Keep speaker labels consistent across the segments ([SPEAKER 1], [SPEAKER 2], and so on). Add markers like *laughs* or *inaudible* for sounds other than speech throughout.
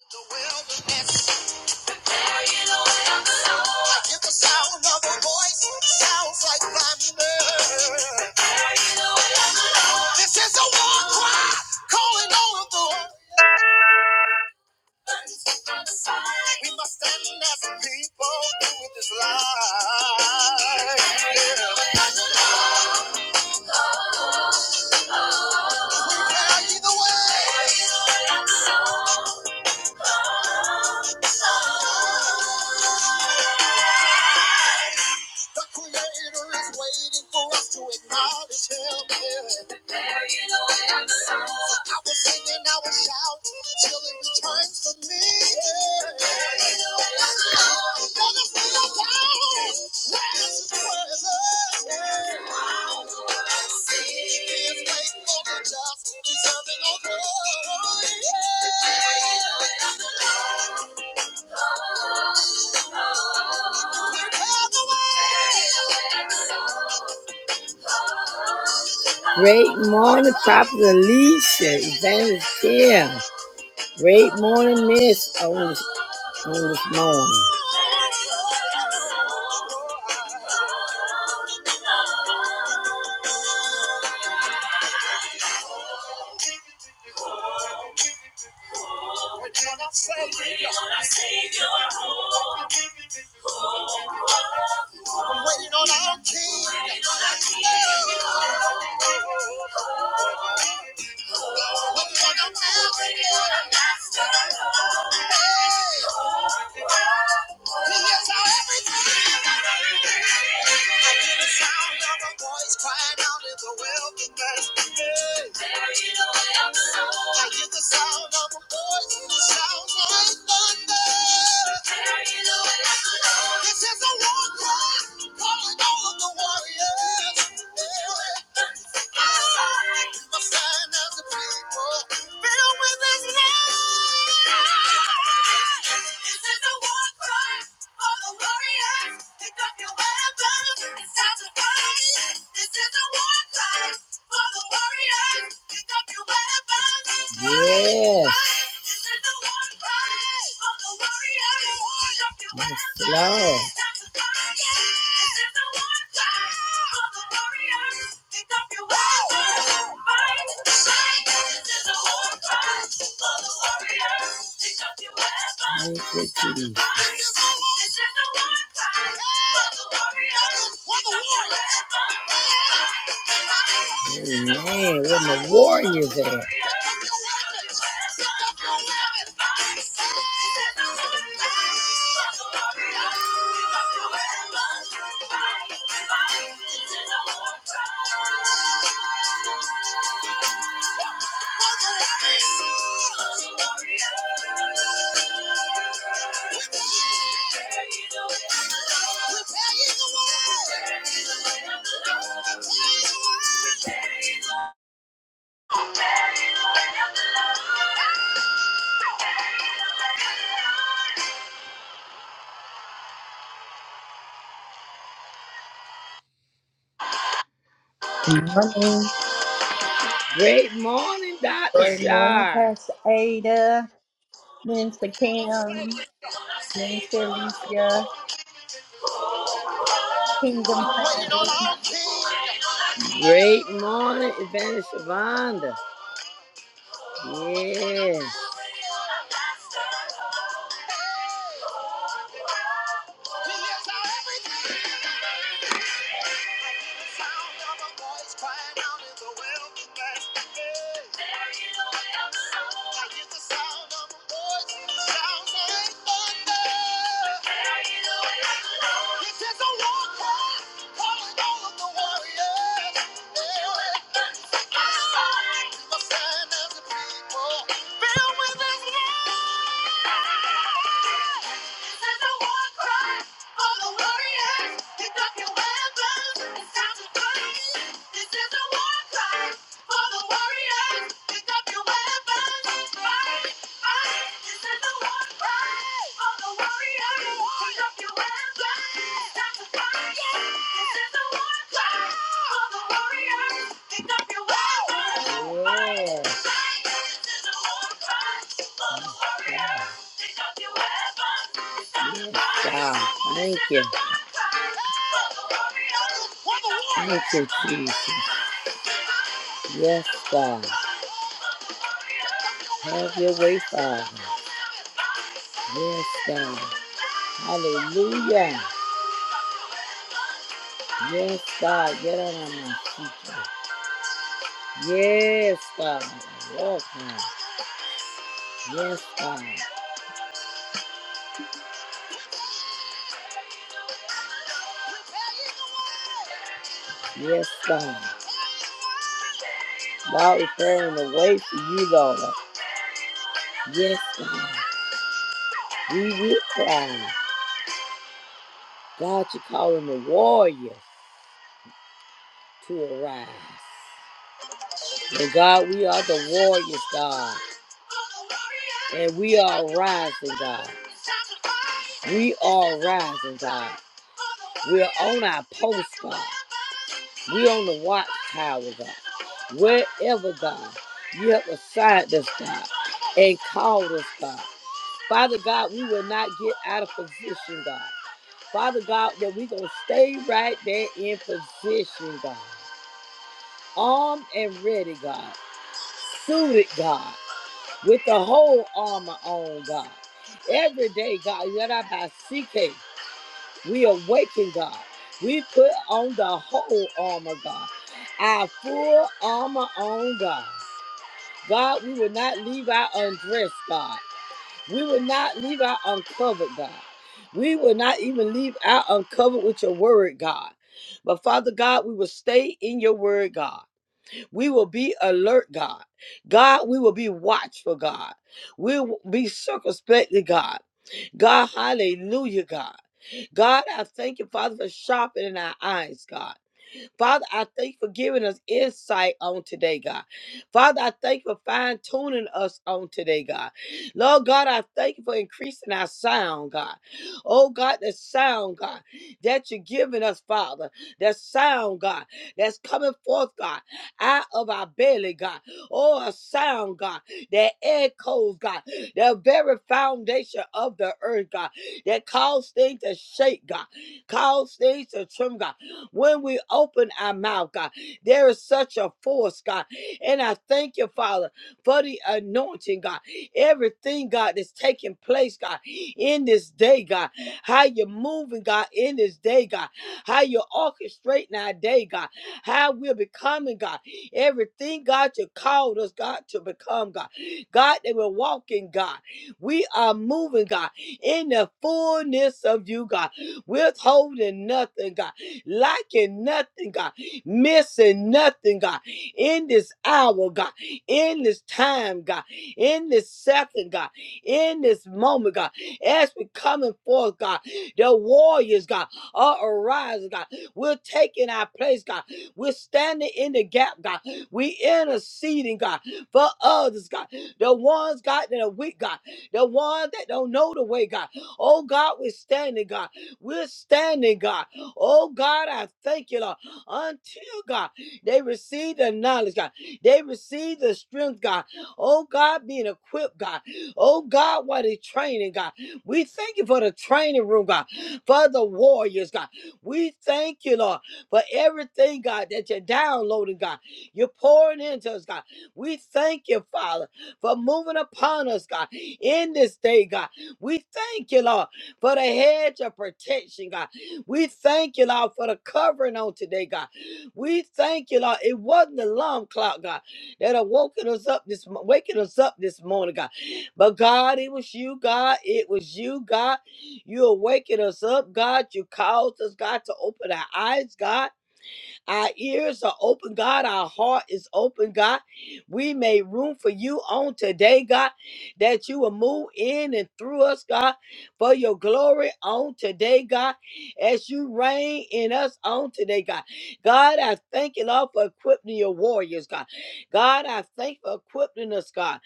[SPEAKER 1] The wilderness. I hear the sound of a voice. Sounds like thunder. There in the wilderness. This is a war cry calling all of the We must stand as a people through this life. Yeah. We are either way. The Creator is waiting for us to acknowledge Him. yeah. I will sing and I will shout till it returns for me. yeah. Let us kneel down, let us praise Him. His faithful and just, deserving of glory. Prepare the way. Prepare the way. Great morning, Prophet Alicia, Evangelist Kim. Great morning, Miss, on this, on this morning. He is our everything. I hear the sound of a voice crying out in the wilderness. Hey. Bury the wilderness. I hear the sound of a voice, the sound like thunder. Bury the wilderness. This is a war cry calling all of the warriors. Hey. sign of the people filled with His love. This is a war cry. Yes. Yes, Lord. Thank you, Jesus. Man, When the warriors at.
[SPEAKER 2] Good morning.
[SPEAKER 1] Great morning, Dr.
[SPEAKER 2] Good morning,
[SPEAKER 1] Shar.
[SPEAKER 2] Pastor Ada, Minister Kim, Minister Alicia, Kingdom Family.
[SPEAKER 1] Great morning, Evangelist Shavonda. Yes. This is a war cry, calling all of the warriors. This is the war cry for the the warriors. Yeah. God, thank you. Thank you, Jesus. Yes, God. Have your way, Father. Yes, God. Hallelujah. Yes, God. Get out of my feet. Yes, God. Yes, God. Yes, God. Yes, God. While preparing the way for you, Lord. Yes, God. We will cry. God, you're calling the warriors to arise. And God, we are the warriors, God. And we are rising, God. We are rising, God. We're on our post, God. We're on the watchtower, God. Wherever, God, you have assigned us, God, and called us, God. Father God, we will not get out of position, God. Father God, that we're going to stay right there in position, God. armed and ready, God, suited, God, with the whole armor on, God. Every day, God, yada by CK, we awaken, God. We put on the whole armor, God, our full armor on, God. God, we will not leave our undressed, God. We will not leave our uncovered, God. We will not even leave our uncovered with your word, God. But Father God, we will stay in your word, God. We will be alert, God. God, we will be watchful, God. We will be circumspectly, God. God, hallelujah, God. God, I thank you, Father, for sharpening our eyes, God. Father, I thank you for giving us insight on today, God. Father, I thank you for fine tuning us on today, God. Lord God, I thank you for increasing our sound, God. Oh God, the sound, God, that you're giving us, Father. That sound, God, that's coming forth, God, out of our belly, God. Oh, a sound, God, that echoes, God, the very foundation of the earth, God, that calls things to shake, God, calls things to trim, God when we open our mouth, God. There is such a force, God. And I thank you, Father, for the anointing, God. Everything, God, that's taking place, God, in this day, God. How you're moving, God, in this day, God. How you're orchestrating our day, God. How we're becoming, God. Everything, God, you called us, God, to become, God. God, that we're walking, God. We are moving, God, in the fullness of you, God. Withholding nothing, God lacking nothing, God, missing nothing, God, in this hour, God, in this time, God, in this second, God, in this moment, God, as we're coming forth, God, the warriors, God, are arising, God. We're taking our place, God. We're standing in the gap, God. We're interceding, God, for others, God. The ones, God, that are weak, God. The ones that don't know the way, God. Oh, God, we're standing, God. We're standing, God. Oh God, I thank you, Lord. Until God, they receive the knowledge, God. They receive the strength, God. Oh God, being equipped, God. Oh God, what is training, God. We thank you for the training room, God, for the warriors, God. We thank you, Lord, for everything, God, that you're downloading, God. You're pouring into us, God. We thank you, Father, for moving upon us, God, in this day, God. We thank you, Lord, for the hedge of protection, God. We thank you, Lord, for the covering on today, God. We thank you, Lord. It wasn't the alarm clock, God, that are woken us up this mo- waking us up this morning, God. But God, it was you, God. It was you, God. You are waking us up, God. You caused us, God, to open our eyes, God. Our ears are open, God. Our heart is open, God. We made room for you on today, God, that you will move in and through us, God, for your glory on today, God, as you reign in us on today, God. God, I thank you, Lord, for equipping your warriors, God. God, I thank you for equipping us, God.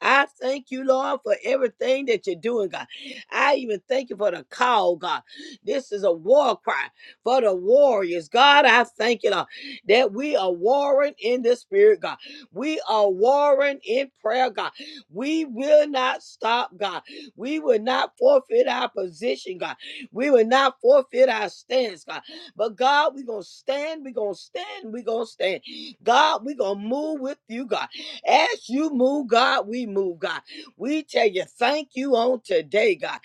[SPEAKER 1] I thank you, Lord, for everything that you're doing, God. I even thank you for the call, God. This is a war cry for the warriors. God, I thank you, Lord, that we are warring in the spirit, God. We are warring in prayer, God. We will not stop, God. We will not forfeit our position, God. We will not forfeit our stance, God. But God, we're going to stand, we're going to stand, we're going to stand. God, we're going to move with you, God. As you move, God, we move, God. We tell you, thank you on today, God.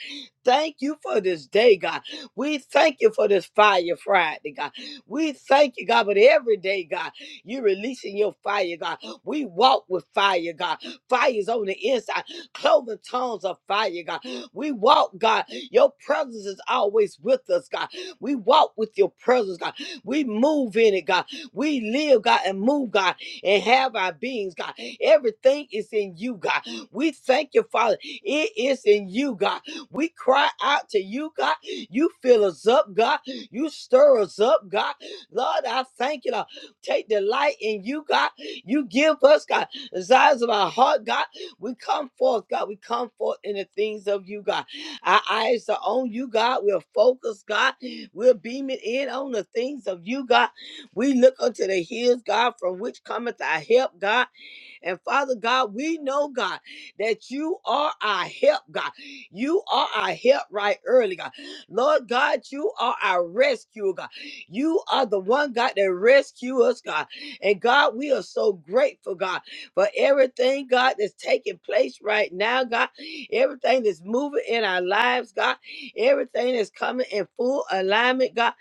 [SPEAKER 1] Thank you for this day, God. We thank you for this fire Friday, God. We thank you, God, but every day, God, you're releasing your fire, God. We walk with fire, God. Fire's on the inside. Cloven tongues of fire, God. We walk, God. Your presence is always with us, God. We walk with your presence, God. We move in it, God. We live, God, and move, God, and have our beings, God. Everything is in you, God. We thank you, Father. It is in you, God. We cry out to you, God you fill us up, God. You stir us up, God. Lord, I thank you. Lord. Take delight in you, God. You give us, God, desires of our heart, God. We come forth, God. We come forth in the things of you, God. Our eyes are on you, God. We're focused, God. We're beaming in on the things of you, God. We look unto the hills, God, from which cometh our help, God. And Father God, we know, God, that you are our help, God. You are our help right early, God. Lord God, you are our rescuer, God. You are the one, God, that rescue us, God. And God, we are so grateful, God, for everything, God, that's taking place right now, God. Everything that's moving in our lives, God. Everything that's coming in full alignment, God.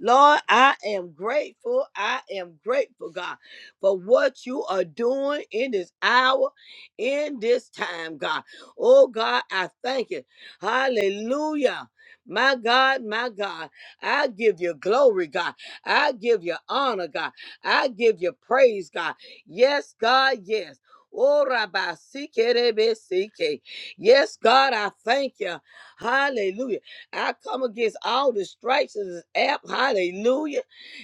[SPEAKER 1] Lord, I am grateful. I am grateful, God for what you are doing in this hour, in this time, God. Oh, God, I thank you. Hallelujah. My God, my God, I give you glory, God. I give you honor, God. I give you praise, God. Yes, God, yes. Oh, Rabbi, CK. Yes, God, I thank you. Hallelujah. I come against all distractions, in this app, hallelujah,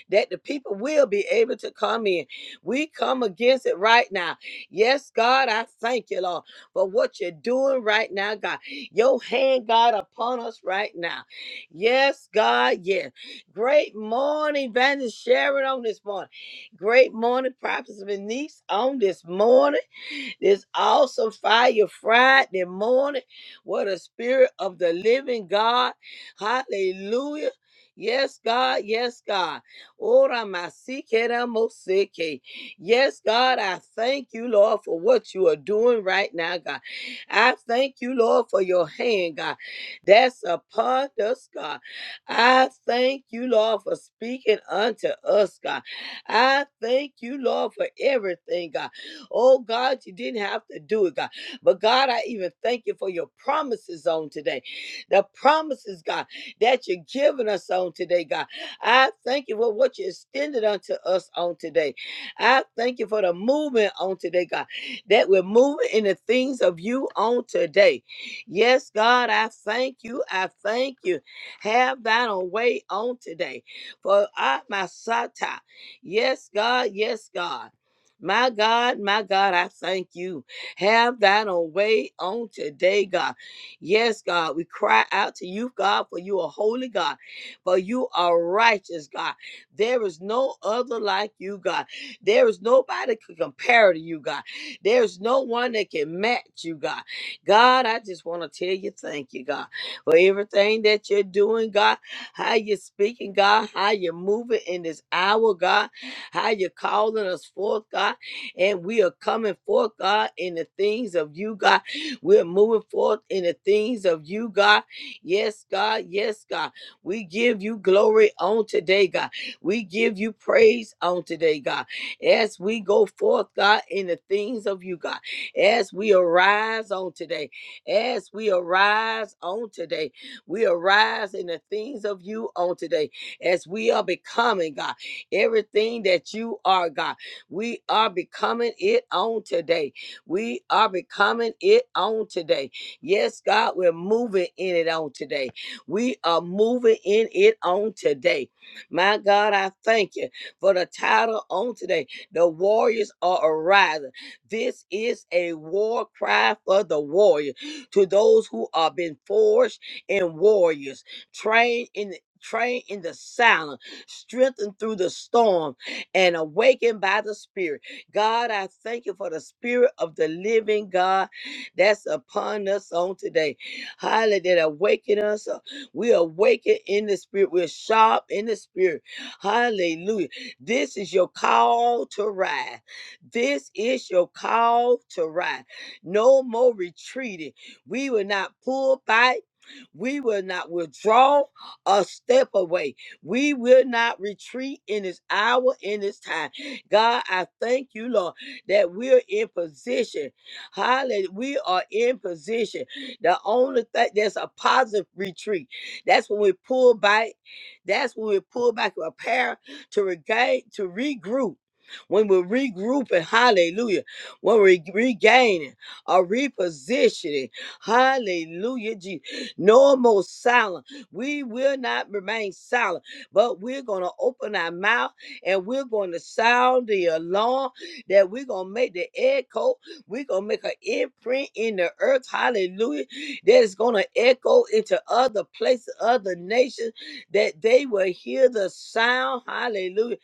[SPEAKER 1] that the people will be able to come in. We come against it right now. Yes, God, I thank you, Lord, for what you're doing right now, God. Your hand, God, upon us right now. Yes, God, yes. Great morning, Vanessa Sharon on this morning. Great morning, Prophet Denise on this morning. This awesome fire Friday morning. What a spirit of the living God. Hallelujah. Yes, God. Yes, God. Ora masikera moseke. Yes, God, I thank you, Lord, for what you are doing right now, God. I thank you, Lord, for your hand, God. That's upon us, God. I thank you, Lord, for speaking unto us, God. I thank you, Lord, for everything, God. Oh God, you didn't have to do it, God. But God, I even thank you for your promises on today. The promises, God, that you're giving us on today, God. I thank you for what you extended unto us on today. I thank you for the movement on today, God, that we're moving in the things of you on today. Yes, God, I thank you. I thank you. Have thine own way on today. For I, my sata. Yes, God. Yes, God. My God, my God, I thank you. Have thine own way on today, God. Yes, God, we cry out to you, God, for you are holy, God, for you are righteous, God. There is no other like you, God. There is nobody can compare to you, God. There's no one that can match you, God. God, I just want to tell you thank you, God, for everything that you're doing, God, how you're speaking, God, how you're moving in this hour, God how you're calling us forth, God. And we are coming forth, God, in the things of you, God. We're moving forth in the things of you, God. Yes, God. Yes, God. We give you glory on today, God. We give you praise on today, God. As we go forth, God, in the things of you, God. As we arise on today, as we arise on today, we arise in the things of you on today, as we are becoming, God everything that you are, God. We are becoming it on today. We are becoming it on today. Yes, God, we're moving in it on today. We are moving in it on today. My God, I thank you for the title on today. The warriors are arising. This is a war cry for the warrior to those who are been forged in warriors, trained in trained in the silence strengthened through the storm, and awakened by the Spirit. God, I thank you for the Spirit of the living God that's upon us on today. Hallelujah, that awaken us. uh, We awaken in the Spirit. We're sharp in the Spirit. Hallelujah. This is your call to rise. This is your call to rise. No more retreating. We will not pull back. We will not withdraw a step away. We will not retreat in this hour, in this time. God, I thank you, Lord, that we're in position. Hallelujah. We are in position. The only thing that's a positive retreat. That's when we pull back. That's when we pull back and repair to regain, to regroup. When we're regrouping, hallelujah. When we're regaining or repositioning, hallelujah. Jesus no more silent. We will not remain silent, but we're going to open our mouth and we're going to sound the alarm that we're going to make the echo. We're going to make an imprint in the earth. Hallelujah. That is going to echo into other places, other nations, that they will hear the sound. Hallelujah.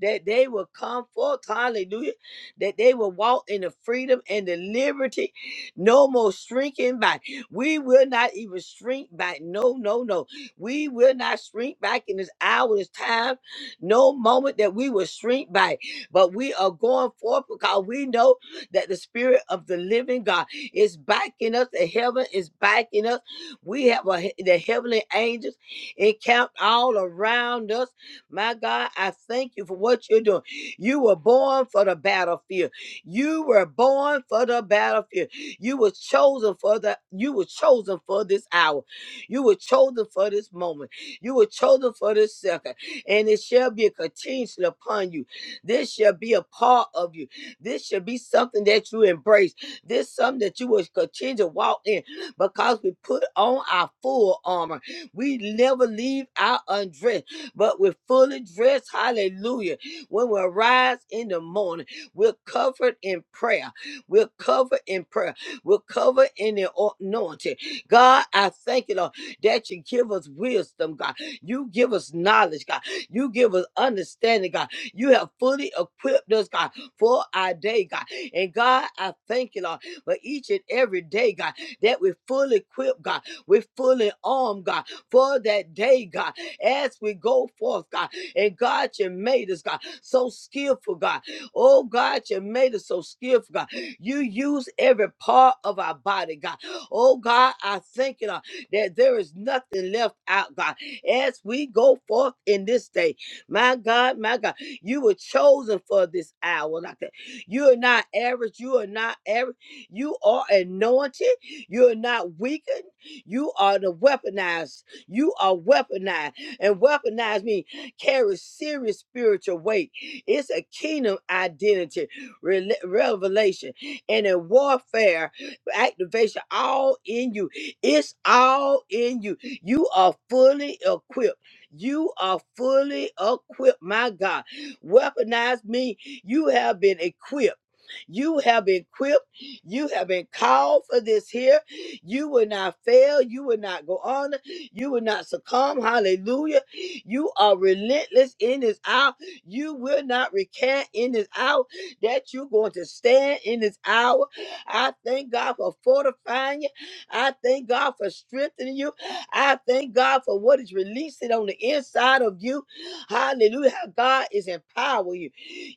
[SPEAKER 1] That they will come forth. Hallelujah. That they will walk in the freedom and the liberty. No more shrinking back we will not even shrink back. No, no, no. We will not shrink back in this hour, this time, no moment that we will shrink back. But we are going forth because we know that the spirit of the living God is backing us. The heaven is backing us. We have a, he- the heavenly angels encamped all around us. My God, I thank you for what you're doing. You were born for the battlefield. You were born for the battlefield. You were chosen for that. You were chosen for this hour. You were chosen for this moment. You were chosen for this second. And it shall be a continuation upon you. This shall be a part of you. This shall be something that you embrace. This something that you will continue to walk in because we put on our full armor. We never leave our undressed, but we're fully dressed. Hallelujah. When we arise in the morning, we're covered in prayer. We're covered in prayer. We're covered in the anointing. God, I thank you, Lord, that you give us wisdom, God. You give us knowledge, God. You give us understanding, God. You have fully equipped us, God, for our day, God. And God, I thank you, Lord, for each and every day, God, that we're fully equipped, God. We're fully armed, God, for that day, God, as we go forth, God. And God, you made us, God, so skillful, God. Oh, God, you made us so skillful, God. You use every part of our body, God. Oh, God, I thank you, Lord, that there is nothing left out, God. As we go forth in this day, my God, my God, you were chosen for this hour. Like that. You are not average. You are not average. You are anointed. You are not weakened. You are the weaponized. You are weaponized. And weaponized means carry serious spiritual weight. It's a kingdom identity, rela- revelation and in warfare activation all in you. It's all in you. You are fully equipped. You are fully equipped, my God. Weaponize me. You have been equipped. You have been equipped. You have been called for this here. You will not fail. You will not go on. You will not succumb. Hallelujah. You are relentless in this hour. You will not recant in this hour that you're going to stand in this hour. I thank God for fortifying you. I thank God for strengthening you. I thank God for what is releasing on the inside of you. Hallelujah. How God is empowering you.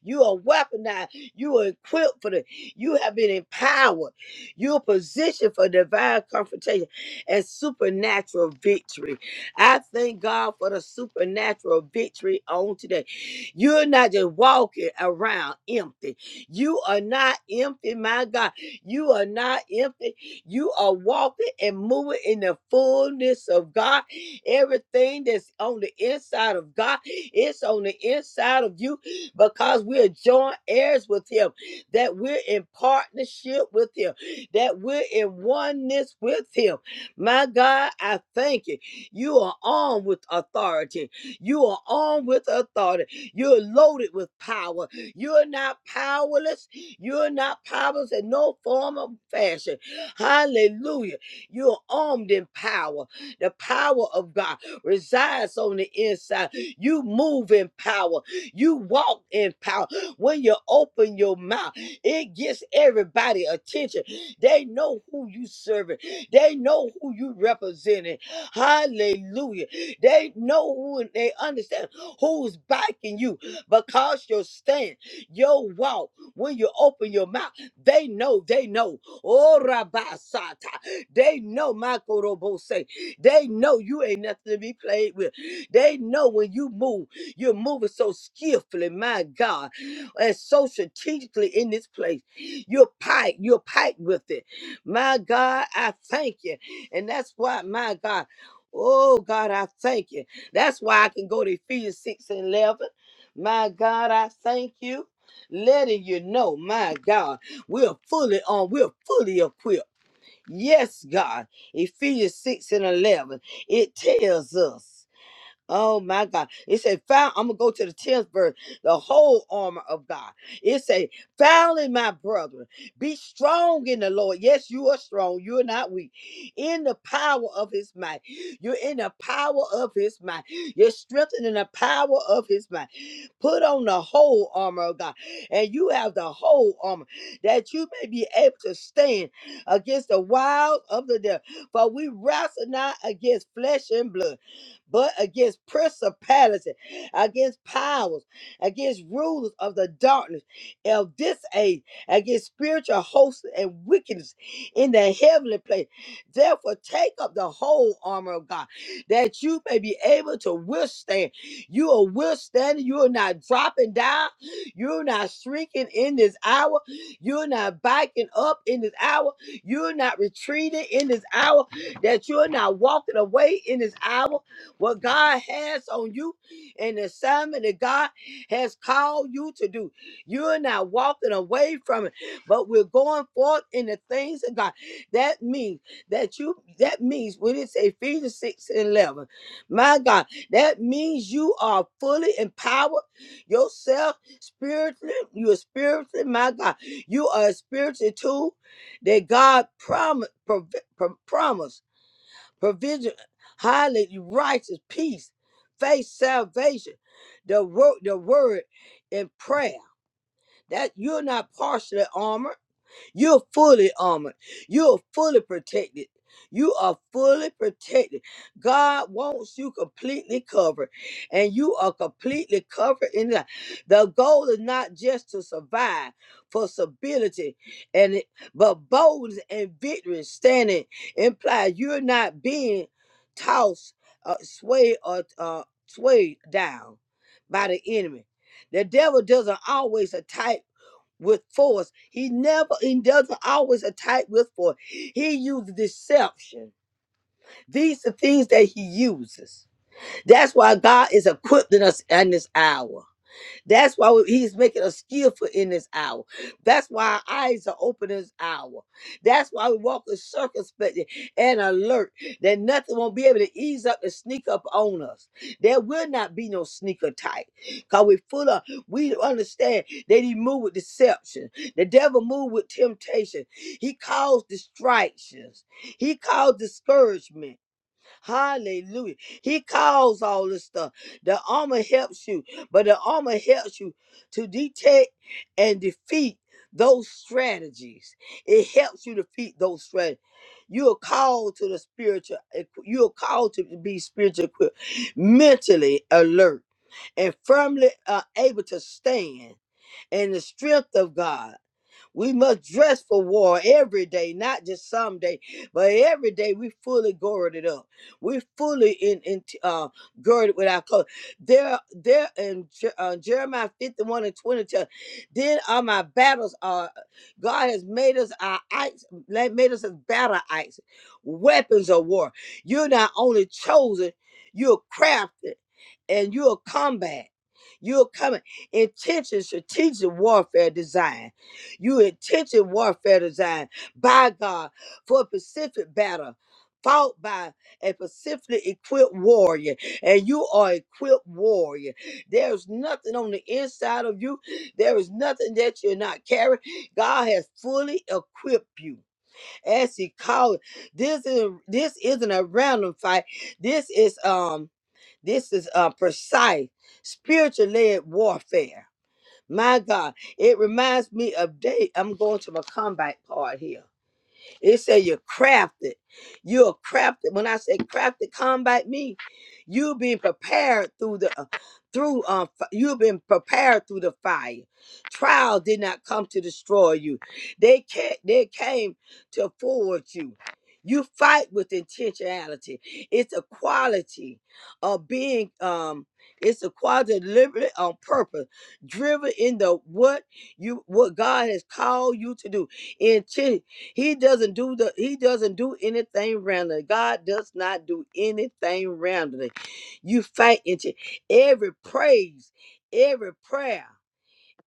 [SPEAKER 1] You are weaponized. You are equipped for the, you have been empowered. You're positioned for divine confrontation and supernatural victory. I thank God for the supernatural victory on today. You're not just walking around empty. You are not empty, my God. You are not empty. You are walking and moving in the fullness of God. Everything that's on the inside of God, it's on the inside of you because we're joint heirs with Him, that we're in partnership with Him, that we're in oneness with Him. My God, I thank you. You are armed with authority. You are armed with authority. You're loaded with power. You're not powerless. You're not powerless in no form of fashion. Hallelujah. You're armed in power. The power of God resides on the inside. You move in power. You walk in power. When you open your mouth, it gets everybody attention. They know who you serving. They know who you representing. Hallelujah. They know who and they understand who's backing you because you're your walk, when you open your mouth, they know, they know. Oh, Rabasata. They know, Michael Robose. They know you ain't nothing to be played with. They know when you move, you're moving so skillfully, my God, and so strategically in this place. You're pipe, you're pipe with it. My God, I thank you. And that's why, my God, oh God, I thank you. That's why I can go to Ephesians 6 and 11. My God, I thank you letting you know, my God, we're fully on, we're fully equipped. Yes, God. Ephesians 6 and 11, it tells us. Oh my God. It said, found, I'm gonna go to the 10th verse, the whole armor of God. It said, "Finally, my brother, be strong in the Lord. Yes, you are strong. You are not weak. In the power of his might. You're in the power of his might. You're strengthened in the power of his might. Put on the whole armor of God. And you have the whole armor that you may be able to stand against the wild of the devil. For we wrestle not against flesh and blood but against principalities, against powers, against rulers of the darkness of this age, against spiritual hosts and wickedness in the heavenly place. Therefore, take up the whole armor of God that you may be able to withstand. You are withstanding, you are not dropping down, you're not shrinking in this hour, you're not backing up in this hour, you're not retreating in this hour, that you're not walking away in this hour what God has on you and the assignment that God has called you to do. You're not walking away from it, but we're going forth in the things of God. That means that you that means when it's Ephesians 6 and 11, my God, that means you are fully empowered yourself spiritually. You are spiritually, my God. You are a spiritual tool that God promised promised provision, hallelujah, righteous peace, faith, salvation, the work, the word, and prayer. That you're not partially armored. You're fully armored. You're fully protected. You are fully protected. God wants you completely covered, and you are completely covered in that. The goal is not just to survive for stability, and it, but boldness and victory standing implies you're not being tossed, uh, swayed, or uh, swayed down by the enemy. The devil doesn't always attack with force. He never, he doesn't always attack with force. He uses deception. These are things that he uses. That's why God is equipping us in this hour. That's why we- he's making us skillful in this hour. That's why our eyes are open in this hour. That's why we walk with circumspect and alert that nothing won't be able to ease up and sneak up on us. There will not be no sneaker type. Because we full of, we understand that he moved with deception. The devil moved with temptation. He caused distractions. He caused discouragement. Hallelujah. He calls all this stuff. The armor helps you, but the armor helps you to detect and defeat those strategies. It helps you defeat those strategies. You are called to the spiritual, you are called to be spiritual equipped, mentally alert, and firmly uh, able to stand in the strength of God. We must dress for war every day, not just someday, but every day we fully girded up. We fully in, in uh, girded with our clothes. There, there in Je- uh, Jeremiah 51 and 20 tell, then are my battles are, God has made us our ice, like, made us as battle ice, weapons of war. You're not only chosen, you're crafted and you're combat. You're coming. Intention, strategic warfare design. You intention warfare designed by God for a pacific battle. Fought by a specifically equipped warrior, and you are equipped warrior. There is nothing on the inside of you. There is nothing that you're not carrying. God has fully equipped you, as He called. it. This is this isn't a random fight. This is um this is uh precise spiritual led warfare. My God, it reminds me of day. I'm going to my comeback part here. It said you're crafted. You're crafted. When I say crafted, combat me. You've been prepared through the uh, through uh, f- you've been prepared through the fire. Trial did not come to destroy you. They ca- they came to forward you. You fight with intentionality. It's a quality of being um it's a quality deliberate on purpose, driven in the what you what God has called you to do. Inten- he doesn't do the he doesn't do anything randomly. God does not do anything randomly. You fight into every praise, every prayer.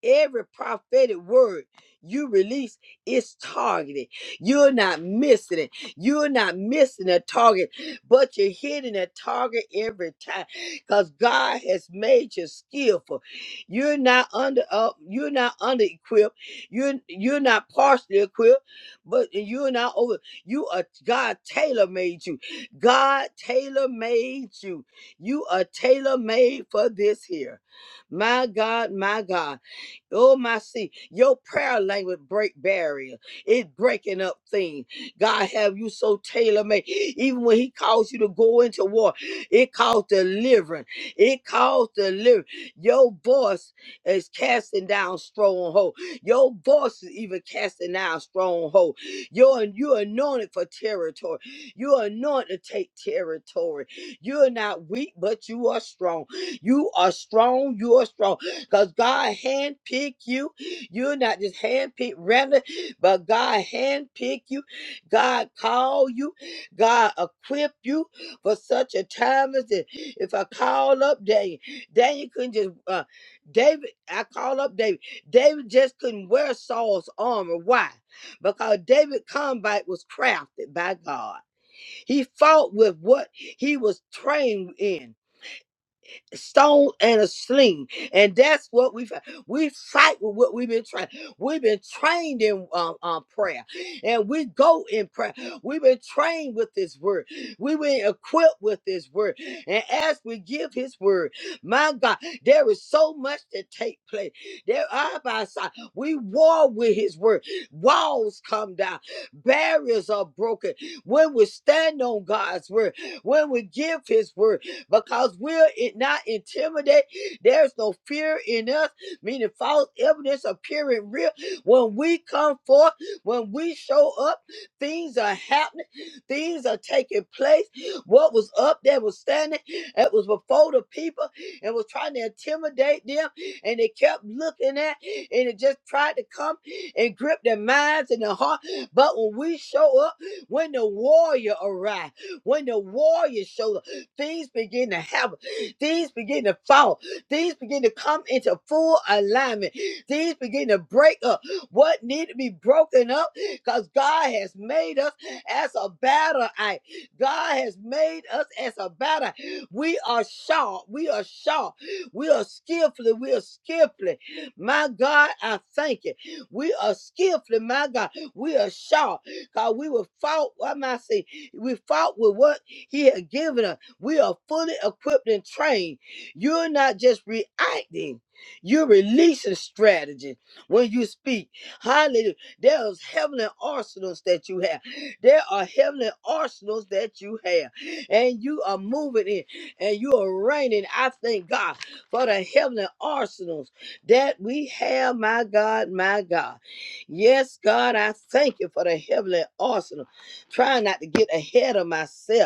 [SPEAKER 1] Every prophetic word you release is targeted. You're not missing it. You're not missing a target, but you're hitting a target every time because God has made you skillful. You're not under up. you're not under equipped. You're you're not partially equipped, but you're not over. You are God tailor made you. God tailor made you. You are tailor made for this here. My God, my God. Oh my see, your prayer language break barrier. It's breaking up things. God have you so tailor made. Even when He calls you to go into war, it calls deliverance. It calls deliverance. Your voice is casting down stronghold. Your voice is even casting down stronghold. You're you're anointed for territory. You're anointed to take territory. You're not weak, but you are strong. You are strong. You are strong. Because God handpicked you. You're not just handpicked random, but God handpicked you. God called you. God equipped you for such a time as this. If I call up Daniel, Daniel couldn't just, uh, David, I call up David. David just couldn't wear Saul's armor. Why? Because David's combat was crafted by God. He fought with what he was trained in stone and a sling. And that's what we fight. We fight with what we've been trained. We've been trained in um, um, prayer and we go in prayer. We've been trained with this word. We've been equipped with this word. And as we give his word, my God, there is so much to take place. There are by side. We war with his word. Walls come down. Barriers are broken. When we stand on God's word, when we give his word, because we're in- not intimidated. There's no fear in us, meaning false evidence appearing real. When we come forth, when we show up, things are happening, things are taking place. What was up there was standing, it was before the people and was trying to intimidate them, and they kept looking at and it just tried to come and grip their minds and their heart. But when we show up, when the warrior arrived, when the warrior showed up. Things begin to happen. Things begin to fall. Things begin to come into full alignment. Things begin to break up what need to be broken up because God has made us as a battle eye. God has made us as a battle. axe. We are sharp. We are sharp. We are skillfully. We are skillfully. My God, I thank you. We are skillfully, my God. We are sharp. Because we will fought. What am I saying? We fought with what He had given us. We are fully equipped and trained. You're not just reacting, you're releasing strategy when you speak. Hallelujah. There's heavenly arsenals that you have. There are heavenly arsenals that you have. And you are moving in and you are reigning. I thank God for the heavenly arsenals that we have, my God, my God. Yes, God, I thank you for the heavenly arsenal. Trying not to get ahead of myself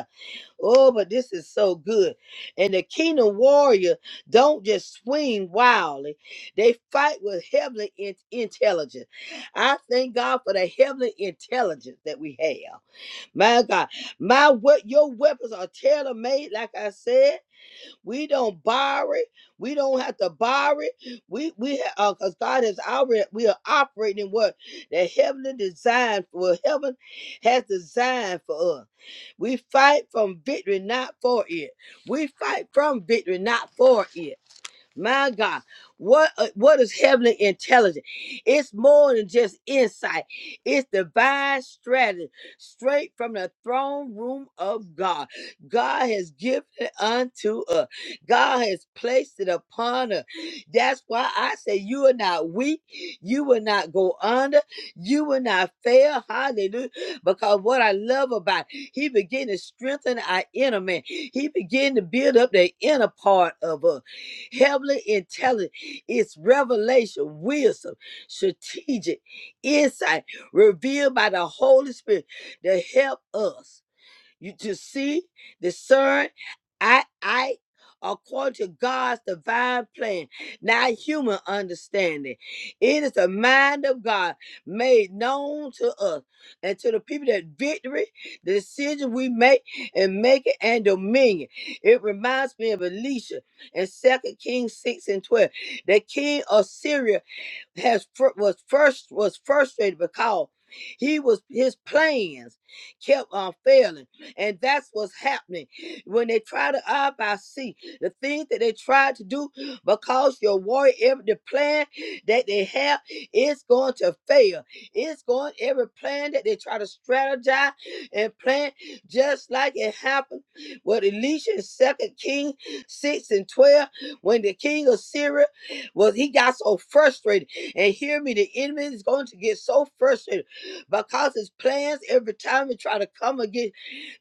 [SPEAKER 1] Oh, but this is so good. And the kingdom warrior don't just swing wildly. They fight with heavenly in- intelligence. I thank God for the heavenly intelligence that we have. My God, my what your weapons are tailor made, like I said. We don't borrow it. We don't have to borrow it. We we because uh, God has already we are operating in what the heavenly design for well, heaven has designed for us. We fight from victory, not for it. We fight from victory, not for it. My God, what uh, what is heavenly intelligence? It's more than just insight. It's divine strategy, straight from the throne room of God. God has given it unto us. God has placed it upon us. That's why I say you are not weak. You will not go under. You will not fail. Hallelujah. Because what I love about it, He began to strengthen our inner man. He began to build up the inner part of us heavenly intelligence. It's revelation, wisdom, strategic insight revealed by the Holy Spirit to help us. You to see, discern, I, I, according to God's divine plan, not human understanding. It is the mind of God made known to us and to the people that victory, the decision we make and make it and dominion. It reminds me of Elisha in Second Kings 6 and 12. The king of Syria has fr- was first was frustrated because he was his plans kept on failing, and that's what's happening when they try to up by see the things that they tried to do because your warrior every the plan that they have is going to fail. It's going every plan that they try to strategize and plan just like it happened with Elisha in Second King six and twelve when the king of Syria was he got so frustrated. And hear me, the enemy is going to get so frustrated because his plans every time he try to come again.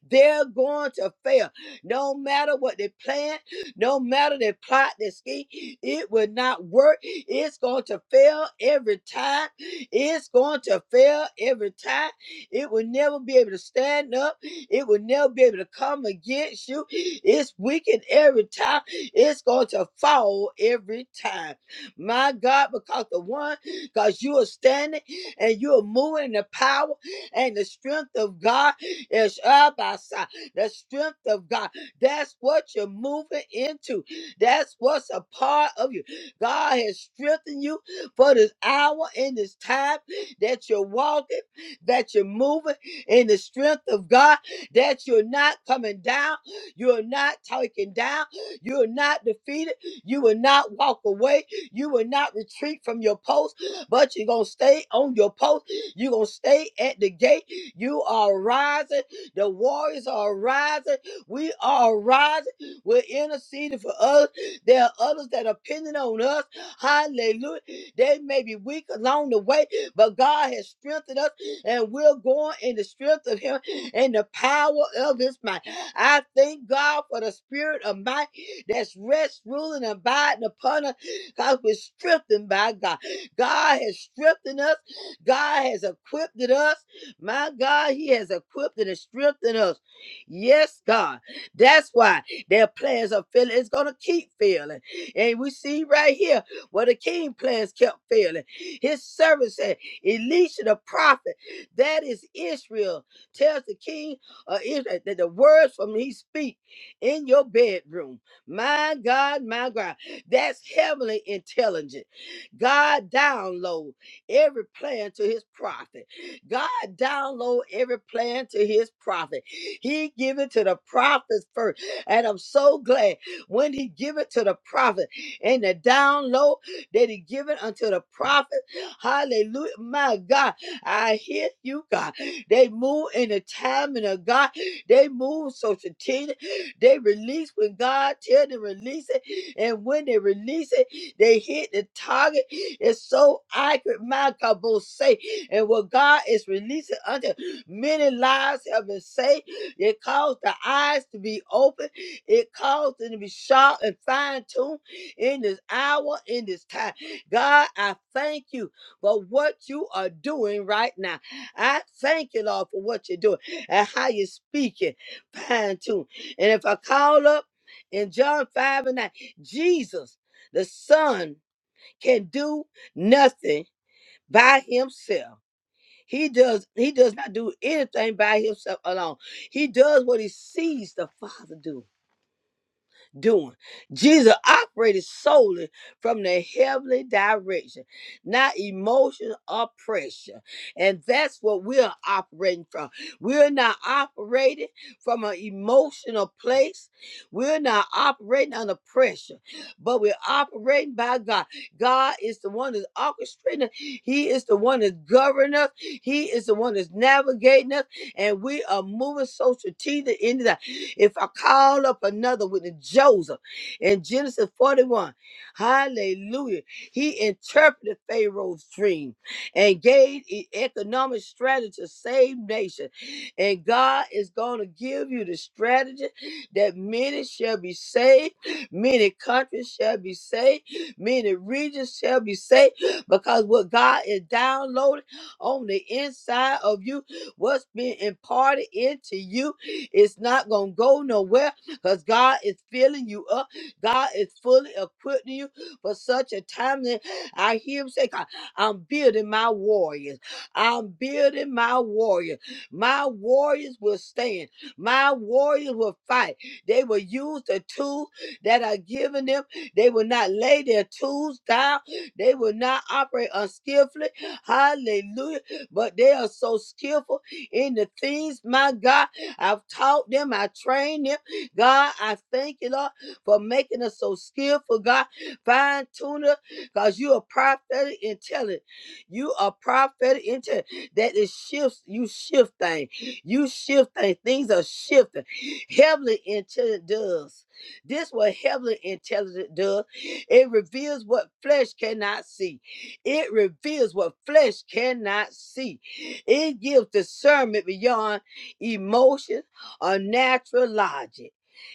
[SPEAKER 1] They're going to fail. No matter what they plan, no matter they plot, they scheme, it will not work. It's going to fail every time. It's going to fail every time. It will never be able to stand up. It will never be able to come against you. It's weakened every time. It's going to fall every time. My God, because the one, because you are standing and you are moving in the power and the strength of God. It's Abasa, the strength of God. That's what you're moving into. That's what's a part of you. God has strengthened you for this hour and this time that you're walking, that you're moving in the strength of God, that you're not coming down, you're not taken down, you're not defeated, you will not walk away, you will not retreat from your post, but you're going to stay on your post, you're going to stay at the gate. You are rising. The warriors are rising. We are rising. We're interceding for others. There are others that are depending on us. Hallelujah. They may be weak along the way, but God has strengthened us, and we're going in the strength of Him and the power of His might. I thank God for the spirit of might that's rest, ruling, and abiding upon us because we're strengthened by God. God has strengthened us, God has equipped us. My God, He has equipped and strengthened us. Yes, God. That's why their plans are failing. It's going to keep failing. And we see right here where the king plans kept failing. His servant said, Elisha the prophet, that is Israel, tells the king of Israel that the words from he speak in your bedroom. My God, my God. That's heavenly intelligent. God download every plan to his prophet. God download every plan to his prophet. He give it to the prophets first. And I'm so glad when he give it to the prophet and the download that he give it unto the prophet. Hallelujah. My God, I hear you, God. They move in the timing of God. They move so strategic. They release when God tell them to release it. And when they release it, they hit the target. It's so accurate. My God, both say, and what God is releasing unto many lives have been saved. It caused the eyes to be open. It caused them to be sharp and fine tuned in this hour, in this time. God, I thank you for what you are doing right now. I thank you, Lord, for what you're doing and how you're speaking, fine tuned. And if I call up in John 5 and 9, Jesus. The Son can do nothing by himself. He does he does not do anything by himself alone. He does what he sees the Father do doing. Jesus operated solely from the heavenly direction, not emotion or pressure. And that's what we're operating from. We're not operating from an emotional place. We're not operating under pressure, but we're operating by God. God is the one that's orchestrating. us. He is the one that's governing us. He is the one that's navigating us. And we are moving so strategic into that. If I call up another witness, Joseph, in Genesis 41, hallelujah, he interpreted Pharaoh's dream and gave e- economic strategy to save nation. And God is going to give you the strategy that many shall be saved, many countries shall be saved, many regions shall be saved, because what God is downloading on the inside of you What's being imparted into you is not going to go nowhere because God is filling you up. God is fully equipping you for such a time that I hear him say, "God, I'm building my warriors. I'm building my warriors. My warriors will stand. My warriors will fight. They will use the tools that are given them. They will not lay their tools down. They will not operate unskillfully. Hallelujah. But they are so skillful in the things, my God. I've taught them, I trained them. God, I thank you, Lord, for making us so skillful, God. Fine tuner, because you are prophetic intelligent. You are prophetic intelligent. That is shifts, you shift things. You shift things. Things are shifting. Heavenly intelligent does. This what heavenly intelligent does. It reveals what flesh cannot see. It reveals what flesh cannot see. It gives discernment beyond emotion or natural logic.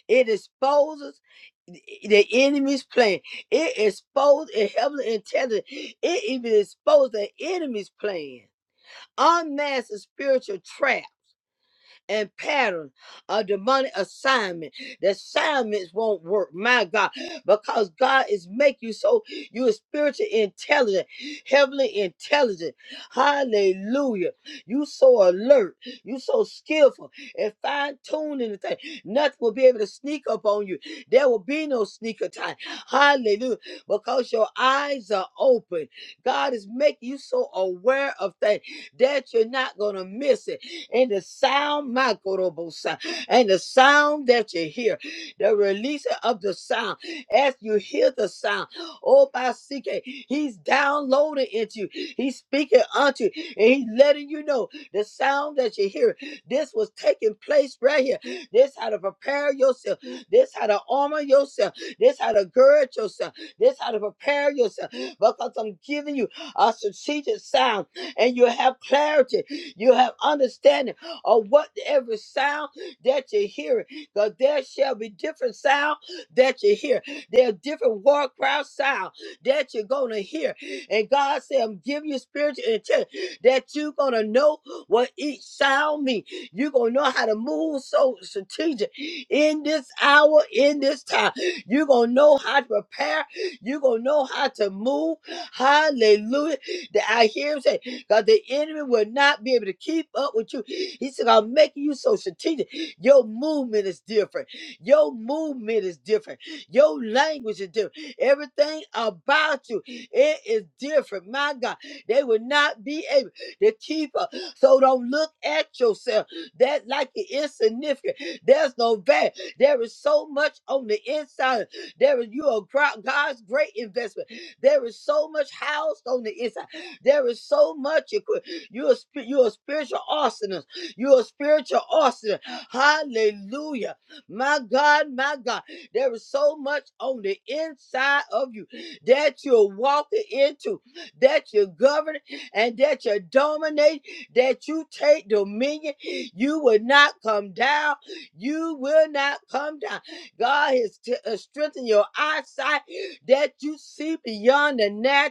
[SPEAKER 1] It exposes the enemy's plan. It exposes in heavenly intelligence. It even exposes the enemy's plan. Unmask the spiritual trap and pattern of demonic assignment. The assignments won't work, my God, because God is making you so you are spiritually intelligent, heavenly intelligent. Hallelujah. You so alert, you so skillful and fine-tuned in the thing. Nothing will be able to sneak up on you. There will be no sneak attack. Hallelujah. Because your eyes are open. God is making you so aware of things that you're not gonna miss it and the sound, my Korobosa, and the sound that you hear, the release of the sound. As you hear the sound, oh, by seeking, he's downloading into you. He's speaking unto you, and he's letting you know the sound that you hear. This was taking place right here. This how to prepare yourself. This how to armor yourself. This how to gird yourself. This how to prepare yourself. Because I'm giving you a strategic sound, and you have clarity you have understanding of what every sound that you're hearing. Because there shall be different sound that you hear. There are different war cry sound that you're going to hear. And God said, I'm giving you spiritual intent that you're going to know what each sound means. You're going to know how to move so strategic in this hour, in this time. You're going to know how to prepare. You're going to know how to move. Hallelujah. That I hear him say because the enemy will not be able to keep up with you. He said, I'm making you so strategic. Your movement is different. Your movement is different. Your language is different. Everything about you, it is different. My God, they will not be able to keep up. So don't look at yourself. That like it insignificant. There's no value. There is so much on the inside. There is you are gro- God's great investment. There is so much housed on the inside. There is so much equi- You're a, spi- you're a spiritual arsonist. You're a spiritual arsonist. Hallelujah. My God, my God. There is so much on the inside of you that you're walking into, that you're governing, and that you are dominating, that you take dominion. You will not come down. You will not come down. God has t- uh, strengthened your eyesight that you see beyond the natural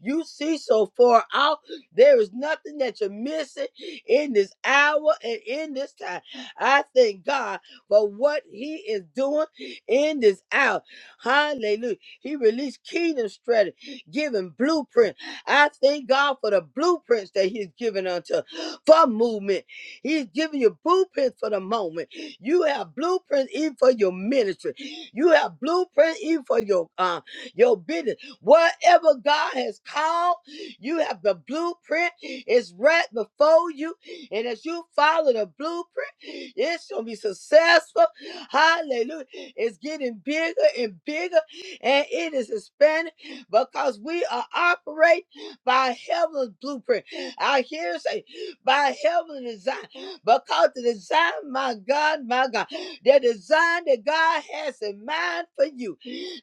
[SPEAKER 1] you see so far out. There is nothing that you're missing in this hour and in this time. I thank God for what He is doing in this hour. Hallelujah. He released kingdom strategy, giving blueprint. I thank God for the blueprints that He's given unto us for movement. He's giving you blueprints for the moment. You have blueprints even for your ministry. You have blueprints even for your uh, your business. Whatever God has called, you have the blueprint. It's right before you. And as you follow the blueprint, it's going to be successful. Hallelujah. It's getting bigger and bigger, and it is expanding because we are operating by heaven's blueprint. I hear it say, by heaven's design, because the design, my God, my God. The design that God has in mind for you.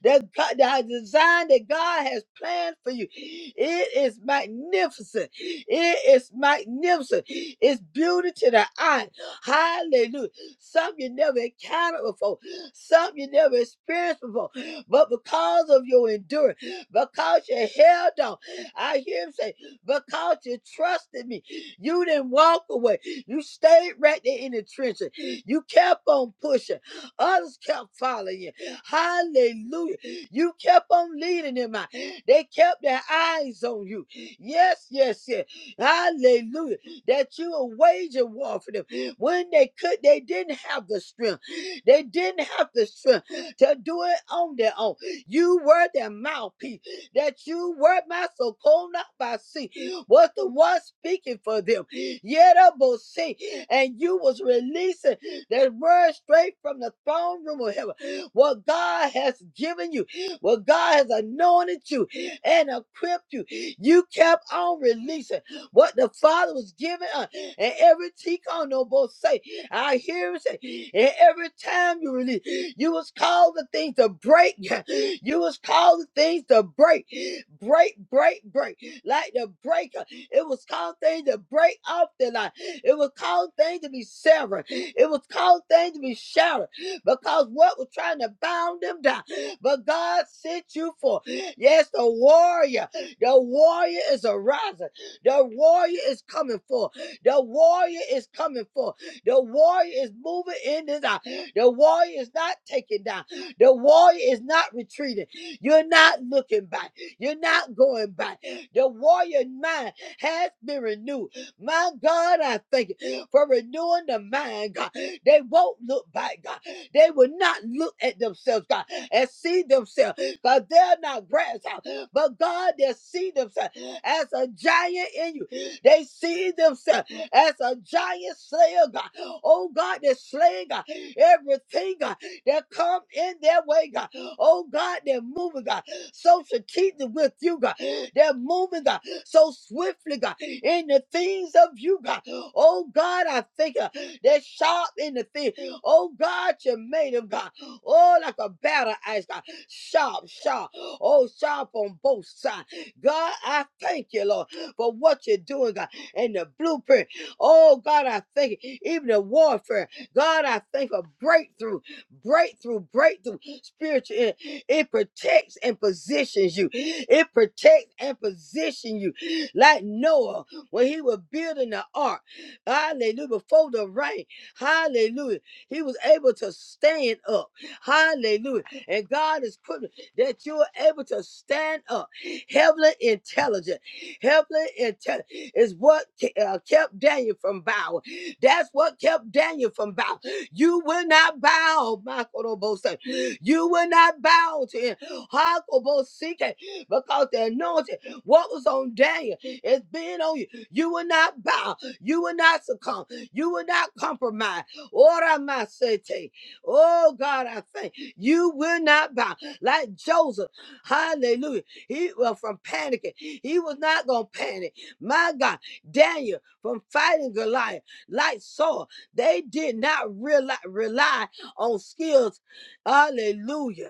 [SPEAKER 1] That God, the design that God has planned for you. It is magnificent. It is magnificent. It's beauty to the eye. Hallelujah. Some you never encountered before. Some you never experienced before. But because of your endurance, because you held on, I hear him say, because you trusted me, you didn't walk away. You stayed right there in the trenches. You kept on pushing. Others kept following you. Hallelujah. You kept on leading them out. They kept their eyes on you. Yes, yes, yes. Hallelujah. That you were waging war for them. When they could, they didn't have the strength. They didn't have the strength to do it on their own. You were their mouthpiece. That you were my Sokona Basi, was the one speaking for them. Yerebose. And you was releasing that word straight from the throne room of heaven. What God has given you, what God has anointed you and equipped you. You kept on releasing what the Father was giving us. And every tikon no both say, I hear him say, and every time you release, you was called the things to break. *laughs* You was called the things to break. Break, break, break. Like the breaker. It was called things to break off their life. It was called things to be severed. It was called things to be shattered because what was trying to bound them down. But God sent you forth. Yes, the warrior. The warrior is arising. The warrior is coming forth. The warrior is coming forth. The warrior is moving in this hour. The warrior is not taken down. The warrior is not retreating. You're not looking back. You're not going back. The warrior mind has been renewed. My God, I thank you for renewing the mind, God. They won't look back, God. They will not look at themselves, God, and see themselves, because they're not grasshoppers. But God, they see themselves as a giant in you. They see themselves as a giant slayer, God. Oh, God, they're slaying, God. Everything, God, that come in their way, God. Oh, God, they're moving, God. So strategic with you, God. They're moving, God so swiftly, God, in the things of you, God. Oh God, I thank you. They're sharp in the thing. Oh God, you made them, God. Oh, like a battle axe, God. Sharp, sharp. Oh, sharp on both sides. God, I thank you, Lord, for what you're doing, God, and the blueprint. Oh God, I thank you. Even the warfare. God, I thank you for breakthrough, breakthrough, breakthrough. Spiritual, it, it protects and positions you. It protects and positions you like Noah when he was building the ark. Hallelujah. Before the rain. Hallelujah. He was able to stand up. Hallelujah. And God is putting that you are able to stand up. Heavenly intelligence. Heavenly intelligence is what ke- uh, kept Daniel from bowing. That's what kept Daniel from bowing. You will not bow, Michael You will not bow to him. Hakobosike, Because the anointing. What was on Daniel It's been on you. You will not bow. You will not succumb. You will not compromise. Ora masete. Oh God, I thank you. You will not bow. Like Joseph. Hallelujah. He was from panicking. He was not gonna panic. My God. Daniel from fighting Goliath. Like Saul. They did not rely, rely on skills. Hallelujah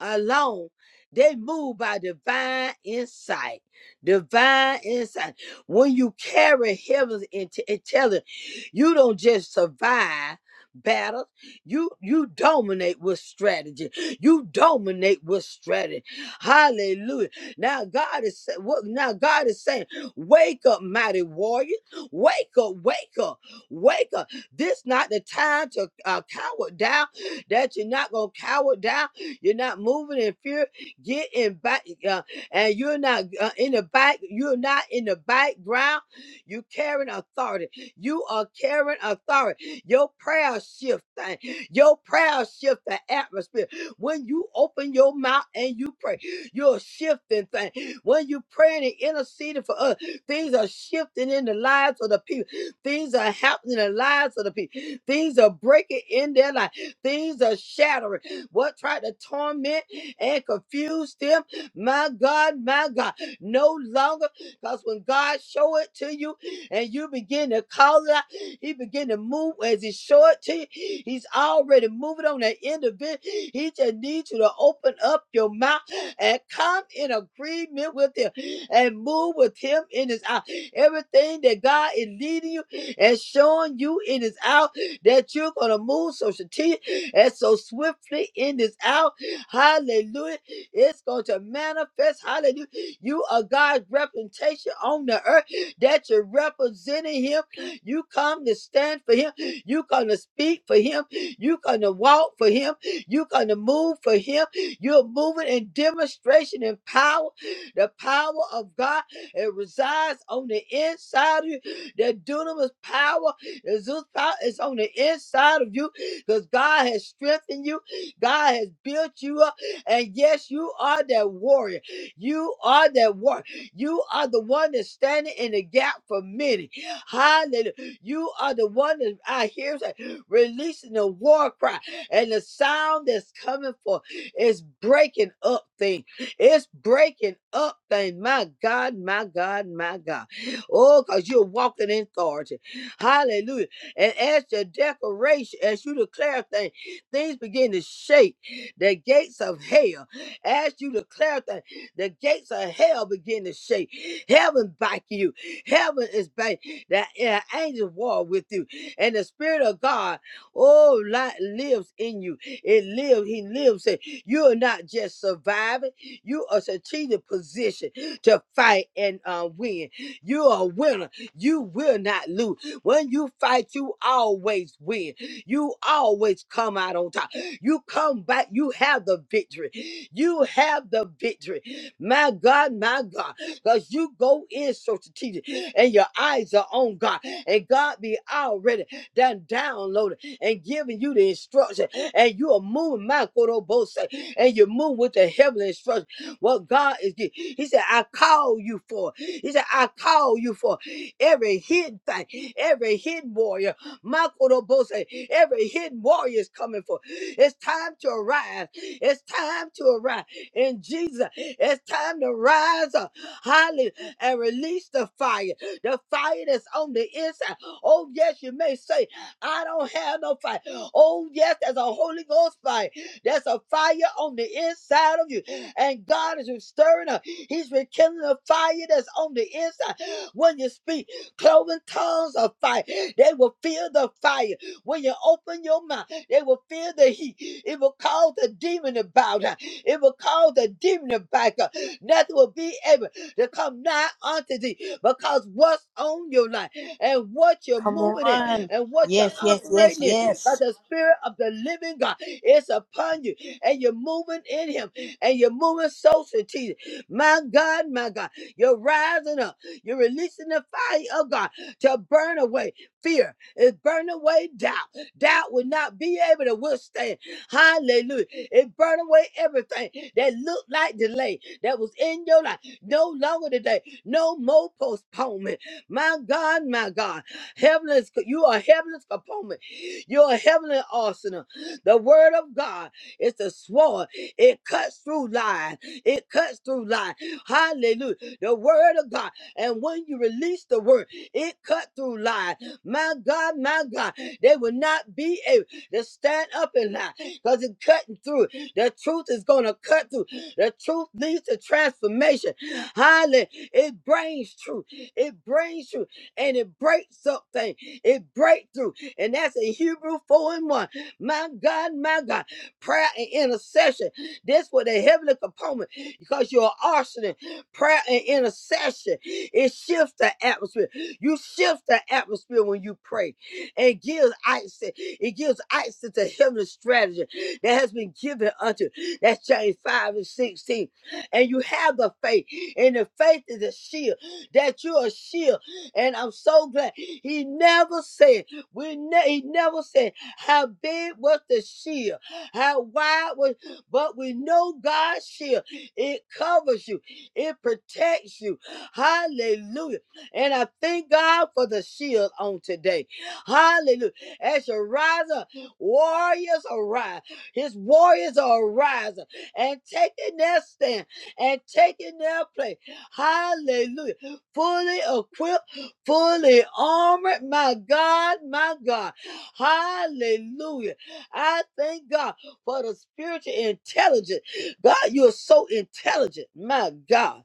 [SPEAKER 1] alone. They move by divine insight. Divine insight. When you carry heaven's inte- intelligence, you don't just survive battles. You you dominate with strategy. You dominate with strategy. Hallelujah. Now God is sa- what now God is saying, wake up, mighty warrior. Wake up, wake up, wake up. This not the time to uh, cower down, that you're not gonna cower down you're not moving in fear. Get in back, uh, and you're not uh, in the back. You're not in the background. You're carrying authority. You are carrying authority. Your prayer shift thing. Your prayer shift the atmosphere. When you open your mouth and you pray, you're shifting things. When you praying and interceding for us, things are shifting in the lives of the people. Things are happening in the lives of the people. Things are breaking in their life. Things are shattering what tried to torment and confuse them. My God, my God, no longer. Because when God show it to you and you begin to call it out, he begin to move as he show it to you. He's already moving on the end of it. He just needs you to open up your mouth and come in agreement with him and move with him in his hour. Everything that God is leading you and showing you in his hour that you're going to move so strategically and so swiftly in this hour. Hallelujah. It's going to manifest. Hallelujah. You are God's representation on the earth that you're representing Him. You come to stand for Him. You come to speak for Him. You come to walk for Him. You come to move for Him. You're moving in demonstration and power. The power of God it resides on the inside of you. The dunamis power Jesus, power is on the inside of you because God has strengthened you. God has built you up. And yes, you are that warrior. You are that warrior. You are the one that's standing in the gap for many. Hallelujah. You are the one that I hear say, releasing the war cry. And the sound that's coming forth is breaking up things. It's breaking up things. My God, my God, my God. Oh, because you're walking in authority. Hallelujah. And as your declaration, as you declare things, things begin to shake the gates of hell. As you declare things, the gates of hell begin to shake. Heaven back you. Heaven is back. The uh, angels war with you. And the Spirit of God, oh, li- lives in you. It lives. He lives. in- You are not just surviving. You are strategic position to fight and uh, win. You are a winner. You will not lose. When you fight, you always win. You always come out on top. You come back, you have the victory. You have the victory. My God, my God. Because you go in so strategic and your eyes are on God. And God be already done downloaded and giving you the instruction. And you are moving my both and you move with the heavenly instruction. What God is giving. He said, I call you for. it." He said, I call you for. it." every hidden thing, every hidden warrior, Makorobose, every hidden warrior is coming for. It's time to arise. It's time to arise in Jesus. It's time to rise up, hallelujah, and release the fire, the fire that's on the inside. Oh, yes, you may say, I don't have no fire. Oh, yes, there's a Holy Ghost fire. There's a fire on the inside of you. And God is stirring up. He's rekindling the fire that's on the inside. When you speak, Cloven tongues of fire. They will feel the fire. When you open your mouth, they will feel the heat. It will cause the demon to bow down. It will cause the demon to back up. Nothing will be able to come nigh unto thee because what's on your life and what you're
[SPEAKER 2] Come
[SPEAKER 1] moving in
[SPEAKER 2] on.
[SPEAKER 1] and what you're
[SPEAKER 2] Yes, yes, yes,
[SPEAKER 1] operating in, because
[SPEAKER 2] yes.
[SPEAKER 1] the spirit of the living God is upon you and you're moving in him and you're moving so strategic. My God, my God, you're rising up. You're releasing the fire of God to burn away fear. It burn away doubt. Doubt would not be able to withstand. Hallelujah. It burn away everything that looked like delay that was in your life. No longer today. No more postponement. My God, my God. Heavenly, you are heavenly component. You're a heavenly arsenal. The word of God is the sword. It cuts through lies. It cuts through lies. Hallelujah. The word of God. And when you release the word, it cut through lie. My God, my God, they will not be able to stand up and lie because it's cutting through. The truth is going to cut through. The truth leads to transformation. Hallelujah. It brings truth. It brings truth and it breaks something. It breaks through. And that's in Hebrew 4 and 1. My God, my God. Prayer and intercession. That's what the heavenly component because you're an arsenal prayer and intercession. It shifts the atmosphere. You shift the atmosphere when you pray. And It gives ice. It gives ice to the heavenly strategy that has been given unto. That's James 5 and 16. And you have the faith. And the faith is a shield. That you're a shield. And I'm so glad. He never said, we ne- he never said how big was the shield, how wide was, but we know God's shield. It covers you. It protects you. Hallelujah. And I thank God for the shield on today. Hallelujah. As you rise up, warriors arise. His warriors are arising and taking their stand and taking their place. Hallelujah. Fully equipped, fully armored. My God, my God. Hallelujah. I thank God for the spiritual intelligence. God, you are so intelligent. My God.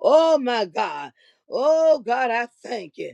[SPEAKER 1] Oh, my God. Oh, God, I thank you.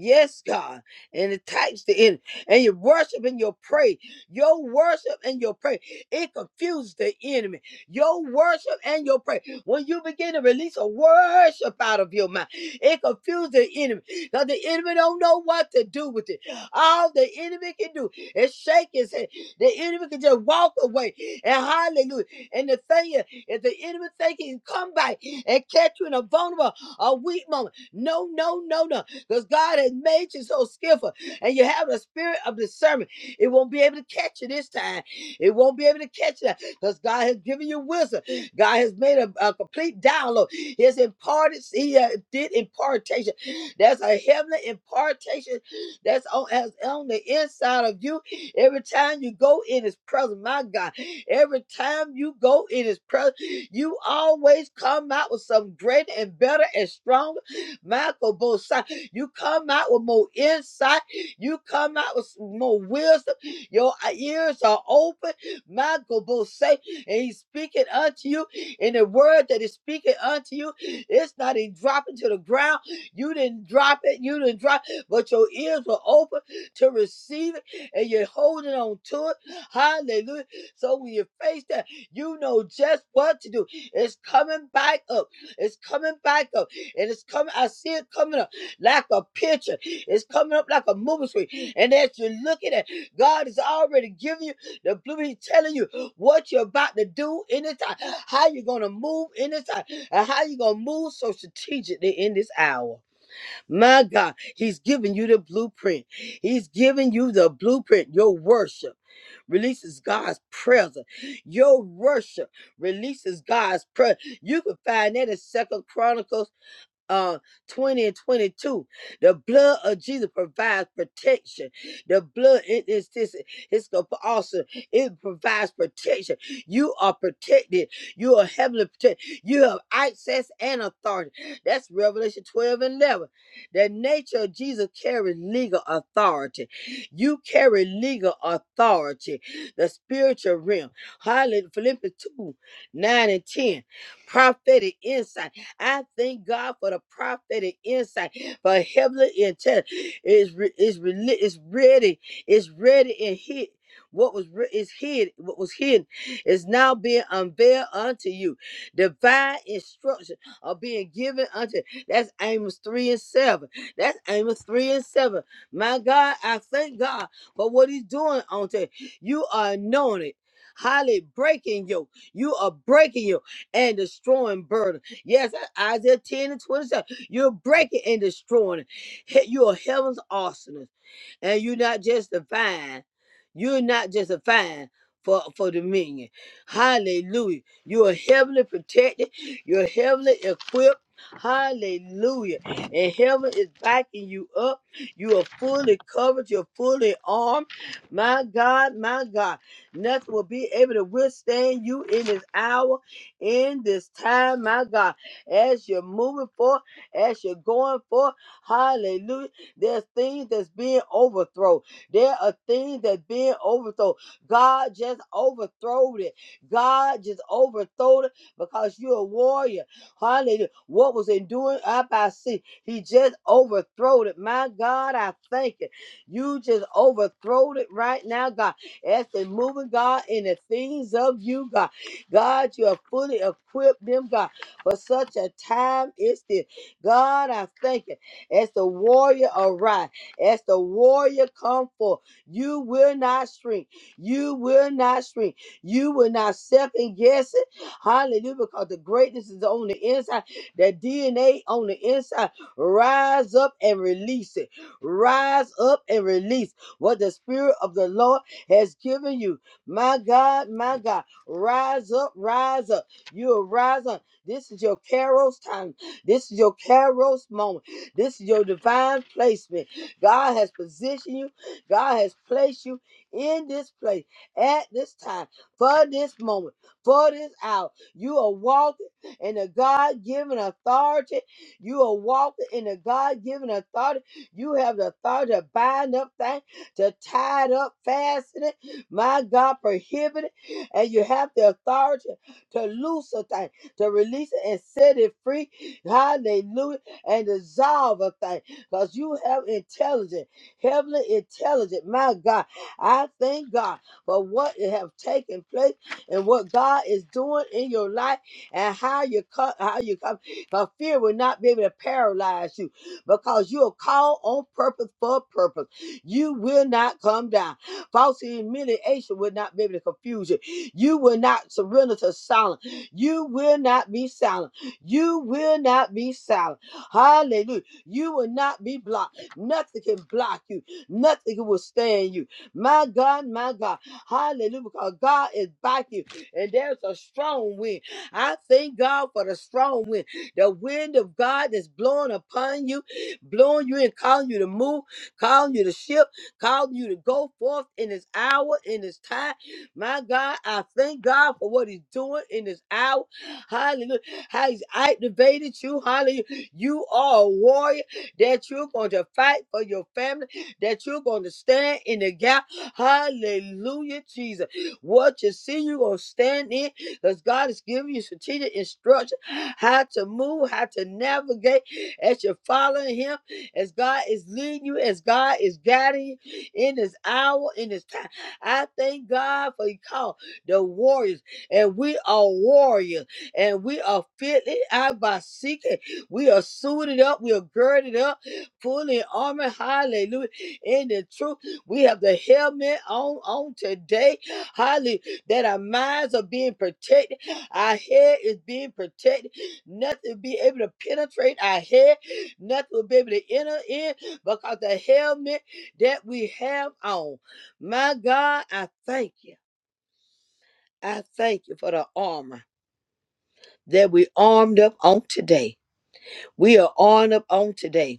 [SPEAKER 1] Yes, God. And it types the end. And your worship and your praise. Your worship and your praise. It confuses the enemy. Your worship and your praise. When you begin to release a worship out of your mouth, it confuses the enemy. Because the enemy don't know what to do with it. All the enemy can do is shake his head. The enemy can just walk away. And hallelujah. And the thing is, if the enemy think he can come by and catch you in a vulnerable, a weak moment, no, no, no, no, because God has made you so skillful, and you have the spirit of discernment. It won't be able to catch you this time. It won't be able to catch you because God has given you wisdom. God has made a, a complete download. He has imparted. He uh, did impartation. That's a heavenly impartation that's on, that's on the inside of you. Every time you go in His presence, my God. Every time you go in His presence. You always come out with something greater and better and stronger. Michael Bosai, you come out with more insight. You come out with more wisdom. Your ears are open. Michael Bosai, and he's speaking unto you. And the word that is speaking unto you, it's not in dropping to the ground. You didn't drop it. You didn't drop it. But your ears were open to receive it. And you're holding on to it. Hallelujah. So when you face that. You know just what to do. It's coming back up. It's coming back up. And it's coming. I see it coming up like a picture. It's coming up like a movie screen. And as you're looking at, God is already giving you the blueprint. He's telling you what you're about to do in this time, how you're gonna move in this time, and how you're gonna move so strategically in this hour. My God, He's giving you the blueprint. He's giving you the blueprint, your worship releases God's presence. Your worship releases God's presence. You can find that in Second Chronicles uh 20 and 22 the blood of jesus provides protection the blood it is this it's awesome it provides protection you are protected you are heavenly protected you have access and authority that's revelation 12 and 11 the nature of jesus carries legal authority you carry legal authority the spiritual realm hallelujah philippians 2 9 and 10 prophetic insight I thank God for the prophetic insight, for heavenly intelligence. It's, re- it's, reli- it's ready. It's ready and hid. What was re- is hid, what was hidden, is now being unveiled unto you. Divine instruction are being given unto. That's Amos three and seven. That's Amos three and seven. My God, I thank God for what He's doing on today. You are anointed. Holly breaking yoke. You are breaking yoke and destroying burden. Yes, that's Isaiah 10 and 27. You're breaking and destroying. He- You are heaven's arsenal and you're not justifying. You're not justifying for, for dominion. Hallelujah. You are heavily protected. You're heavily equipped. Hallelujah. And heaven is backing you up. You are fully covered. You're fully armed. My God, my God. Nothing will be able to withstand you in this hour, in this time, my God. As you're moving forth, as you're going forth, hallelujah. There's things that's being overthrown. There are things that's being overthrown. God just overthrowed it. God just overthrowed it because you're a warrior. Hallelujah. What was enduring up I see. He just overthrowed it. My God, I thank you. You just overthrowed it right now, God. As they moving, God, in the things of you, God. God, you have fully equipped them, God, for such a time as this. God, I thank you. As the warrior arise, as the warrior come forth, you will not shrink. You will not shrink. You will not second guess it. Hallelujah. Because the greatness is on the inside. The DNA on the inside. Rise up and release it. Rise up and release what the Spirit of the Lord has given you. My God, my God. Rise up, rise up. You will rise up. This is your Kairos time. This is your Kairos moment. This is your divine placement. God has positioned you. God has placed you in this place at this time, for this moment, for this hour. You are walking in the God given authority. You are walking in the God given authority. You have the authority to bind up things, to tie it up, fasten it. My God, prohibit it. And you have the authority to loose a thing, to release it and set it free. Hallelujah and dissolve a thing because you have intelligent, heavenly intelligent. My God, I thank God for what it have taken place and what God is doing in your life and how you come, how you come. Because fear will not be able to paralyze you because you are called on purpose for a purpose. You will not come down. False humiliation will not be able to confuse you. You will not surrender to silence. You will not be silent. You will not be silent. Hallelujah. You will not be blocked. Nothing can block you. Nothing will stand you. My God, my God. Hallelujah. Because God is back you. And there's a strong wind. I thank God for the strong wind. The wind of God that's blowing upon you, blowing you and calling you to move, calling you to shift, calling you to go forth in this hour, in this time. My God, I thank God for what He's doing in this hour. Hallelujah. How He's activated you. Hallelujah you are a warrior that you're going to fight for your family, that you're going to stand in the gap. Hallelujah, Jesus. What you see, you're going to stand in because God is giving you strategic instruction how to move, how to navigate as you're following Him, as God is leading you, as God is guiding you in this hour, in this time. I thank God for He called the warriors, and we are warriors, and we are fitly out by seeking. We are suited up. We are girded up, *gasps* fully armored. Hallelujah. In the truth, we have the helmet on on today. *gasps* Hallelujah. That our minds are being protected. *gasps* Our head is being protected. *gasps* Nothing will be able to penetrate our head. *gasps* Nothing will be able to enter in because the helmet *gasps* that we have on. My God, I thank you. I thank you for the armor that we armed up on today. We are armed up on today.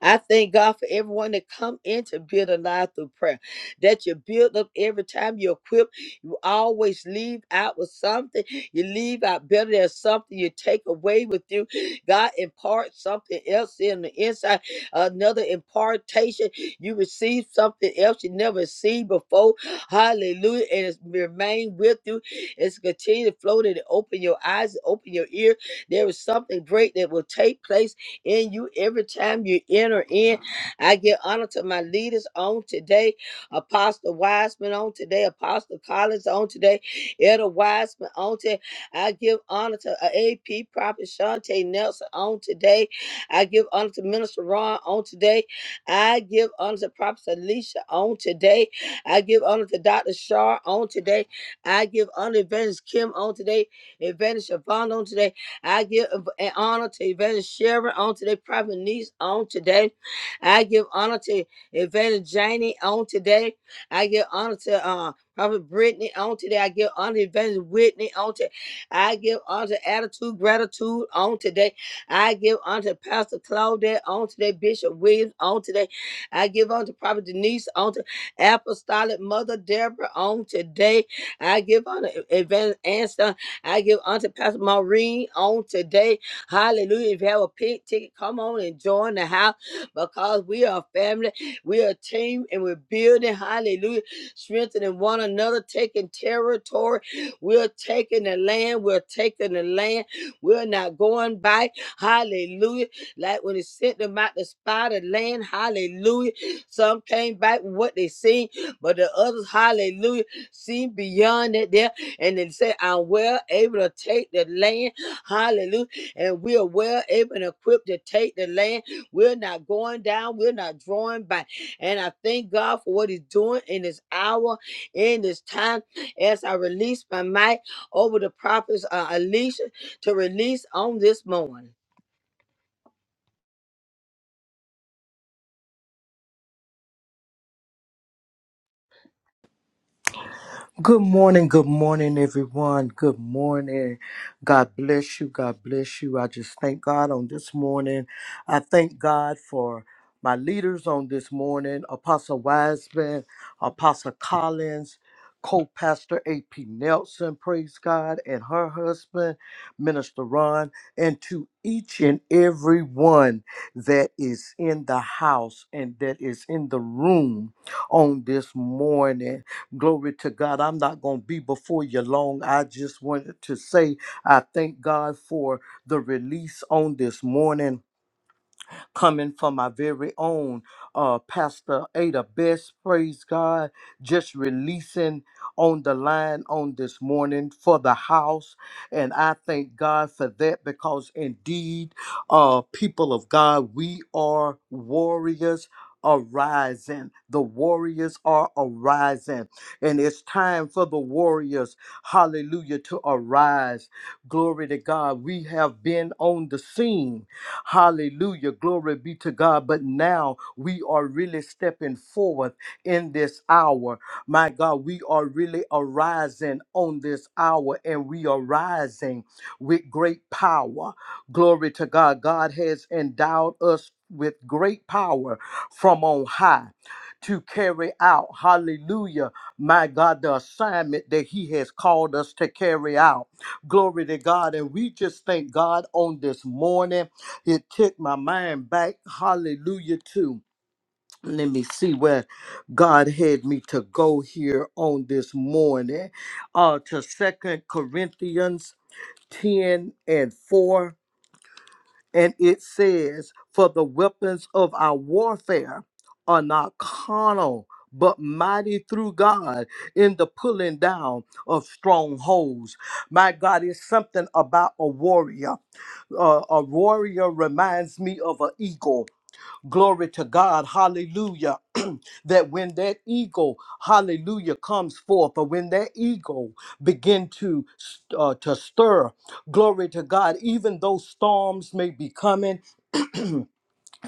[SPEAKER 1] I thank God for everyone that come in to build a life through prayer. That you build up every time you equip. You always leave out with something. You leave out better than something you take away with you. God impart something else in the inside. Another impartation. You receive something else you never received before. Hallelujah. And it's remain with you. It's continue to flow and open your eyes, open your ear. There is something great that will take place in you every time you enter in. I give honor to my leaders on today, Apostle Wiseman on today, Apostle Collins on today, Elder Wiseman on today. I give honor to uh, AP Prophet Shante Nelson on today. I give honor to Minister Ron on today. I give honor to Prophet Alicia on today. I give honor to Dr. Shar on today. I give honor to Evangelist Kim on today. Evangelist Siobhan on today. I give an honor to Evangelist Sharon on today, Prophet Niece on today. I give honor to Evangelist Janie on today. I give honor to uh, Prophet Brittany on today. I give honor to Evangelist Whitney on today. I give honor to Attitude, Gratitude on today. I give honor to Pastor Claudette on today, Bishop Williams on today. I give honor to Prophet Denise on today, Apostolic Mother Deborah on today. I give honor to Evangelist Anson I give unto Pastor Maureen on today. Hallelujah. If you have a pink ticket, come on and join the house because we are family. We are a team and we're building. Hallelujah. Strengthening one another, taking territory. We're taking the land. We're taking the land. We're not going back. Hallelujah. Like when they sent them out to spy the land. Hallelujah. Some came back with what they seen, but the others, hallelujah, seen beyond it. And it said, I'm well able to take the land. Hallelujah. And we are well able and equipped to take the land. We're not going down. We're not drawing back. And I thank God for what He's doing in this hour, in this time. As I release my mic over the prophets, uh, Alicia, to release on this morning.
[SPEAKER 3] Good morning, good morning, everyone. Good morning. God bless you. God bless you. I just thank God on this morning. I thank God for my leaders on this morning Apostle Wiseman, Apostle Collins, co pastor A.P. Nelson, praise God, and her husband, Minister Ron, and to each and every one that is in the house and that is in the room on this morning. Glory to God. I'm not going to be before you long. I just wanted to say I thank God for the release on this morning coming from my very own uh, Pastor Ada Best. Praise God. Just releasing on the line on this morning for the house. And I thank God for that because indeed, uh, people of God, we are warriors. Arising. The warriors are arising. And it's time for the warriors, hallelujah, to arise. Glory to God. We have been on the scene Hallelujah. Glory be to God. But now we are really stepping forward in this hour. My God, we are really arising on this hour and we are rising with great power. Glory to God. God has endowed us with great power from on high to carry out, hallelujah, my God, the assignment that He has called us to carry out. Glory to God. And we just thank God on this morning. It took my mind back. Hallelujah, too. Let me see where God had me to go here on this morning. Uh, to Second Corinthians 10 and 4. And it says, For the weapons of our warfare are not carnal, but mighty through God in the pulling down of strongholds. My God, is something about a warrior. Uh, a warrior reminds me of an eagle. Glory to God. Hallelujah. That when that eagle, hallelujah, comes forth, or when that eagle begin to, uh, to stir, glory to God, even though storms may be coming,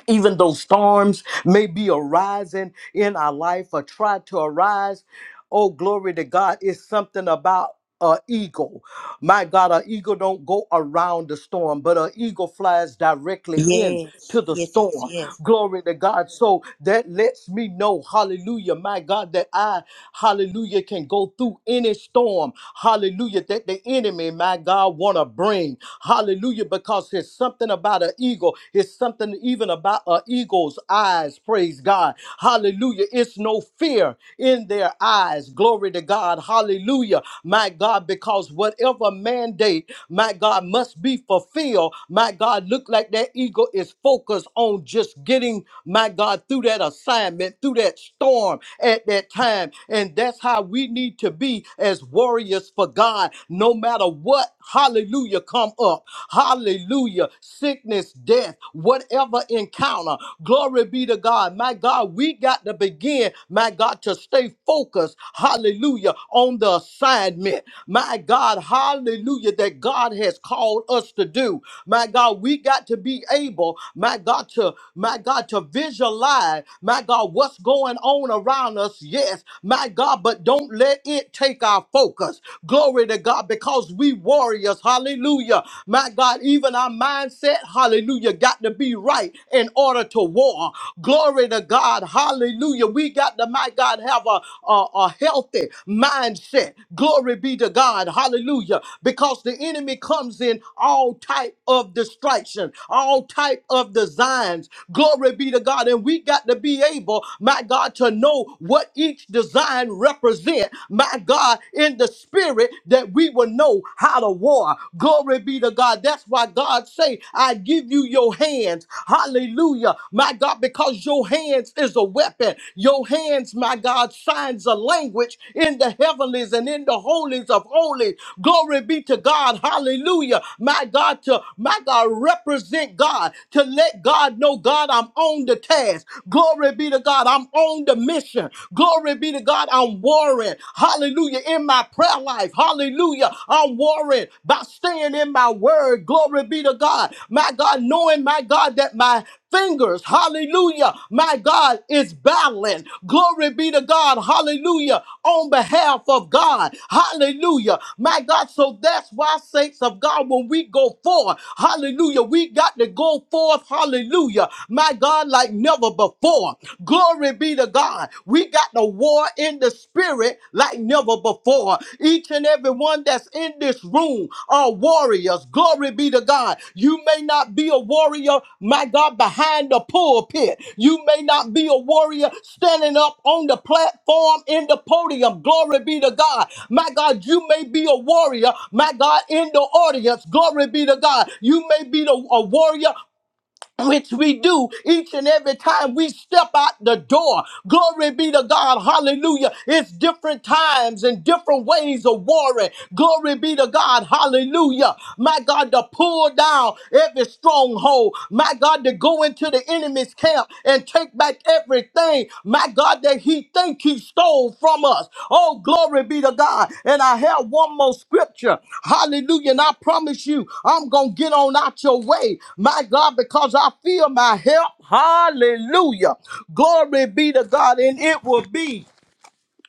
[SPEAKER 3] even though storms may be arising in our life or try to arise oh glory to god it's something about an eagle my god an eagle don't go around the storm but an eagle flies directly in
[SPEAKER 2] Yes,
[SPEAKER 3] to the
[SPEAKER 2] yes, yes,
[SPEAKER 3] storm
[SPEAKER 2] yes.
[SPEAKER 3] glory to god so that lets me know hallelujah my god that i hallelujah, can go through any storm, hallelujah, that the enemy, my God, want to bring, hallelujah, because there's something about an eagle, it's something even about an eagle's eyes, praise God, hallelujah, it's no fear in their eyes, glory to God, hallelujah, my God, because whatever mandate, my God, must be fulfilled, my God, look like that eagle is focused on just getting, my God, through that assignment, through that storm, at that time. And that's how we need to be as warriors for God, no matter what. Hallelujah, come up. Hallelujah, sickness, death, whatever encounter. Glory be to God. My God, we got to begin, my God, to stay focused. Hallelujah, on the assignment. My God, hallelujah, that God has called us to do. My God, we got to be able, my God, to my God, to visualize, my God, what's going going on around us, yes, my God, but don't let it take our focus. Glory to God, because we warriors, hallelujah. My God, even our mindset, hallelujah, got to be right in order to war. Glory to God, hallelujah. We got to, my God, have a, a, a healthy mindset. Glory be to God, hallelujah. Because the enemy comes in all type of distraction, all type of designs. Glory be to God. And we got to to be able, my God, to know what each design represent, my God, in the spirit that we will know how to war. Glory be to God. That's why God say, I give you your hands. Hallelujah. My God, because your hands is a weapon. Your hands, my God, signs a language in the heavenlies and in the holies of holies. Glory be to God. Hallelujah. My God, to my God, represent God, to let God know, God, I'm on on the task. Glory be to God. I'm on the mission. Glory be to God. I'm warring. Hallelujah. In my prayer life. Hallelujah. I'm warring by staying in my word. Glory be to God. My God, knowing, my God, that my fingers, hallelujah, my God, is battling. Glory be to God. Hallelujah. On behalf of God. Hallelujah. My God. So that's why, saints of God, when we go forth, hallelujah, we got to go forth. Hallelujah. Hallelujah. My God, like never before. Glory be to God. We got the war in the spirit like never before. Each and every one that's in this room are warriors. Glory be to God. You may not be a warrior, my God, behind the pulpit. You may not be a warrior standing up on the platform in the podium. Glory be to God. My God, you may be a warrior, my God, in the audience. Glory be to God. You may be the, a warrior which we do each and every time we step out the door. Glory be to God. Hallelujah. It's different times and different ways of warring. Glory be to God. Hallelujah. My God, to pull down every stronghold. My God, to go into the enemy's camp and take back back everything, my God, that he think he stole from us. Oh, glory be to God. And I have one more scripture. Hallelujah. And I promise you, I'm going to get on out your way, my God, because I feel my help. Hallelujah. Glory be to God. And it will be.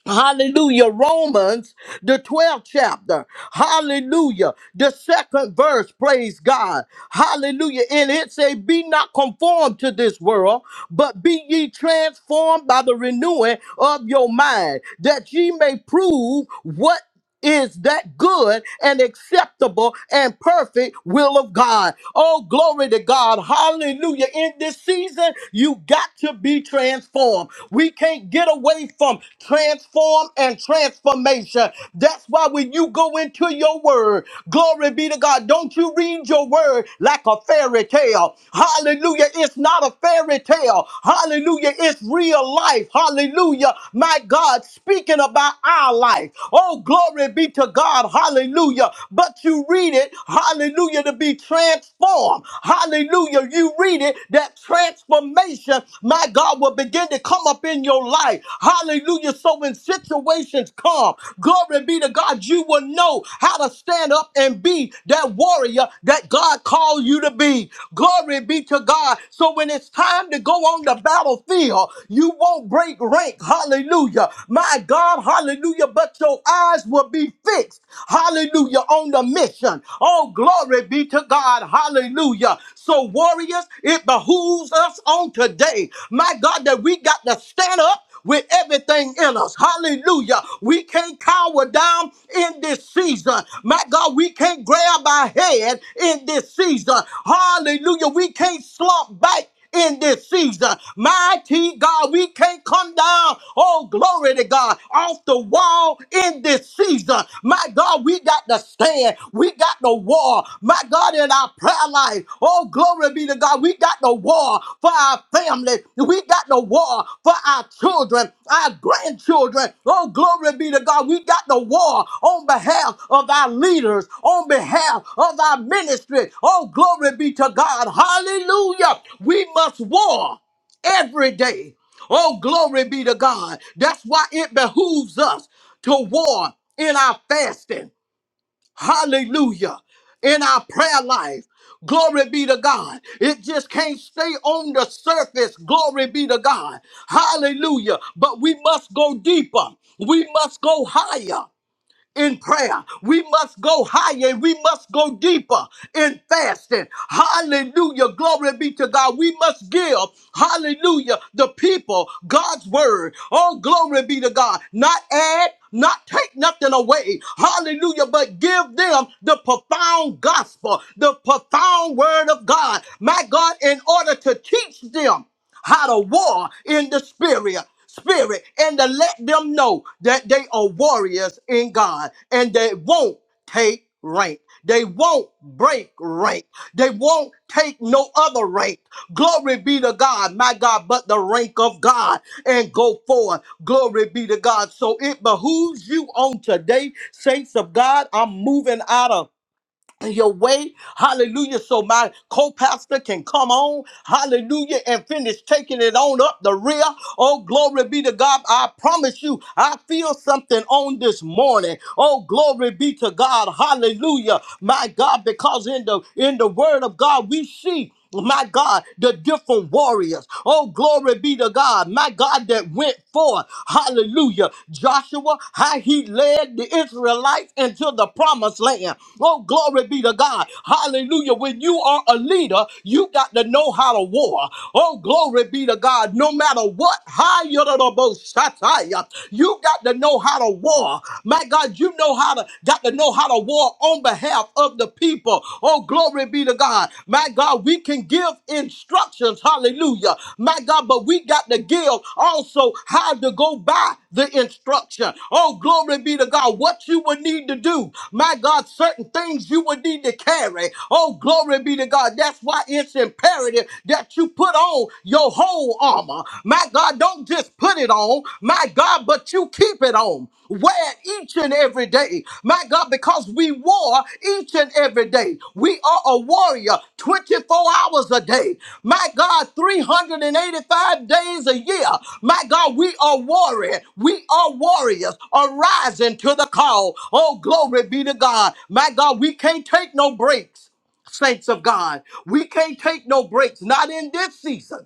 [SPEAKER 3] Hallelujah. Romans, the 12th chapter. Hallelujah. The second verse. Praise God. Hallelujah. And it say, Be not conformed to this world, but be ye transformed by the renewing of your mind, that ye may prove what is that good and acceptable and perfect will of God. Oh, glory to God. Hallelujah. In this season, you got to be transformed. We can't get away from transform and transformation. That's why when you go into your word, glory be to God, don't you read your word like a fairy tale. Hallelujah. It's not a fairy tale. Hallelujah. It's real life. Hallelujah. My God, speaking about our life. Oh, glory be to God. Hallelujah. But you read it, hallelujah, to be transformed. Hallelujah. You read it, that transformation, my God, will begin to come up in your life. Hallelujah. So when situations come, glory be to God, you will know how to stand up and be that warrior that God called you to be. Glory be to God. So when it's time to go on the battlefield, you won't break rank. Hallelujah. Hallelujah. My God, hallelujah. But your eyes will be fixed. Hallelujah. On the mission. Oh, glory be to God. Hallelujah. So, warriors, it behooves us on today. My God, that we got to stand up with everything in us. Hallelujah. We can't cower down in this season. My God, we can't grab our head in this season. Hallelujah. We can't slump back in this season. Mighty God, we can't come down. Oh, glory to God. Off the wall in this season. My God, we got to stand. We got the war. My God, in our prayer life. Oh, glory be to God. We got the war for our family. We got the war for our children, our grandchildren. Oh, glory be to God. We got the war on behalf of our leaders, on behalf of our ministry. Oh, glory be to God. Hallelujah. We must war every day. Oh, glory be to God. That's why it behooves us to war in our fasting. Hallelujah. In our prayer life. Glory be to God. It just can't stay on the surface. Glory be to God. Hallelujah. But we must go deeper. We must go higher in prayer. We must go higher and we must go deeper in fasting. Hallelujah. Glory be to God. We must give, hallelujah, the people God's word. Oh, glory be to God. Not add, not take nothing away. Hallelujah. But give them the profound gospel, the profound word of God. My God, in order to teach them how to war in the spirit spirit and to let them know that they are warriors in god and they won't take rank they won't break rank they won't take no other rank glory be to god my god but the rank of god and go forward glory be to god so it behooves you on today saints of god i'm moving out of your way. Hallelujah. So my co-pastor can come on. Hallelujah. And finish taking it on up the rear. Oh, glory be to God. I promise you, I feel something on this morning. Oh, glory be to God. Hallelujah. My God, because in the in the word of God, we see my God, the different warriors. Oh, glory be to God, my God, that went forth. Hallelujah. Joshua, how he led the Israelites into the promised land. Oh, glory be to God. Hallelujah. When you are a leader, you got to know how to war. Oh, glory be to God. No matter what, hi, you you got to know how to war. My God, you know how how to got to know how to war on behalf of the people. Oh, glory be to God. My God, we can give instructions. Hallelujah. My God, but we got to give also how to go by the instruction. Oh, glory be to God. What you would need to do. My God, certain things you would need to carry. Oh, glory be to God. That's why it's imperative that you put on your whole armor. My God, don't just put it on. My God, but you keep it on wear each and every day. My God, because we war each and every day. We are a warrior 24 hours a day. My God, 385 days a year. My God, we are warrior. We are warriors arising to the call. Oh, glory be to God. My God, we can't take no breaks saints of God. We can't take no breaks, not in this season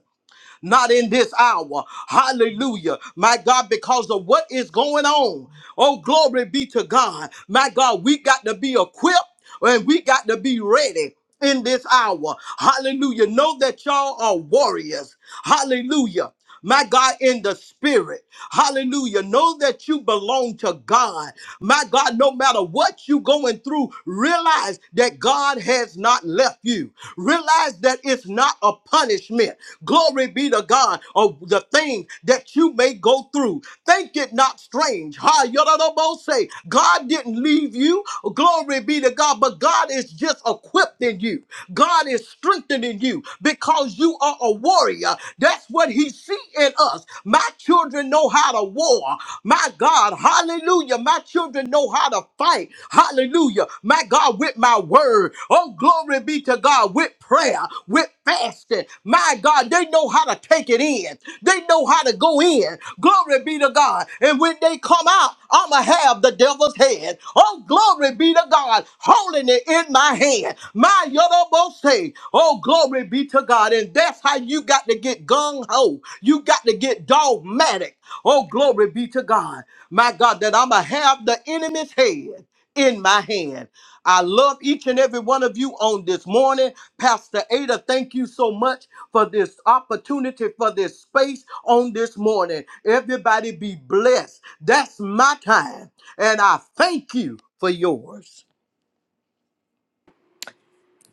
[SPEAKER 3] not in this hour. Hallelujah. My God, because of what is going on. Oh, glory be to God. My God, we got to be equipped and we got to be ready. In this hour, hallelujah. Know that y'all are warriors, hallelujah my God, in the spirit. Hallelujah. Know that you belong to God. My God, no matter what you're going through, realize that God has not left you. Realize that it's not a punishment. Glory be to God of the things that you may go through. Think it not strange. Ha, say, God didn't leave you. Glory be to God, but God is just equipping you. God is strengthening you because you are a warrior. That's what he see in us. My children know how to war. My God, hallelujah. My children know how to fight. Hallelujah. My God, with my word. Oh, glory be to God with prayer, with fasting. My God, they know how to take it in. They know how to go in. Glory be to God. And when they come out, I'ma have the devil's head. Oh, glory be to God, holding it in my hand. My yodobo say, oh, glory be to God. And that's how you got to get gung ho. You got to get dogmatic. Oh, glory be to God. My God, that I'ma have the enemy's head in my hand. I love each and every one of you on this morning. Pastor Ada, thank you so much for this opportunity, for this space on this morning. Everybody be blessed. That's my time. And I thank you for yours.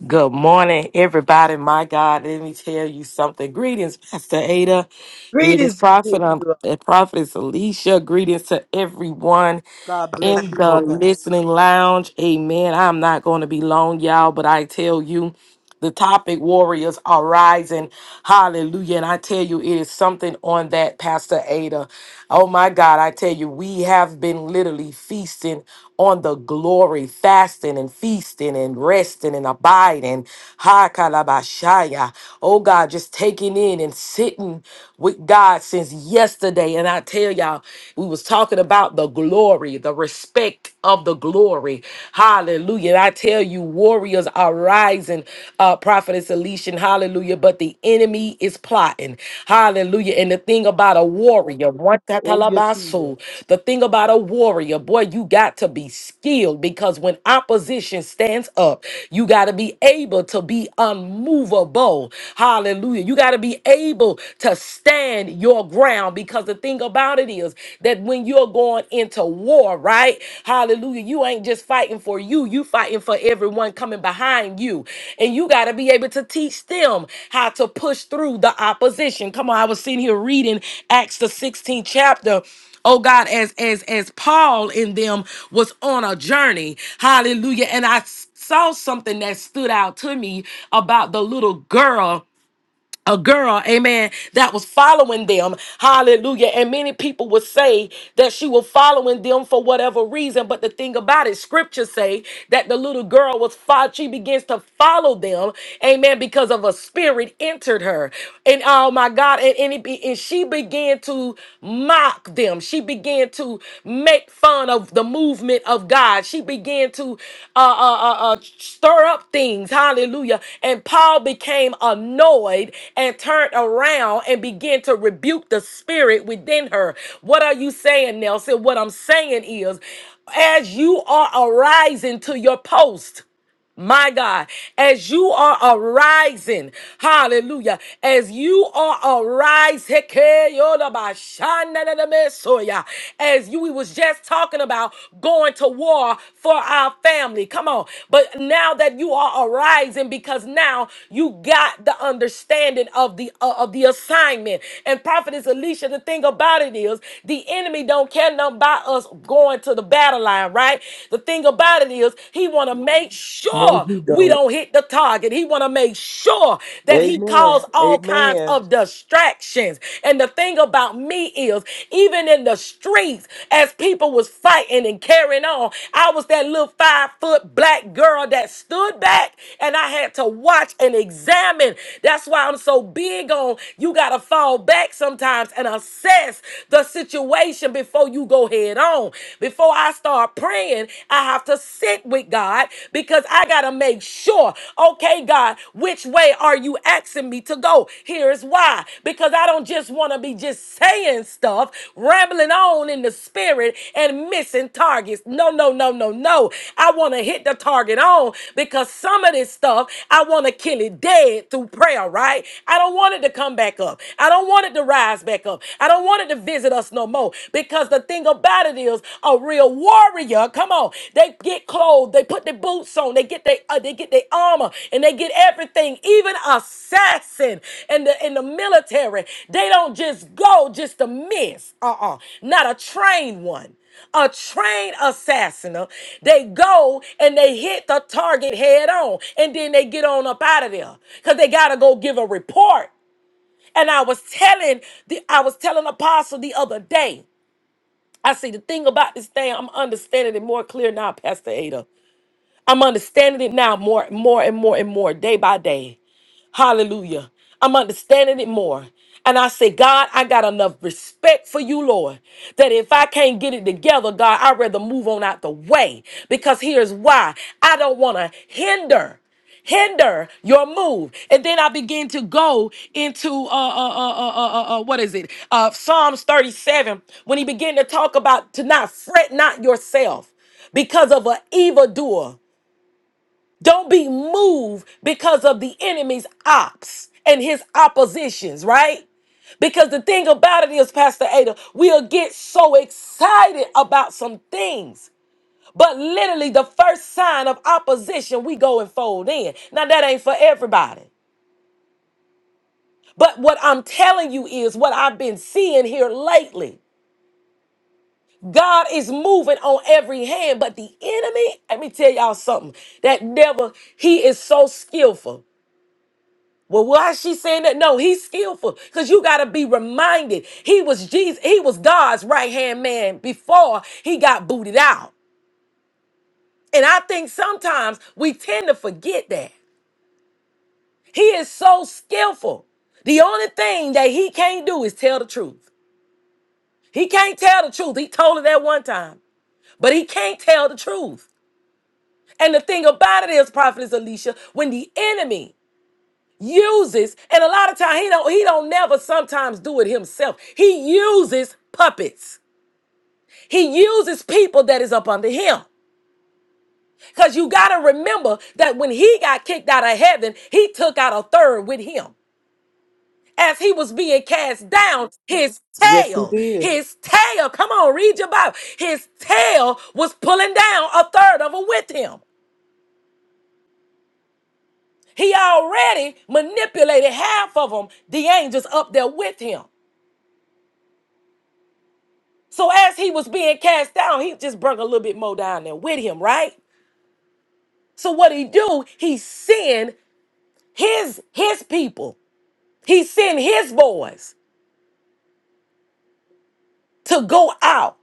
[SPEAKER 4] Good morning, everybody. My God, let me tell you something. Greetings, Pastor Ada. Greetings,
[SPEAKER 1] Greetings to
[SPEAKER 4] Prophet, um,
[SPEAKER 1] you. all.
[SPEAKER 4] uh, Prophetess Alicia. Greetings to everyone
[SPEAKER 3] God
[SPEAKER 4] in
[SPEAKER 3] bless you, co
[SPEAKER 4] the
[SPEAKER 3] pastor.
[SPEAKER 4] listening lounge. Amen. I'm not going to be long, y'all, but I tell you, the topic warriors are rising. Hallelujah. And I tell you, it is something on that, Pastor Ada. Oh my God, I tell you, we have been literally feasting on the glory, fasting and feasting and resting and abiding. Ha kalabashaya. Oh God, just taking in and sitting with God since yesterday. And I tell y'all, we was talking about the glory, the respect of the glory. Hallelujah. And I tell you, warriors are rising, uh, Prophetess Elisha, hallelujah. But the enemy enemy is plotting. Hallelujah. And the thing about a warrior, one
[SPEAKER 3] Oh, yes, he is.
[SPEAKER 4] tatalabasu, the thing about a warrior, boy, you got to be skilled because when opposition stands up, you got to be able to be unmovable. Hallelujah. You got to be able to stand your ground because the thing about it is that when you're going into war, right? fight. Hallelujah. You ain't just fighting for you, you fighting for everyone coming behind you. And you got to be able to teach them how to push through the opposition. Come on, I was sitting here reading Acts the 16th chapter oh god as as as paul and them was on a journey hallelujah and i s- saw something that stood out to me about the little girl a girl, amen, that was following them. Hallelujah. And many people would say that she was following them for whatever reason. But the thing about it, scripture say that the little girl was followed. She begins to follow them. Amen. Because of a spirit entered her. And oh my God. And, and, it be, and she began to mock them. She began began to make fun of the movement of God. She began to uh, uh, uh, uh, stir up things. Hallelujah. And Paul became annoyed and turned around and began to rebuke the spirit within her. What are you saying, Nelson? What I'm saying is, as you are arising to your post. My God, as you are arising, hallelujah, as you are arising, as you we was just talking about going to war for our family. Come on. But now that you are arising, because now you got the understanding of the uh, of the assignment. And prophetess Alicia, the thing about it is the enemy don't care nothing about us going to the battle line, right? The thing about it is, he want to make
[SPEAKER 3] No,
[SPEAKER 4] sure
[SPEAKER 3] he
[SPEAKER 4] we
[SPEAKER 3] don't.
[SPEAKER 4] don't hit the target. He want to make sure that he calls
[SPEAKER 3] Amen.
[SPEAKER 4] all kinds
[SPEAKER 3] Amen.
[SPEAKER 4] of distractions. And the thing about me is, even in the streets, as people was fighting and carrying on, I was that little five foot black girl that stood back and I had to watch and examine. That's why I'm so big on you got to fall back sometimes and assess the situation before you go go head on. Before I start praying, I have to sit with God because I got to make sure, okay, God, which way are you asking me to go? Here's why because I don't just want to be just saying stuff, rambling on in the spirit and missing targets. No, no, no, no, no. I want to hit the target on because some of this stuff, I want to kill it dead through prayer, right? I don't want it to come back up. I don't want it to rise back up. I don't want it to visit us no more because the thing about it is a real warrior. Come on, they get clothed, they put their boots on, they get their uh, they get their armor, and they get everything. Even assassin in the in the military, they don't just go just to miss. Uh-uh, not a trained one a trained assassin. uh, They go and they hit the target head on, and then they get on up out of there because they gotta go give a report. And I was telling the I was telling Apostle the other day. I see the thing about this thing, I'm understanding it more clear now, Pastor Ada. I'm understanding it now more, more and more and more, day by day. Hallelujah. I'm understanding it more. And I say, God, I got enough respect for you, Lord, that if I can't get it together, God, I'd rather move on out the way. Because here's why I don't want to hinder hinder your move. And then I begin to go into uh, uh, uh, uh, uh, uh, uh, what is it? Uh, Psalms 37, when he began to talk about to not fret not yourself because of an evildoer. Don't be moved because of the enemy's ops and his oppositions, right? Because the thing about it is, Pastor Ada, we'll get so excited about some things. But literally, the first sign of opposition, we go and fold in. Now, that ain't for everybody. But what I'm telling you is what I've been seeing here lately. God is moving on every hand, but the enemy, let me tell y'all something. That devil, he is so skillful. Well, why is she saying that? No, he's skillful because you got to be reminded he was Jesus, he was God's right hand man before he got booted out. And I think sometimes we tend to forget that he is so skillful. The only thing that he can't do is tell the truth. He can't tell the truth. He told her that one time but he can't tell the truth. And the thing about it is, Prophetess Alicia, when the enemy uses and a lot of times he don't he don't never sometimes do it himself he uses puppets he uses people that is up under him because you got to remember that when he got kicked out of heaven he took out a third with him as he was being cast down his
[SPEAKER 3] Yes, he
[SPEAKER 4] tail
[SPEAKER 3] did.
[SPEAKER 4] his tail come on read your bible his tail was pulling down a third of them with him he already manipulated half of them the angels up there with him So as he was being cast down, he just brought a little bit more down there with him, right? So what he do? He send his his people. He send his boys to go out.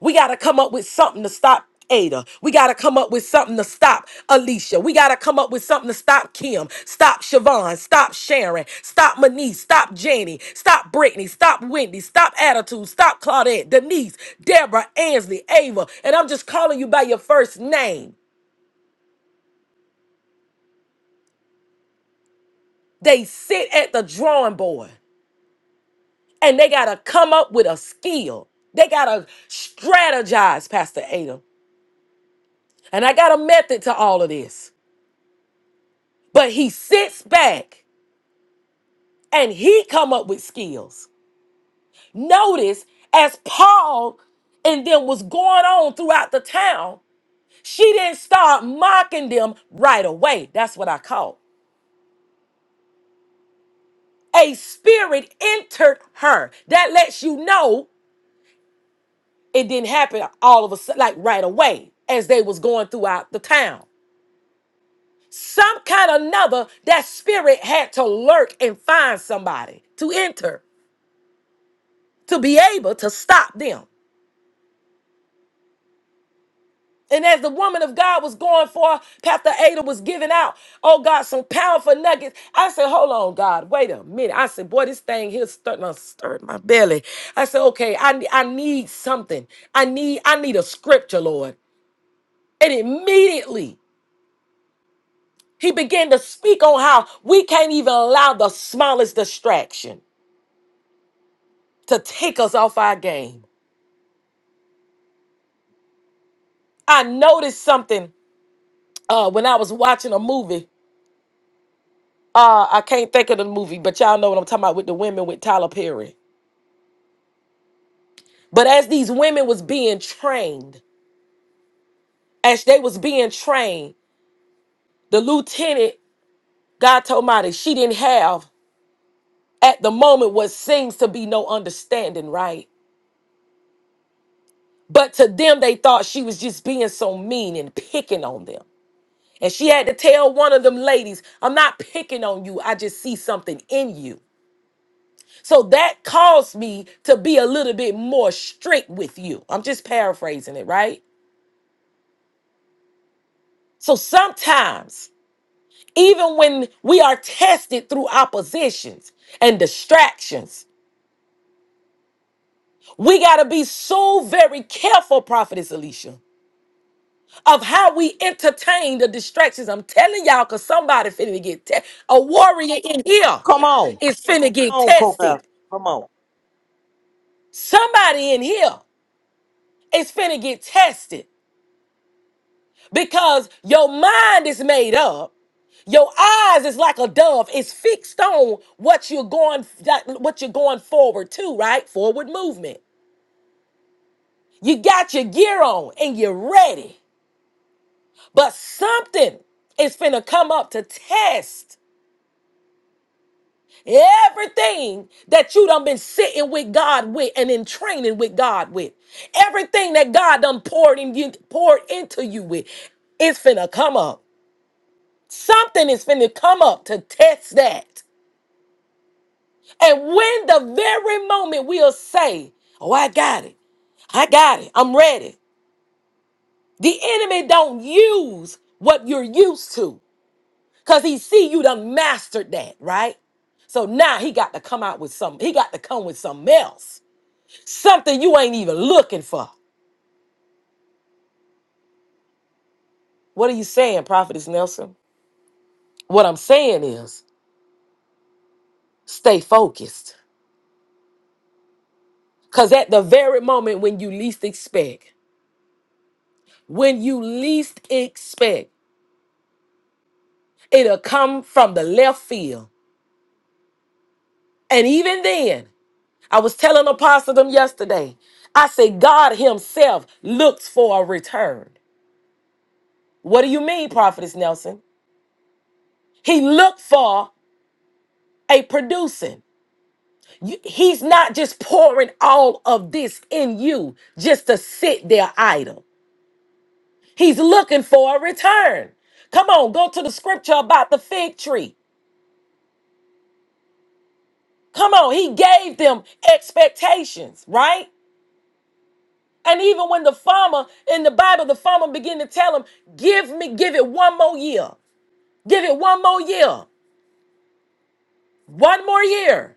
[SPEAKER 4] We gotta come up with something to stop Ada. We gotta come up with something to stop Alicia. We gotta come up with something to stop Kim, stop Siobhan, stop Sharon, stop Monique, stop Janie, stop Brittany, stop Wendy, stop Attitude, stop Claudette, Denise, Deborah, Ansley, Ava, and I'm just calling you by your first name. They sit at the drawing board and they got to come up with a skill. They got to strategize, Pastor Adam. And I got a method to all of this. But he sits back and he come up with skills. Notice as Paul and them was going on throughout the town, she didn't start mocking them right away. That's what I call a spirit entered her. That lets you know it didn't happen all of a sudden, like right away, as they was going throughout the town. Some kind of another, that spirit had to lurk and find somebody to enter, to be able to stop them. And as the woman of God was going for, Pastor Ada was giving out, oh God, some powerful nuggets. I said, hold on, God, wait a minute. I said, boy, this thing here starting to stir my belly. I said, okay, I, I need something. I need, I need a scripture, Lord. And immediately He began to speak on how we can't even allow the smallest distraction to take us off our game. I noticed something uh, when I was watching a movie. Uh, I can't think of the movie, but y'all know what I'm talking about with the women with Tyler Perry. But as these women was being trained, as they was being trained, the lieutenant, God told Mighty, she didn't have at the moment what seems to be no understanding, right? But to them, they thought she was just being so mean and picking on them. And she had to tell one of them ladies, I'm not picking on you. I just see something in you. So that caused me to be a little bit more strict with you. I'm just paraphrasing it, right? So sometimes, even when we are tested through oppositions and distractions, we got to be so very careful, Prophetess Alicia, of how we entertain the distractions. I'm telling y'all, because somebody finna get te- a warrior in here
[SPEAKER 3] Come on.
[SPEAKER 4] is finna get
[SPEAKER 3] Come on, co
[SPEAKER 4] tested.
[SPEAKER 3] pastor. Come on.
[SPEAKER 4] Somebody in here is finna get tested because your mind is made up. Your eyes is like a dove. It's fixed on what you're going that- what you're going forward to, right? Forward movement. You got your gear on and you're ready. But something is finna come up to test Everything that you done been sitting with God with and in training with God with, everything that God done poured in you, poured into you with, it's finna come up. Something is finna come up to test that. And when the very moment we'll say, Oh, I got it. I got it. I'm ready. The enemy don't use what you're used to. Cause he see you done mastered that, right? So now he got to come out with something. He got to come with something else Something you ain't even looking for. What are you saying, Prophetess Nelson? What I'm saying is stay focused. Because at the very moment when you least expect, when you least expect, it'll come from the left field. And even then, I was telling Apostle them yesterday, I said, God Himself looks for a return. What do you mean, Prophetess Nelson? He looked for a producing. You- he's not just pouring all of this in you just to sit there idle. He's looking for a return. Come on, go to the scripture about the fig tree. Come on, he gave them expectations, right? And even when the farmer in the Bible, the farmer began to tell him, Give me, give it one more year. Give it one more year. One more year.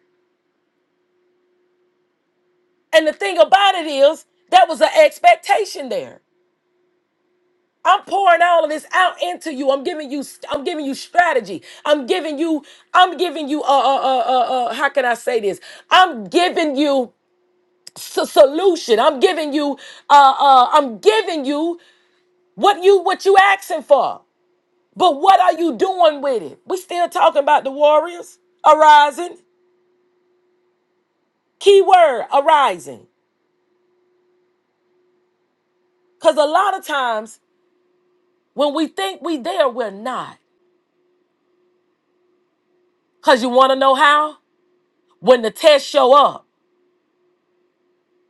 [SPEAKER 4] And the thing about it is, that was an expectation there. I'm pouring all of this out into you. I'm giving you I'm giving you strategy. I'm giving you I'm giving you uh uh uh uh uh, how can I say this? I'm giving you s- solution. I'm giving you uh uh I'm giving you what you what you asking for. But what are you doing with it? We still talking about the warriors arising. Keyword arising. Cause a lot of times when we think we there, we're not. Cause you wanna know how? When the tests show up.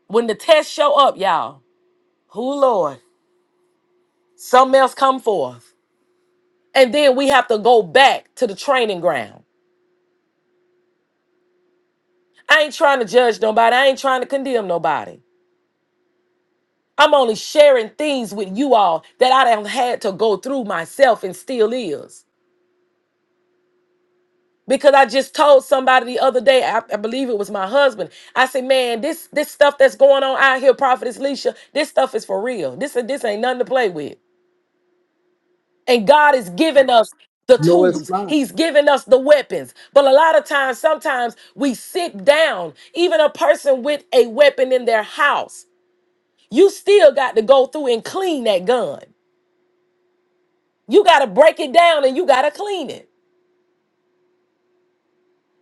[SPEAKER 4] When the tests show up, y'all, who Lord, something else come forth. And then we have to go back to the training ground. I ain't trying to judge nobody. I ain't trying to condemn nobody. I'm only sharing things with you all that I done had to go through myself and still is. Because I just told somebody the other day, I, I believe it was my husband. I said, "Man, this this stuff that's going on out here, Prophetess Leisha, this stuff is for real. This this ain't nothing to play with." And God has given us the
[SPEAKER 3] No, it's
[SPEAKER 4] tools,
[SPEAKER 3] not.
[SPEAKER 4] He's given us the weapons. But a lot of times, sometimes we sit down, even a person with a weapon in their house, you still got to go through and clean that gun. You got to break it down and you got to clean it.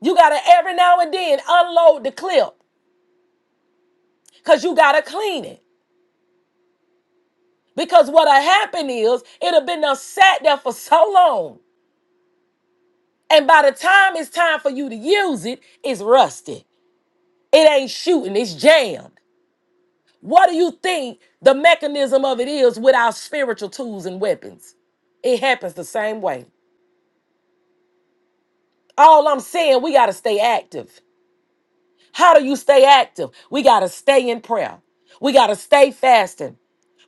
[SPEAKER 4] You got to every now and then unload the clip because you got to clean it. Because what'll happen is it'll been done sat there for so long. And by the time it's time for you to use it, it's rusted. It ain't shooting, it's jammed. What do you think the mechanism of it is with our spiritual tools and weapons? It happens the same way. All I'm saying, we got to stay active. How do you stay active? We got to stay in prayer. We got to stay fasting.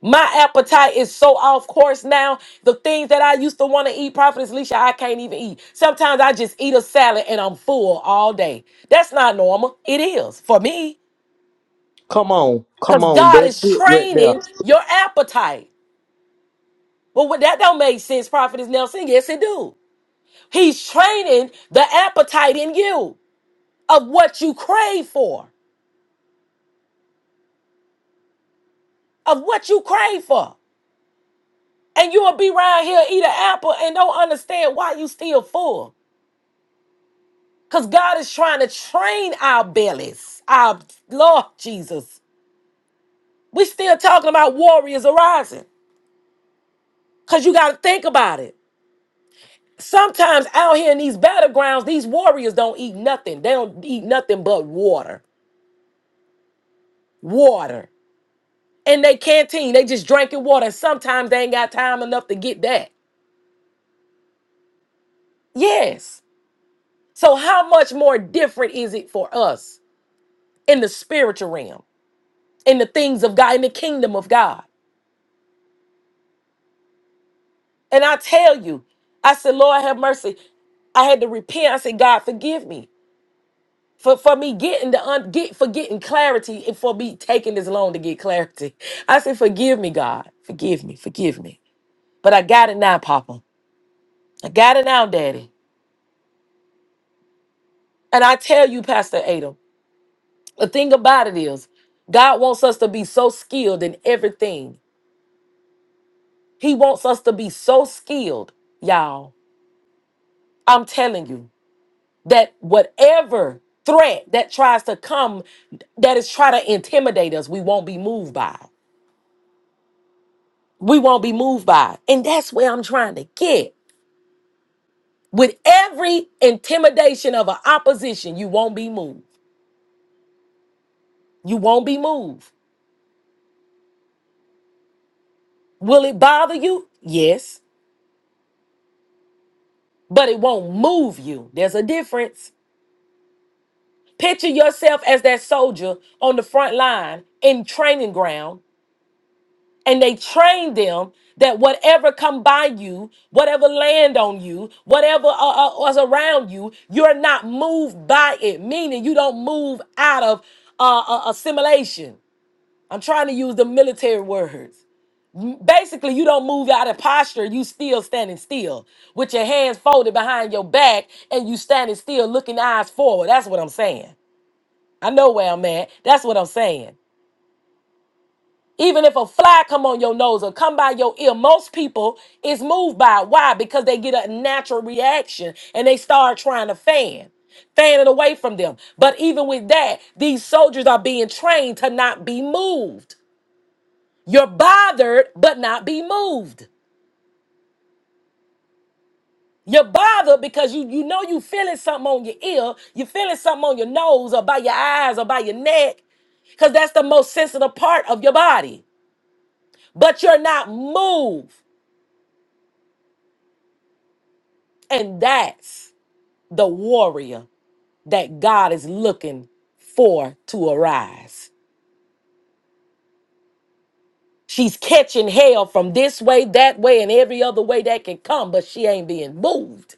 [SPEAKER 4] My appetite is so off course now. The things that I used to want to eat, Prophetess Alicia, I can't even eat. Sometimes I just eat a salad and I'm full all day. That's not normal. It is for me
[SPEAKER 3] Come on. Come
[SPEAKER 4] because
[SPEAKER 3] on.
[SPEAKER 4] God
[SPEAKER 3] That's
[SPEAKER 4] is
[SPEAKER 3] it right there.
[SPEAKER 4] training your appetite. Well, what- that don't make sense, Prophetess Nelson. Yes, it do. He's training the appetite in you of what you crave for, of what you crave for. And you will be around here, eat an apple, and don't understand why you still full. Because God is trying to train our bellies, our Lord Jesus. we still talking about warriors arising. Because you got to think about it. Sometimes out here in these battlegrounds, these warriors don't eat nothing. They don't eat nothing but water. Water. in they canteen. They just drinking water. Sometimes they ain't got time enough to get that. Yes. So how much more different is it for us in the spiritual realm, in the things of God, in the kingdom of God? And I tell you, I said, Lord have mercy. I had to repent. I said, God, forgive me for, for me getting the un, get for getting clarity and for me taking this long to get clarity. I said, forgive me, God. Forgive me. Forgive me. But I got it now, Papa. I got it now, Daddy. And I tell you, Pastor Adam. The thing about it is, God wants us to be so skilled in everything. He wants us to be so skilled, y'all. I'm telling you that whatever threat that tries to come, that is trying to intimidate us, we won't be moved by. We won't be moved by. And that's where I'm trying to get. With every intimidation of an opposition, you won't be moved. You won't be moved. Will it bother you? Yes, but it won't move you. There's a difference. Picture yourself as that soldier on the front line in training ground, and they train them that whatever come by you, whatever land on you, whatever uh, uh, was around you, you're not moved by it. Meaning you don't move out of uh, uh, assimilation. I'm trying to use the military words. Basically, you don't move out of posture. You still standing still with your hands folded behind your back, and you standing still, looking eyes forward. That's what I'm saying. I know where I'm at. That's what I'm saying. Even if a fly come on your nose or come by your ear, most people is moved by it. Why? Because they get a natural reaction and they start trying to fan, fan it away from them. But even with that, these soldiers are being trained to not be moved. You're bothered, but not be moved. You're bothered because you you know you feeling something on your ear, you feeling something on your nose or by your eyes or by your neck, because that's the most sensitive part of your body. but you're not moved. And that's the warrior that God is looking for to arise. She's catching hell from this way, that way, and every other way that can come, but she ain't being moved.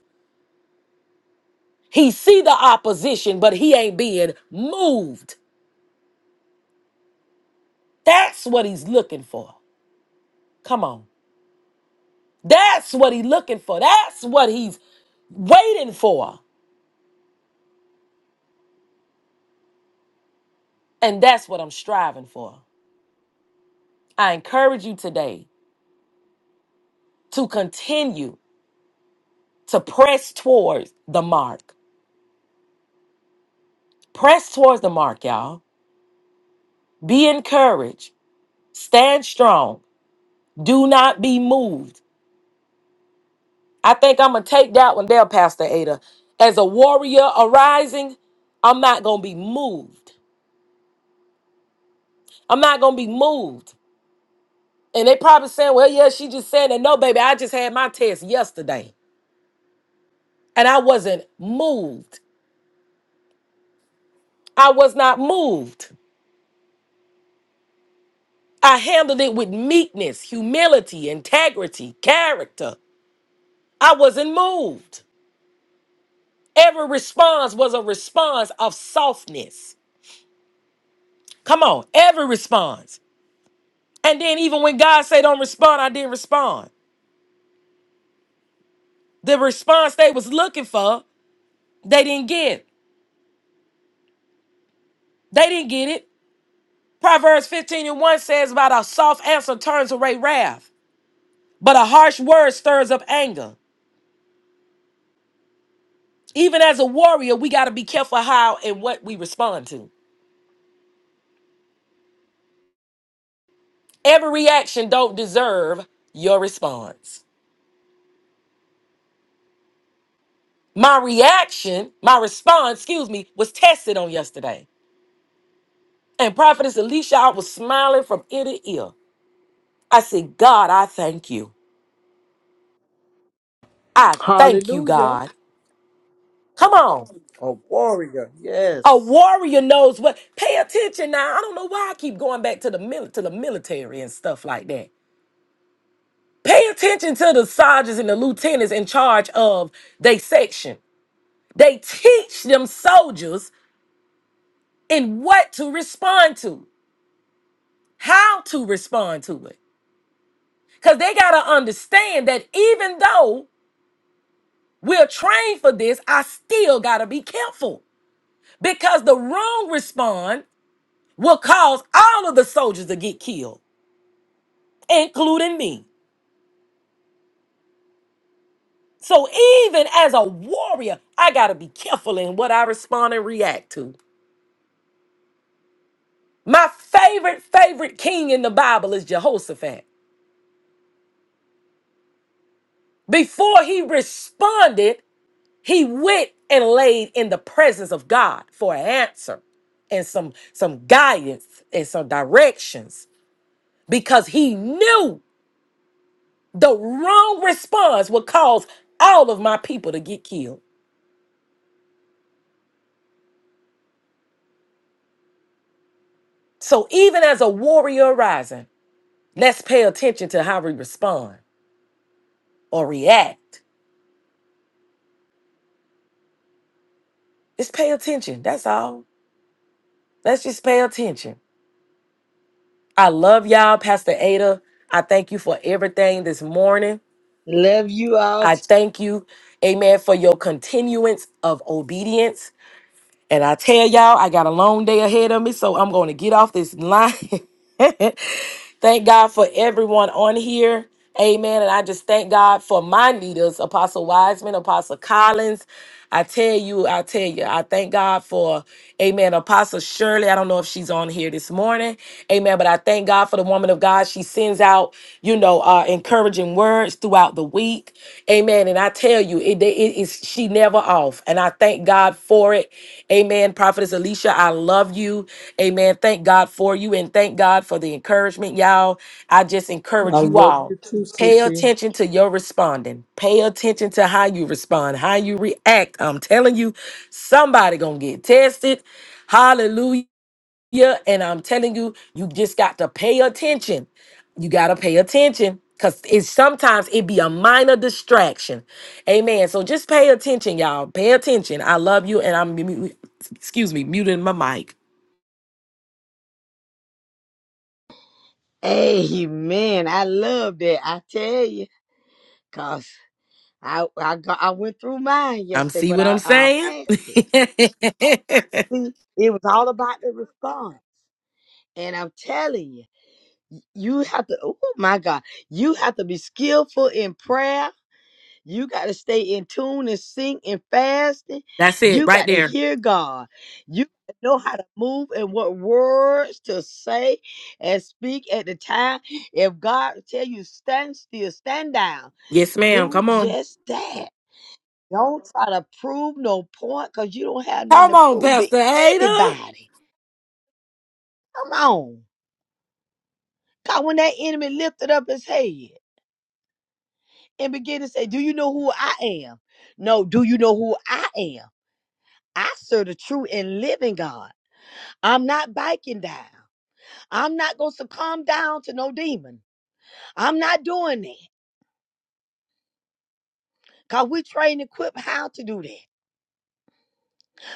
[SPEAKER 4] He see the opposition, but he ain't being moved. That's what he's looking for. Come on. That's what he's looking for. That's what he's waiting for. And that's what I'm striving for. I encourage you today to continue. to press towards the mark. Press towards the mark, y'all. Be encouraged. Stand strong. Do not be moved. I think I'm going to take that one there, Pastor Ada. As a warrior arising, I'm not going to be moved. I'm not going to be moved. And they probably saying, well, yeah, she just saying that. No, baby, I just had my test yesterday and I wasn't moved. I was not moved. I handled it with meekness, humility, integrity, character. I wasn't moved. Every response was a response of softness. Come on, every response. And then even when God said don't respond, I didn't respond. The response they was looking for, they didn't get. They didn't get it. Proverbs 15 and 1 says about a soft answer turns away wrath, but a harsh word stirs up anger. Even as a warrior, we got to be careful how and what we respond to. Every reaction don't deserve your response. My reaction, my response, excuse me, was tested on yesterday. And Prophetess Alicia, I was smiling from ear to ear. I said, God, I thank you. I thank you,
[SPEAKER 3] Hallelujah.
[SPEAKER 4] God. Come on.
[SPEAKER 3] A warrior.
[SPEAKER 4] A
[SPEAKER 3] Yes.
[SPEAKER 4] warrior knows what. Pay attention now. I don't know why I keep going back to the mil- to the military and stuff like that. Pay attention to the sergeants and the lieutenants in charge of their section. They teach them soldiers in what to respond to, how to respond to it. Because they got to understand that even though we're trained for this, I still got to be careful because the wrong response will cause all of the soldiers to get killed, including me. So even as a warrior, I got to be careful in what I respond and react to. My favorite, favorite king in the Bible is Jehoshaphat. Before he responded, He went and laid in the presence of God for an answer and some some guidance and some directions because he knew the wrong response would cause all of my people to get killed. So even as a warrior rising, let's pay attention to how we respond or react. Just pay attention. That's all. Let's just pay attention. I love y'all, Pastor Ada. I thank you for everything this morning.
[SPEAKER 1] Love you all.
[SPEAKER 4] I thank you, amen, for your continuance of obedience. And I tell y'all, I got a long day ahead of me, so I'm going to get off this line. *laughs* thank God for everyone on here. Amen. And I just thank God for my leaders, Apostle Wiseman, Apostle Collins. I tell you, I tell you, I thank God for, amen, Apostle Shirley. I don't know if she's on here this morning. Amen. But I thank God for the woman of God. She sends out, you know, uh, encouraging words throughout the week. Amen. And I tell you, it, they- it is she never off. And I thank God for it. Amen. Prophetess Alicia, I love you. Amen. Thank God for you and thank God for the encouragement, y'all. I just
[SPEAKER 3] I
[SPEAKER 4] encourage you
[SPEAKER 3] love
[SPEAKER 4] all.
[SPEAKER 3] you too,
[SPEAKER 4] Pay
[SPEAKER 3] sissy.
[SPEAKER 4] attention to your responding. Pay attention to how you respond, how you react. I'm telling you, somebody gonna get tested. Hallelujah. Yeah, and I'm telling you, you just got to pay attention. You got to pay attention because it's sometimes it be a minor distraction. Amen. So just pay attention, y'all. Pay attention. I love you, and I'm mu- excuse me, muting my mic.
[SPEAKER 1] Amen. I love that. I tell you. 'cause I I got I went through mine
[SPEAKER 4] I'm
[SPEAKER 1] yesterday,
[SPEAKER 4] see
[SPEAKER 1] but
[SPEAKER 4] what
[SPEAKER 1] I
[SPEAKER 4] I'm
[SPEAKER 1] uh,
[SPEAKER 4] saying.
[SPEAKER 1] passed it.
[SPEAKER 4] *laughs*
[SPEAKER 1] See, it was all about the response, and I'm telling you, y- you have to. Oh my God, you have to be skillful in prayer. You got to stay in tune and sing and fasting.
[SPEAKER 4] That's it
[SPEAKER 1] You got
[SPEAKER 4] right
[SPEAKER 1] to
[SPEAKER 4] there.
[SPEAKER 1] hear God. You gotta know how to move and what words to say and speak at the time. If God tell you stand still, stand down.
[SPEAKER 4] Yes, ma'am.
[SPEAKER 1] Do
[SPEAKER 4] Come on.
[SPEAKER 1] just that. Don't try to prove no point because you don't have nothing
[SPEAKER 4] Come
[SPEAKER 1] to
[SPEAKER 4] on,
[SPEAKER 1] prove to
[SPEAKER 4] Pastor Ada.
[SPEAKER 1] anybody. Come on. God, when that enemy lifted up his head and began to say, Do you know who I am? No, do you know who I am? I serve the true and living God. I'm not biking down. I'm not going to succumb down to no demon. I'm not doing that. Because we train and equip how to do that.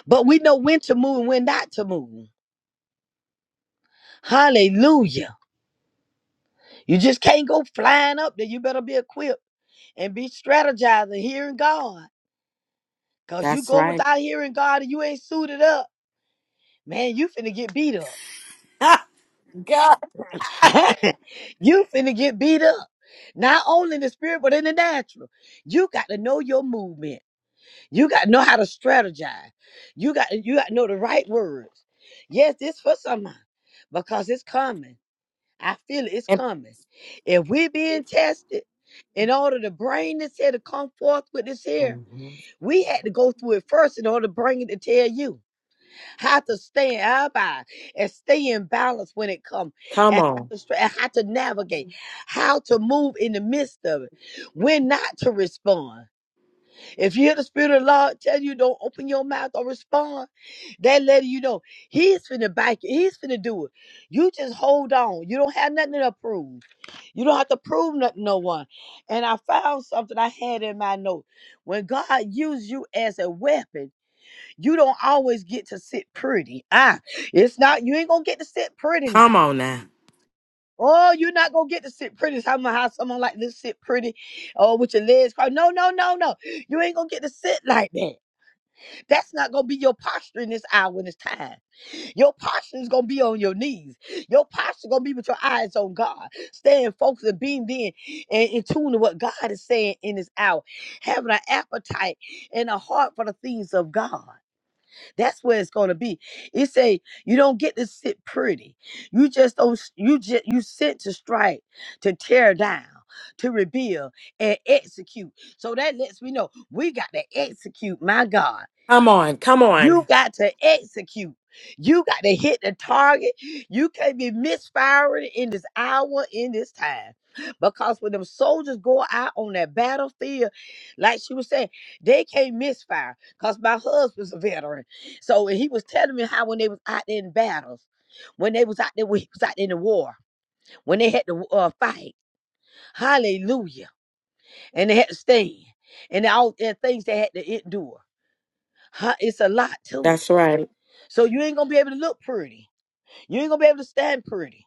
[SPEAKER 1] But we know when to move and when not to move. Hallelujah. You just can't go flying up there. You better be equipped. and be strategizing, hearing God. Cause you
[SPEAKER 4] That's
[SPEAKER 1] go
[SPEAKER 4] right.
[SPEAKER 1] without hearing God and you ain't suited up, man, you finna get beat up.
[SPEAKER 4] *laughs* God.
[SPEAKER 1] *laughs* you finna get beat up. Not only in the spirit, but in the natural. You got to know your movement. You got to know how to strategize. You got you got to know the right words. Yes, this for someone because it's coming. I feel it, it's coming. If we're being tested in order to bring this here to come forth with this here,
[SPEAKER 4] Mhm.
[SPEAKER 1] We had to go through it first in order to bring it to tell you how to stand how by and stay in balance when it comes
[SPEAKER 4] Come
[SPEAKER 1] and how
[SPEAKER 4] on.
[SPEAKER 1] to stra- and how to navigate, how to move in the midst of it, when not to respond. If you hear the Spirit of the Lord tell you don't open your mouth or respond, that letting you know He's finna back you. He's finna do it. You just hold on. You don't have nothing to prove. You don't have to prove nothing, no one. And I found something I had in my note. When God used you as a weapon, you don't always get to sit pretty. Ah, it's not, you ain't gonna get to sit pretty
[SPEAKER 4] Come
[SPEAKER 1] now.
[SPEAKER 4] on now.
[SPEAKER 1] Oh, you're not gonna get to sit pretty. How mu- how someone like this sit pretty, or with your legs crossed? No, no, no, no. You ain't gonna get to sit like that. That's not going to be your posture in this hour when it's time. Your posture is going to be on your knees. Your posture going to be with your eyes on God, staying focused and being in and in tune to what God is saying in this hour. Having an appetite and a heart for the things of God. That's where it's going to be. It say you don't get to sit pretty. You just don't. You just you sent to strike, to tear down, to rebuild and execute. So that lets me know we got to execute, my God.
[SPEAKER 4] Come on. Come
[SPEAKER 1] You
[SPEAKER 4] on.
[SPEAKER 1] got to execute. You got to hit the target. You can't be misfiring in this hour, in this time. Because when them soldiers go out on that battlefield, like she was saying, they can't misfire. Because my husband's a veteran. So he was telling me how when they was out there in battles, when they was out there, when he was out there in the war, when they had to uh, fight, hallelujah, and they had to stand, and all the things they had to endure. Huh, It's a lot to it.
[SPEAKER 4] That's right.
[SPEAKER 1] So you ain't gonna be able to look pretty. You ain't gonna be able to stand pretty.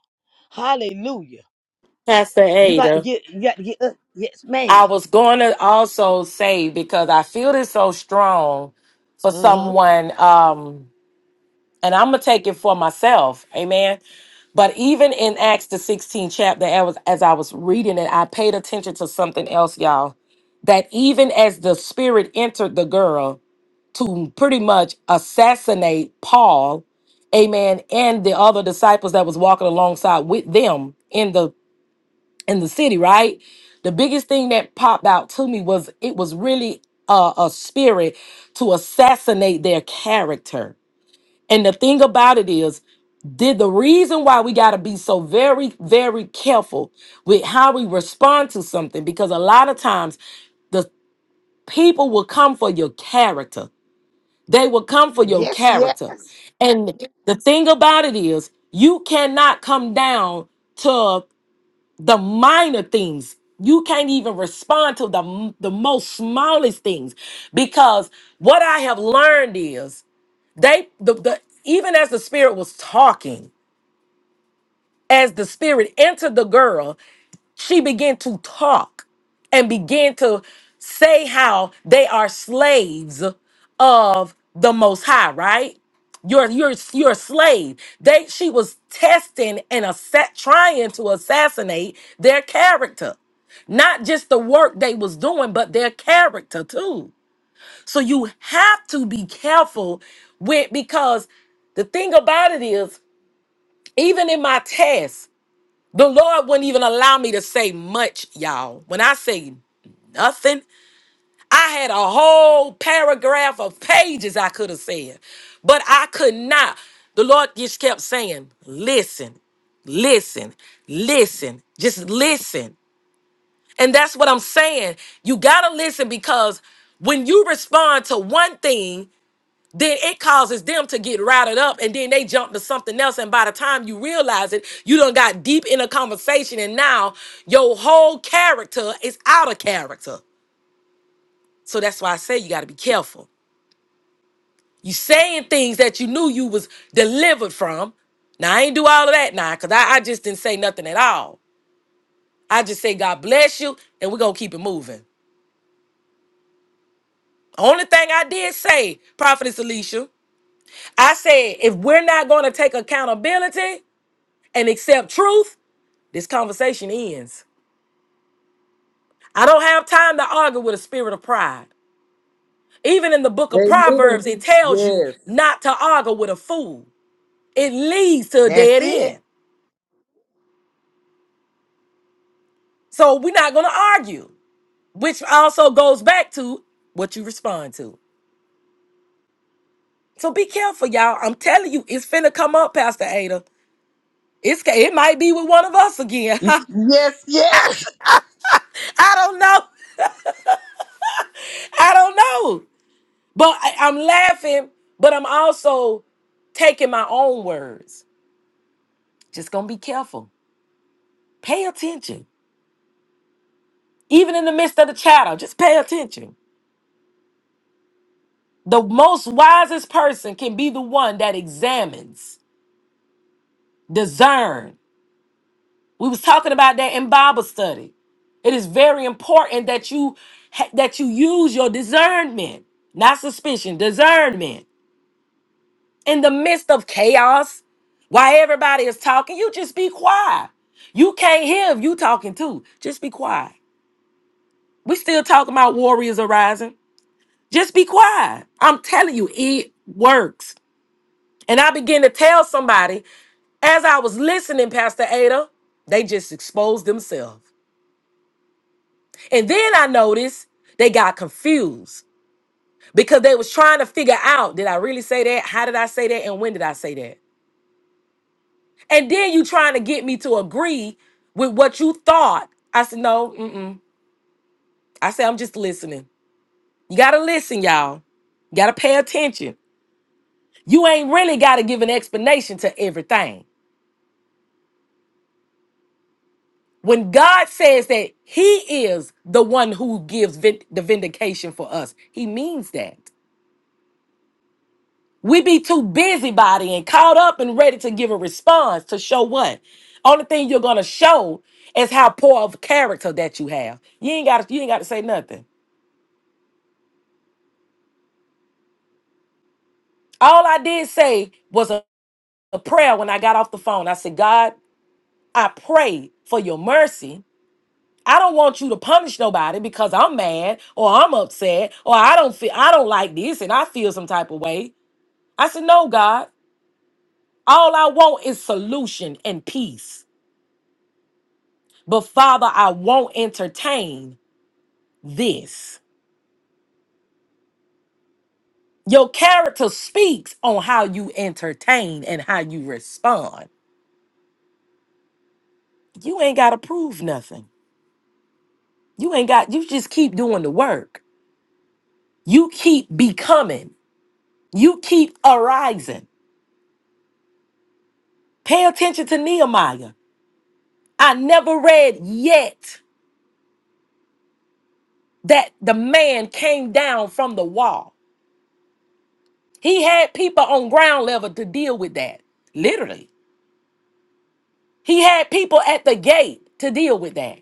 [SPEAKER 1] Hallelujah.
[SPEAKER 4] Pastor
[SPEAKER 1] You got to
[SPEAKER 4] Ada,
[SPEAKER 1] get you got to get up. Yes, ma'am.
[SPEAKER 4] I was going to also say because I feel this so strong for
[SPEAKER 1] Mm-hmm.
[SPEAKER 4] someone, um, and I'm gonna take it for myself, amen. But even in Acts the 16th chapter, I was- as I was reading it, I paid attention to something else, y'all. That even as the spirit entered the girl to pretty much assassinate Paul, amen, and the other disciples that was walking alongside with them in the in the city, right? The biggest thing that popped out to me was it was really a, a spirit to assassinate their character. And the thing about it is, did the reason why we got to be so very, very careful with how we respond to something, because a lot of times the people will come for your character. They will come for your
[SPEAKER 1] Yes,
[SPEAKER 4] character.
[SPEAKER 1] yes.
[SPEAKER 4] And the thing about it is, you cannot come down to the minor things. You can't even respond to the the most smallest things because what I have learned is they the, the even as the spirit was talking, as the spirit entered the girl, she began to talk and began to say how they are slaves of the most high right you're you're you're a slave they she was testing and assa- trying to assassinate their character not just the work they was doing but their character too so you have to be careful with because the thing about it is even in my tests the Lord wouldn't even allow me to say much, y'all. When I say nothing, I had a whole paragraph of pages I could have said, but I could not. The Lord just kept saying, listen, listen, listen, just listen. And that's what I'm saying. You got to listen because when you respond to one thing, then it causes them to get routed up and then they jump to something else. And by the time you realize it, you done got deep in a conversation and now your whole character is out of character. So that's why I say you got to be careful. You saying things that you knew you was delivered from. Now I ain't do all of that now because I, I just didn't say nothing at all. I just say God bless you and we're going to keep it moving. Only thing I did say, Prophetess Alicia, I said if we're not going to take accountability, and accept truth, this conversation ends. I don't have time to argue with a spirit of pride. Even in the book of Proverbs,
[SPEAKER 3] Amen.
[SPEAKER 4] it tells you
[SPEAKER 3] Yes.
[SPEAKER 4] not to argue with a fool. It leads to a
[SPEAKER 1] That's
[SPEAKER 4] dead
[SPEAKER 1] it.
[SPEAKER 4] end. So we're not going to argue, which also goes back to what you respond to. So be careful, y'all. I'm telling you, it's finna come up, Pastor Ada. It's ca- it might be with one of us again. *laughs* I
[SPEAKER 1] Yes, yes.
[SPEAKER 4] don't know. I don't know. But I, I'm laughing, but I'm also taking my own words. Just gonna be careful. Pay attention. Even in the midst of the chatter, just pay attention. The most wisest person can be the one that examines, discern. We was talking about that in Bible study. It is very important that you ha- that you use your discernment, not suspicion, discernment in the midst of chaos while everybody is talking you just be quiet you can't hear if you talking too just be quiet we still talking about warriors arising just be quiet i'm telling you it works and i begin to tell somebody as i was listening pastor ada they just exposed themselves and then i noticed they got confused because they was trying to figure out did i really say that how did i say that and when did i say that And then you trying to get me to agree with what you thought. I said, no, mm-mm. I said, I'm just listening. You gotta listen, y'all. You gotta pay attention. You ain't really gotta give an explanation to everything. When God says that He is the one who gives vin- the vindication for us, He means that. We be too busybody and caught up and ready to give a response to show what? Only thing you're gonna show is how poor of character that you have. You ain't gotta you ain't gotta say nothing. All I did say was a, a prayer when I got off the phone. I said, God, I pray for your mercy. I don't want you to punish nobody because I'm mad or I'm upset or I don't feel I don't like this and I feel some type of way. I said, No, God. All I want is solution and peace. But Father, I won't entertain this. Your character speaks on how you entertain and how you respond. You ain't gotta prove nothing. You ain't got you just keep doing the work. You keep becoming. You keep arising. Pay attention to Nehemiah. I never read yet that the man came down from the wall. He had people on ground level to deal with that, literally. He had people at the gate to deal with that.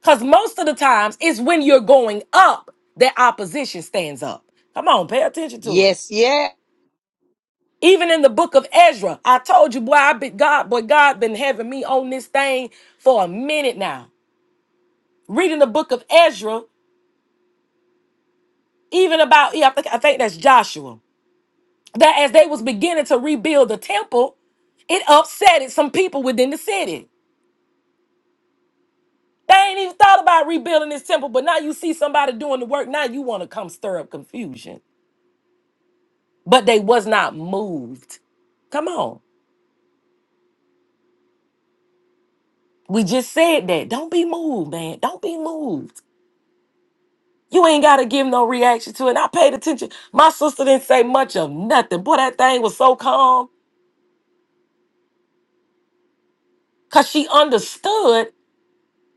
[SPEAKER 4] Because most of the times it's when you're going up that opposition stands up. Come on, pay attention to it.
[SPEAKER 1] Yes, yes.
[SPEAKER 4] Even in the book of Ezra, I told you, boy, I been God, boy, God been having me on this thing for a minute now. reading the book of Ezra, even about yeah, I think I think that's Joshua. That as they was beginning to rebuild the temple, it upset it some people within the city. They ain't even thought about rebuilding this temple, but now you see somebody doing the work. Now you want to come stir up confusion. But they was not moved. Come on. We just said that. Don't be moved, man. Don't be moved. You ain't gotta give no reaction to it. I paid attention. My sister didn't say much of nothing. Boy, that thing was so calm. Cause she understood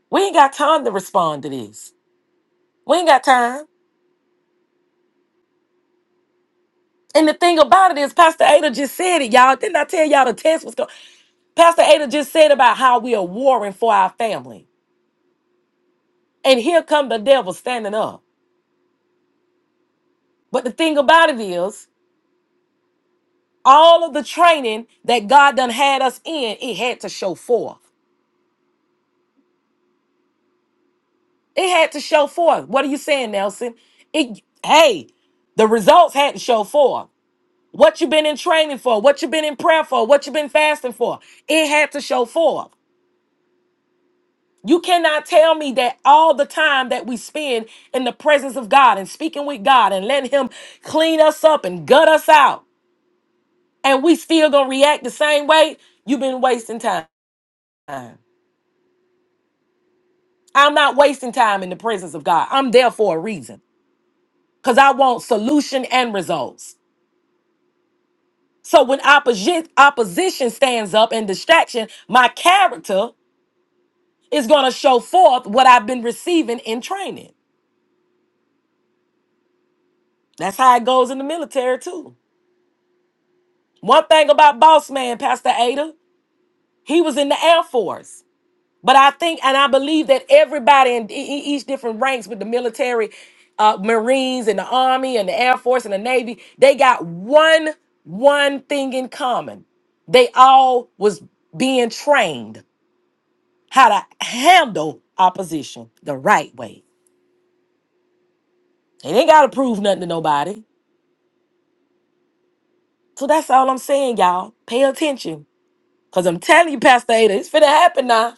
[SPEAKER 4] We ain't got time to respond to this. We ain't got time. And the thing about it is, Pastor Ada just said it, y'all. Didn't I tell y'all the test was going? Pastor Ada just said about how we are warring for our family. And here come the devil standing up. But the thing about it is, all of the training that God done had us in, it had to show forth. It had to show forth. What are you saying, Nelson? It, hey, the results had to show forth. What you been in training for, what you been in prayer for, what you been fasting for, it had to show forth. You cannot tell me that all the time that we spend in the presence of God and speaking with God and letting Him clean us up and gut us out, and we still gonna react the same way. You've been wasting time. I'm not wasting time in the presence of God. I'm there for a reason because I want solution and results. So when opposi- opposition stands up and distraction, my character is gonna show forth what I've been receiving in training. That's how it goes in the military too. One thing about Boss Man, Pastor Ada, he was in the Air Force. But I think and I believe that everybody in e- e- each different ranks with the military, uh, Marines and the Army and the Air Force and the Navy, they got one one thing in common. They all was being trained how to handle opposition the right way. They ain't gotta prove nothing to nobody. So that's all I'm saying, y'all. Pay attention Cause I'm telling you, Pastor Ada, it's finna happen now.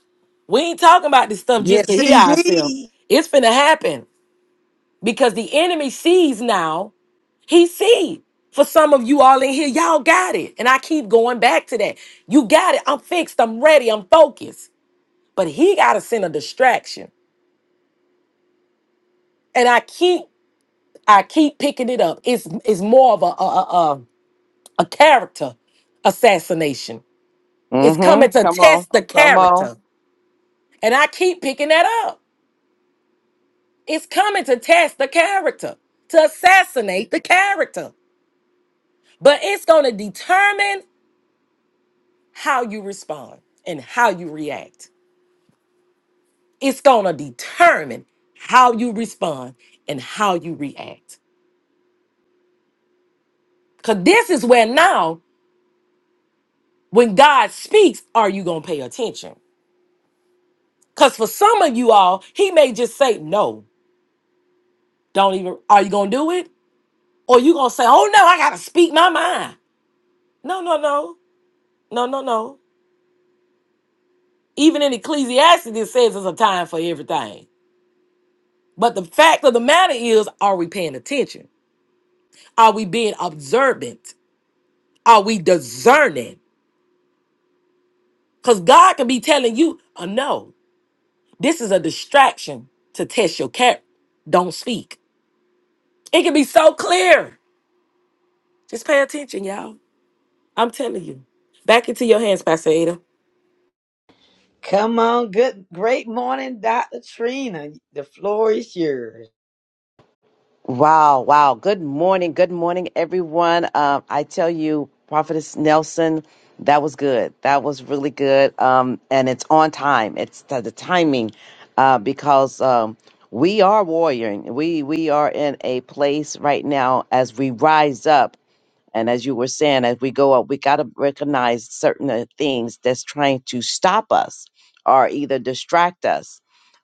[SPEAKER 4] We ain't talking about this stuff just
[SPEAKER 1] Yes,
[SPEAKER 4] to hear ourselves.
[SPEAKER 1] indeed.
[SPEAKER 4] It's finna happen because the enemy sees now. He see. For some of you all in here, y'all got it. And I keep going back to that. You got it. I'm fixed. I'm ready. I'm focused. But he gotta send a distraction. And I keep, I keep picking it up. It's it's more of a a, a, a character assassination. It's
[SPEAKER 5] Mm-hmm.
[SPEAKER 4] coming to
[SPEAKER 5] Come on.
[SPEAKER 4] test the
[SPEAKER 5] Come on.
[SPEAKER 4] character. And I keep picking that up. It's coming to test the character, to assassinate the character. But it's going to determine how you respond and how you react. It's going to determine how you respond and how you react. Because this is where now, when God speaks, are you going to pay attention? Because for some of you all, He may just say, no, don't even, are you going to do it? Or you going to say, oh no, I got to speak my mind. No, no, no, no, no, no. Even in Ecclesiastes, it says it's a time for everything. But the fact of the matter is, are we paying attention? Are we being observant? Are we discerning? Because God can be telling you, oh, no, this is a distraction to test your character. Don't speak. It can be so clear. Just pay attention, y'all. I'm telling you. Back into your hands, Pastor Ada.
[SPEAKER 1] Come on, good great morning, Dr. Trina. The floor is yours.
[SPEAKER 5] Wow, wow. Good morning. Good morning, everyone. Um, I tell you, Prophetess Nelson, that was good. That was really good. Um, and it's on time. It's the, the timing uh, because um, we are warrioring. We, we are in a place right now as we rise up. And as you were saying, as we go up, we got to recognize certain uh, things that's trying to stop us or either distract us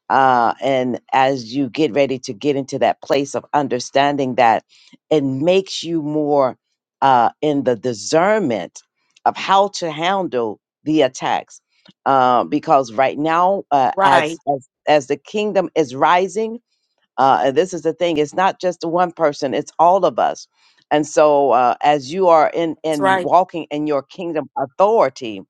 [SPEAKER 5] Uh, and as you get ready to get into that place of understanding that, it makes you more uh, in the discernment of how to handle the attacks. Uh, because right now, uh, as,
[SPEAKER 4] Right.
[SPEAKER 5] as as the kingdom is rising, uh, and this is the thing it's not just one person, it's all of us. And so, uh, as you are in,
[SPEAKER 4] That's
[SPEAKER 5] in
[SPEAKER 4] right.
[SPEAKER 5] walking in your kingdom authority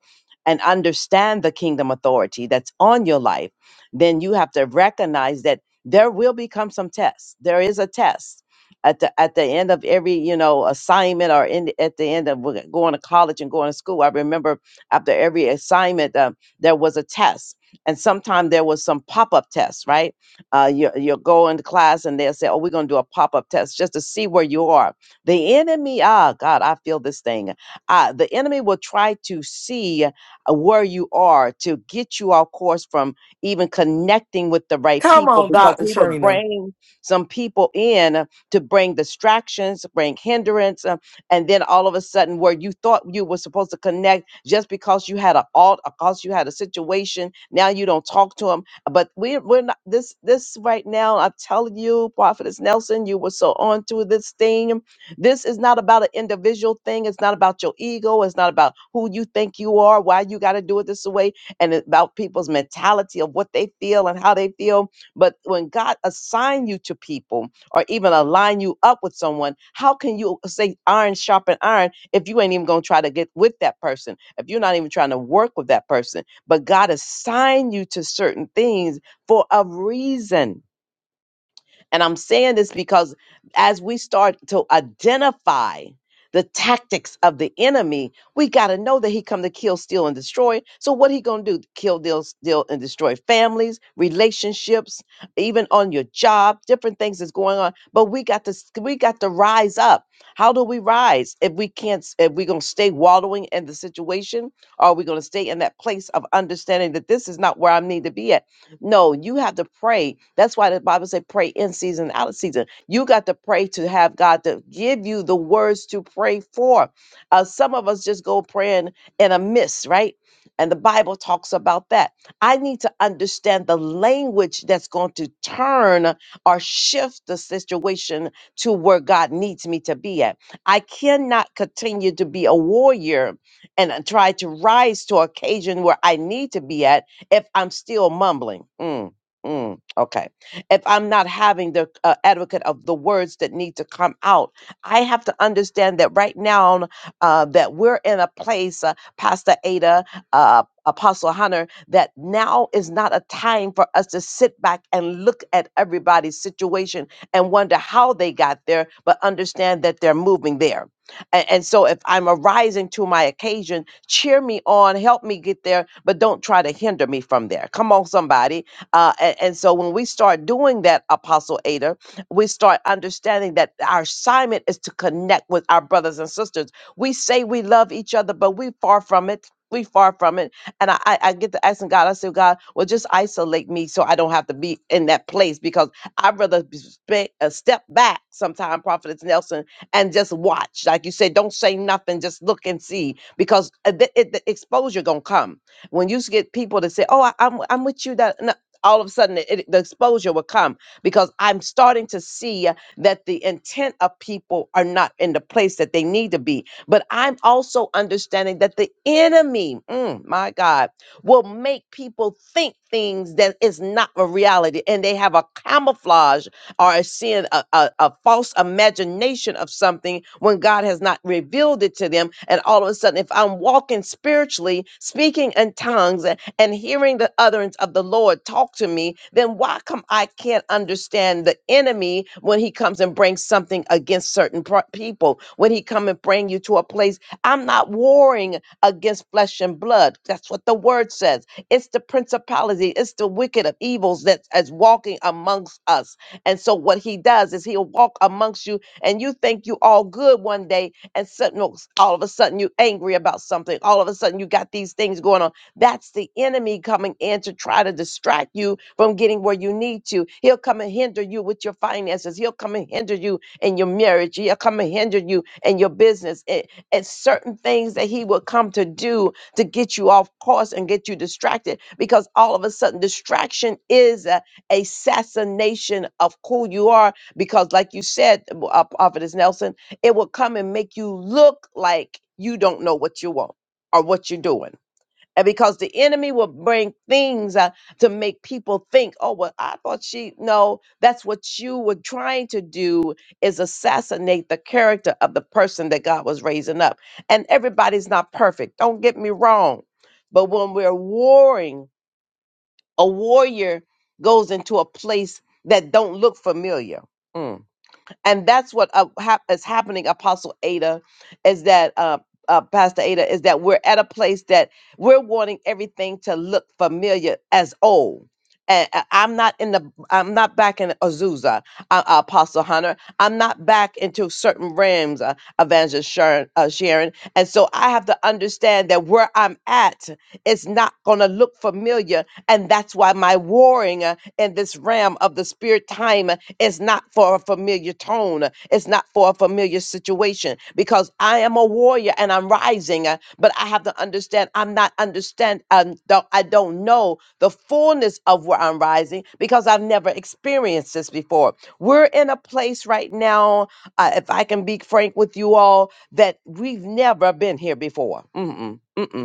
[SPEAKER 5] and understand the kingdom authority that's on your life, then you have to recognize that there will become some tests. There is a test. At the, at the end of every you know assignment or in, at the end of w- going to college and going to school i remember after every assignment uh, there was a test and sometimes there was some pop-up tests right uh, you, you'll go into class and they'll say, Oh, we're going to do a pop up test just to see where you are. The enemy, ah, God, I feel this thing. Uh, the enemy will try to see uh, where you are to get you off course from even connecting with the right
[SPEAKER 4] Come
[SPEAKER 5] people
[SPEAKER 4] on,
[SPEAKER 5] because
[SPEAKER 4] Dr.
[SPEAKER 5] he will
[SPEAKER 4] Trina.
[SPEAKER 5] bring some people in to bring distractions, bring hindrance. uh, and then all of a sudden, where you thought you were supposed to connect just because you had a alt, because you had a situation, now you don't talk to them but we we're not this this right now. I'm telling you, Prophetess Nelson, you were so on to this thing. This is not about an individual thing. It's not about your ego. It's not about who you think you are, why you got to do it this way, and it's about people's mentality of what they feel and how they feel. But when God assign you to people or even align you up with someone, how can you say iron sharpen iron if you ain't even gonna try to get with that person, if you're not even trying to work with that person? but God assigned you to certain things for a reason. And I'm saying this because as we start to identify the tactics of the enemy, we got to know that he come to kill, steal, and destroy. So what he gonna do? Kill, deal, steal, and destroy families, relationships, even on your job. Different things is going on, but we got to s- we got to rise up. How do we rise if we can't? s- If we gonna stay wallowing in the situation, or are we gonna stay in that place of understanding that this is not where I need to be at? No, you have to pray. That's why the Bible says pray in season, and out of season. You got to pray to have God to give you the words to pray for. Uh, some of us just go praying in a mist, right? And the Bible talks about that. I need to understand the language that's going to turn or shift the situation to where God needs me to be at. I cannot continue to be a warrior and uh, try to rise to occasion where I need to be at if I'm still mumbling. Mm, mm, okay. If I'm not having the uh, advocate of the words that need to come out, I have to understand that right now uh, that we're in a place, uh, Pastor Ada, uh, Apostle Hunter, that now is not a time for us to sit back and look at everybody's situation and wonder how they got there, but understand that they're moving there. A- And, so if I'm arising to my occasion, Cheer me on, help me get there, but don't try to hinder me from there. Come on, somebody. Uh, a- and, so when we start doing that, Apostle Ada, we start understanding that our assignment is to connect with our brothers and sisters. We say we love each other, but we far from it. We far from it. And I, I I get to asking God, I say, God, well, just isolate me so I don't have to be in that place because I'd rather be spe- uh, step back sometime, Prophetess Nelson, and just watch. Like you said, don't say nothing. Just look and see because uh, the, it, the exposure gonna come when you s- get people to say, "Oh, I, am I'm I'm with you." That no, all of a sudden it, it- the exposure will come because I'm starting to see that the intent of people are not in the place that they need to be. But I'm also understanding that the enemy, mm, my God, will make people think things that is not a reality, and they have a camouflage or seeing a, a, a false imagination of something when God has not revealed it to them. And all of a sudden, if I'm walking spiritually, speaking in tongues, a- and hearing the utterance of the Lord talk to me, then why come I can't understand the enemy when he comes and brings something against certain pro- people? When he come and bring you to a place, I'm not warring against flesh and blood. That's what the word says. It's the principality. It's the wicked of evils that is walking amongst us and so what he does is he'll walk amongst you and you think you all good one day and sudden, all of a sudden you angry about something. All of a sudden you got these things going on. That's the enemy coming in to try to distract you from getting where you need to. He'll come and hinder you with your finances. He'll come and hinder you in your marriage. He'll come and hinder you in your business. And, and certain things that he will come to do to get you off course and get you distracted because all of a sudden distraction is a assassination of who you are because like you said uh, uh, prophetess nelson it will come and make you look like you don't know what you want or what you're doing and because the enemy will bring things uh, to make people think oh well i thought she no that's what you were trying to do is assassinate the character of the person that god was raising up and everybody's not perfect don't get me wrong but when we're warring a warrior goes into a place that don't look familiar. Mm and that's what uh, hap- is happening apostle ada is that uh, uh, pastor ada is that we're at a place that we're wanting everything to look familiar as old and uh, I'm not in the. I'm not back in Azusa, uh, uh, Apostle Hunter. I'm not back into certain realms, uh, Evangelist Sharon, uh, Sharon. And so I have to understand that where I'm at is not going to look familiar, and that's why my warring uh, in this realm of the spirit time it's not for a familiar tone. It's not for a familiar situation because I am a warrior and I'm rising. uh, But I have to understand I'm not understand. Um, don't, I don't know the fullness of where I'm rising because I've never experienced this before. We're in a place right now. Uh, if I can be frank with you all, that we've never been here before. Mm-mm, mm-mm.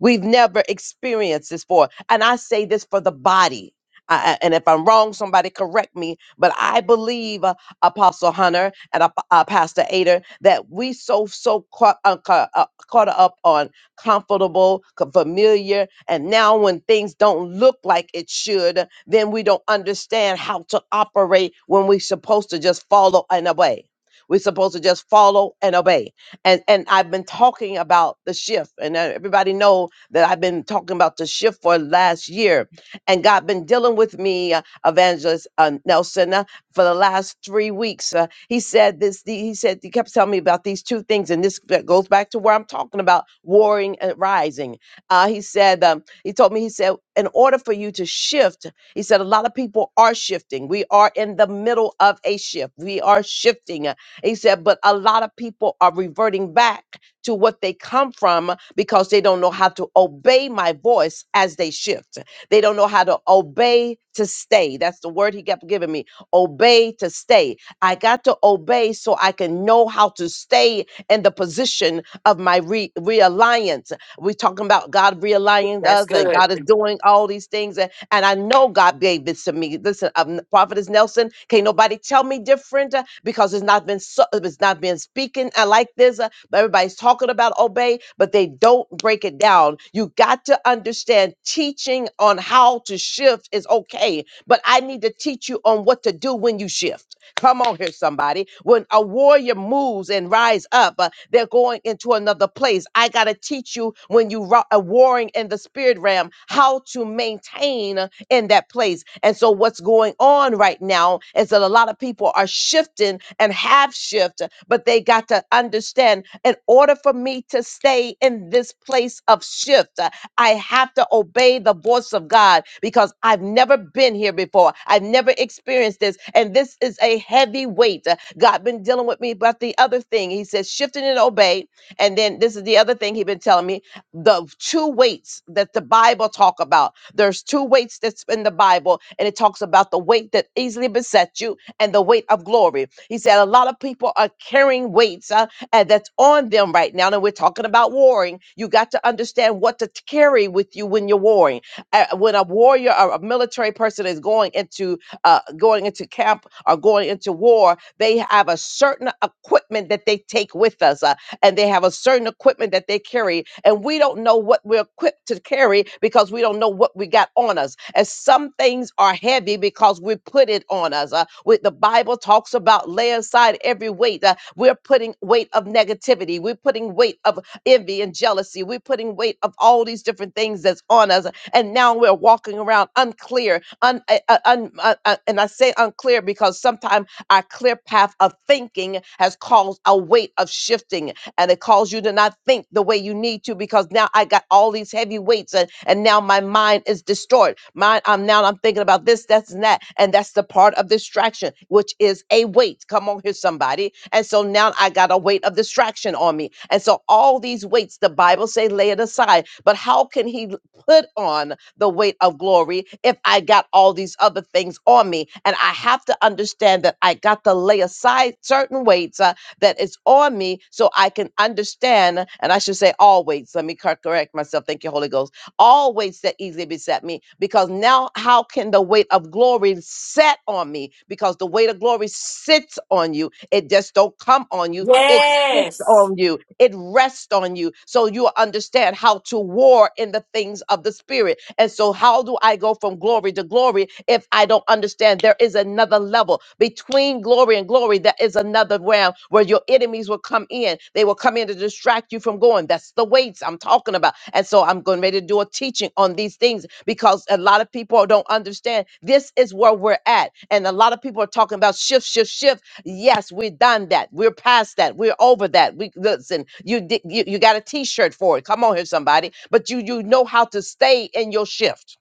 [SPEAKER 5] We've never experienced this before. And I say this for the body. I- I- and if I'm wrong, somebody correct me. But I believe, uh, Apostle Hunter and Ap- uh, Pastor Ader, that we so so caught uh, ca- uh, caught up on comfortable, co- familiar, and now when things don't look like it should, then we don't understand how to operate when we're supposed to just follow and obey. We're supposed to just follow and obey and and I've been talking about the shift, and uh, everybody knows that I've been talking about the shift for last year. And God been dealing with me, uh, Evangelist uh, Nelson, uh, for the last three weeks. Uh, he said this, the, he said, he kept telling me about these two things. And this that goes back to where I'm talking about warring and rising. Uh, he said, um, he told me, he said, in order for you to shift, he said, a lot of people are shifting. We are in the middle of a shift. We are shifting. uh, He said, but a lot of people are reverting back to what they come from because they don't know how to obey my voice as they shift. They don't know how to obey to stay. That's the word he kept giving me obey to stay. I got to obey so I can know how to stay in the position of my re- realign. We're talking about God realigning
[SPEAKER 4] That's
[SPEAKER 5] us and
[SPEAKER 4] good.
[SPEAKER 5] God is doing all these things. And, and I know God gave this to me. Listen, um, Prophetess Nelson, can't nobody tell me different uh, because it's not been so, it's not been speaking uh, like this. uh, but everybody's talking about obey, but they don't break it down. You got to understand teaching on how to shift is okay, but I need to teach you on what to do when you shift. Come on here, somebody. When a warrior moves and rise up, uh, they're going into another place. I got to teach you when you ro- uh, warring in the spirit realm, how to maintain uh, in that place. And so what's going on right now is that a lot of people are shifting and have shifted, but they got to understand in order for me to stay in this place of shift, uh, I have to obey the voice of God because I've never been here before. I've never experienced this. And this is a heavy weight. Uh, God been dealing with me about the other thing. He says, shifting and obey. And then this is the other thing he been telling me. The two weights that the Bible talk about. There's two weights that's in the Bible, and it talks about the weight that easily besets you and the weight of glory. He said a lot of people are carrying weights. Uh, and that's on them right now. And we're talking about warring. You got to understand what to t- carry with you when you're warring. Uh, when a warrior or a military person is going into uh, going into camp or going into war, they have a certain equipment that they take with us. Uh, and they have a certain equipment that they carry. And we don't know what we're equipped to carry because we don't know what we got on us. And some things are heavy because we put it on us. Uh, with the Bible talks about lay aside every weight. Uh, we're putting weight of negativity. We're putting weight of envy and jealousy. We're putting weight of all these different things that's on us. And now we're walking around unclear, un, uh, uh, un, uh, uh, and I say unclear because sometimes our clear path of thinking has caused a weight of shifting and it calls you to not think the way you need to because now I got all these heavy weights and, and now my mind is destroyed. Mine, I'm now I'm thinking about this, that's and that. And that's the part of distraction, which is a weight. Come on here, somebody. And so now I got a weight of distraction on me. And so all these weights, the Bible say lay it aside. But how can he put on the weight of glory if I got all these other things on me? And I have to understand that I got to lay aside certain weights uh, that is on me so I can understand. And I should say, always, let me cor- correct myself. Thank you, Holy Ghost. Always that easily beset me because now how can the weight of glory set on me? Because the weight of glory sits on you. It just don't come on you. It sits
[SPEAKER 4] Yes.
[SPEAKER 5] on you. It rests on you. So you understand how to war in the things of the spirit. And so how do I go from glory to glory if I don't understand. There is another level between glory and glory. There is another realm where your enemies will come in. They will come in to distract you from going. That's the weights I'm talking about. And so I'm going ready to do a teaching on these things because a lot of people don't understand. This is where we're at. And a lot of people are talking about shift, shift, shift. Yes, we've done that. We're past that. We're over that. We listen. You did, you, you got a t-shirt for it. Come on here, somebody. But you you know how to stay in your shift.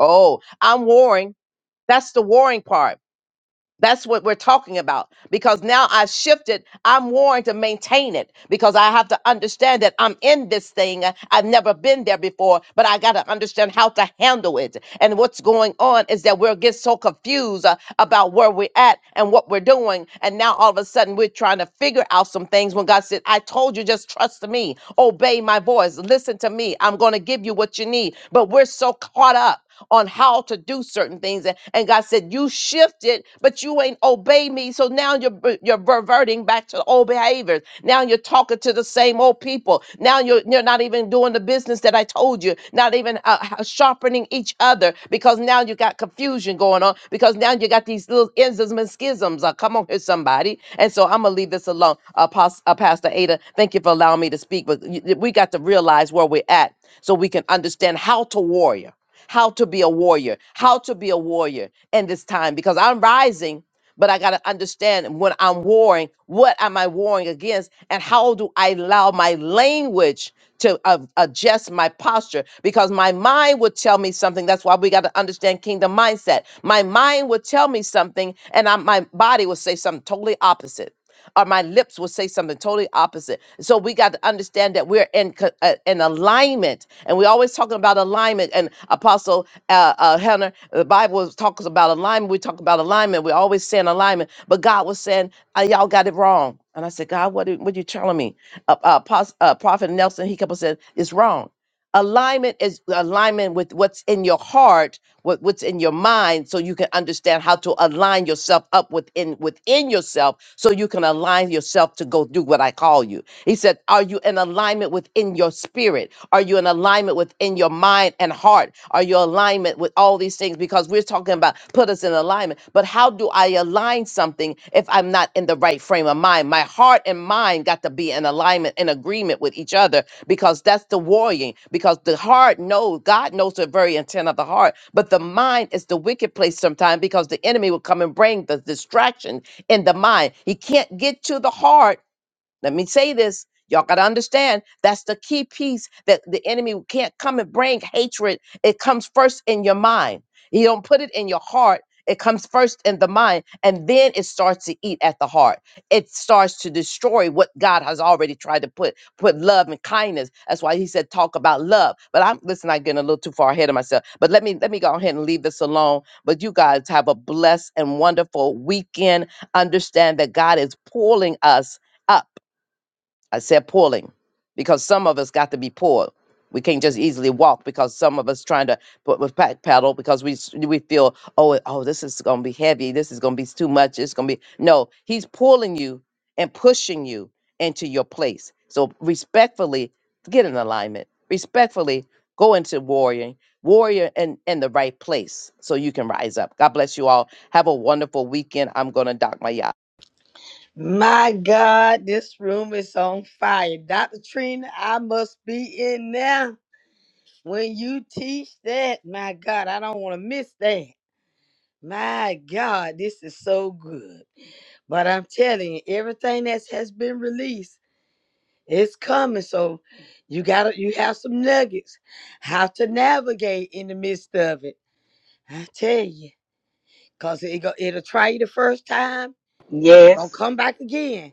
[SPEAKER 5] Oh, I'm warring. That's the warring part. That's what we're talking about because now I shifted. I'm warring to maintain it because I have to understand that I'm in this thing. I've never been there before, but I got to understand how to handle it. And what's going on is that we'll get so confused. uh, about where we're at and what we're doing. And now all of a sudden we're trying to figure out some things when God said, I told you, just trust me, obey my voice, listen to me. I'm going to give you what you need. But we're so caught up on how to do certain things. And, and God said, You shifted, but you ain't obey me. So now you're b- you're reverting back to the old behaviors. Now you're talking to the same old people. Now you're you're not even doing the business that I told you, not even uh, h- sharpening each other other because now you got confusion going on because now you got these little isms and schisms. Uh, come on here, somebody. And so I'm going to leave this alone. Uh, Pas- uh, Pastor Ada, thank you for allowing me to speak, but you- we got to realize where we're at so we can understand how to warrior, how to be a warrior, how to be a warrior in this time because I'm rising but I got to understand when I'm warring, what am I warring against, and how do I allow my language to uh, adjust my posture? Because my mind would tell me something. That's why we got to understand kingdom mindset. My mind would tell me something, and I, my body would say something totally opposite or my lips will say something totally opposite. So we got to understand that we're in co- uh, in alignment, and we're always talking about alignment. And Apostle uh, uh, Hunter, the Bible is- talks about alignment. We talk about alignment. We're always saying alignment, but God was saying, uh, "Y'all got it wrong." And I said, "God, what are, what are you telling me?" Uh, uh, Apos- uh, Prophet Nelson, he kept on saying, "It's wrong." Alignment is alignment with what's in your heart what, what's in your mind so you can understand how to align yourself up within within yourself so you can align yourself to go do what I call you. He said, Are you in alignment within your spirit? Are you in alignment within your mind and heart? Are you alignment with all these things? Because we're talking about put us in alignment alignment. But how do I align something if I'm not in the right frame of mind? My heart and mind got to be in alignment, in agreement with each other, because that's the warring. Because the heart knows, God knows the very intent of the heart, but the mind is the wicked place sometimes because the enemy will come and bring the distraction in the mind. He can't get to the heart let me say this. Y'all got to understand that's the key piece that the enemy can't come and bring hatred. It comes first in your mind. He don't put it in your heart. It comes first in the mind and then it starts to eat at the heart. It starts to destroy what God has already tried to put put love and kindness. That's why he said talk about love. But I'm listen, I'm getting a little too far ahead of myself. But let me let me go ahead and leave this alone. But you guys have a blessed and wonderful weekend. Understand that God is pulling us up. I said pulling because some of us got to be pulled. We can't just easily walk because some of us trying to put with pack paddle because we s- we feel oh it- oh this is gonna be heavy this is gonna be too much it's gonna be no he's pulling you and pushing you into your place so respectfully get in alignment respectfully go into warrior warrior and in in the right place so you can rise up God bless you all have a wonderful weekend I'm gonna dock my yacht
[SPEAKER 1] My God, this room is on fire. Dr. Trina, I must be in there. When you teach that, my God, I don't want to miss that. My God, this is so good. But I'm telling you, everything that has been released is coming. So you gotta you have some nuggets. How to navigate in the midst of it. I tell you. Cause it go, it'll try you the first time, gonna
[SPEAKER 4] Yes.
[SPEAKER 1] come back again.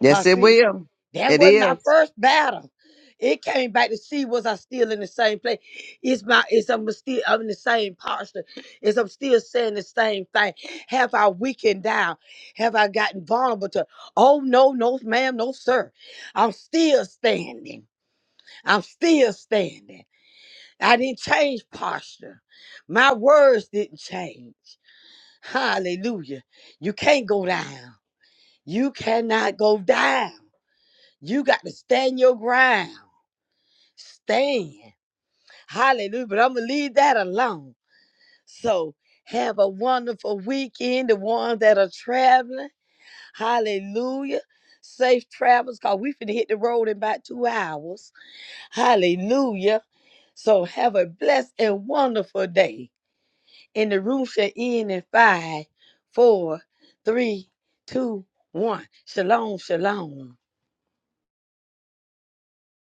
[SPEAKER 5] yes
[SPEAKER 1] cause
[SPEAKER 5] it
[SPEAKER 1] see.
[SPEAKER 5] will
[SPEAKER 1] That
[SPEAKER 5] it
[SPEAKER 1] wasn't
[SPEAKER 5] is
[SPEAKER 1] my first battle. It came back to see was I still in the same place. Is my is I'm still I'm in the same posture? Is I'm still saying the same thing? Have I weakened down? Have I gotten vulnerable to? Oh no, no, ma'am, no, sir. I'm still standing. I'm still standing. I didn't change posture. My words didn't change. Hallelujah. You can't go down. You cannot go down. You got to stand your ground. stand. Hallelujah. But I'm going to leave that alone. So have a wonderful weekend. The ones that are traveling, hallelujah. Safe travels because we finna hit the road in about two hours. Hallelujah. So have a blessed and wonderful day. And the room shall end in five, four, three, two, one. Shalom, shalom.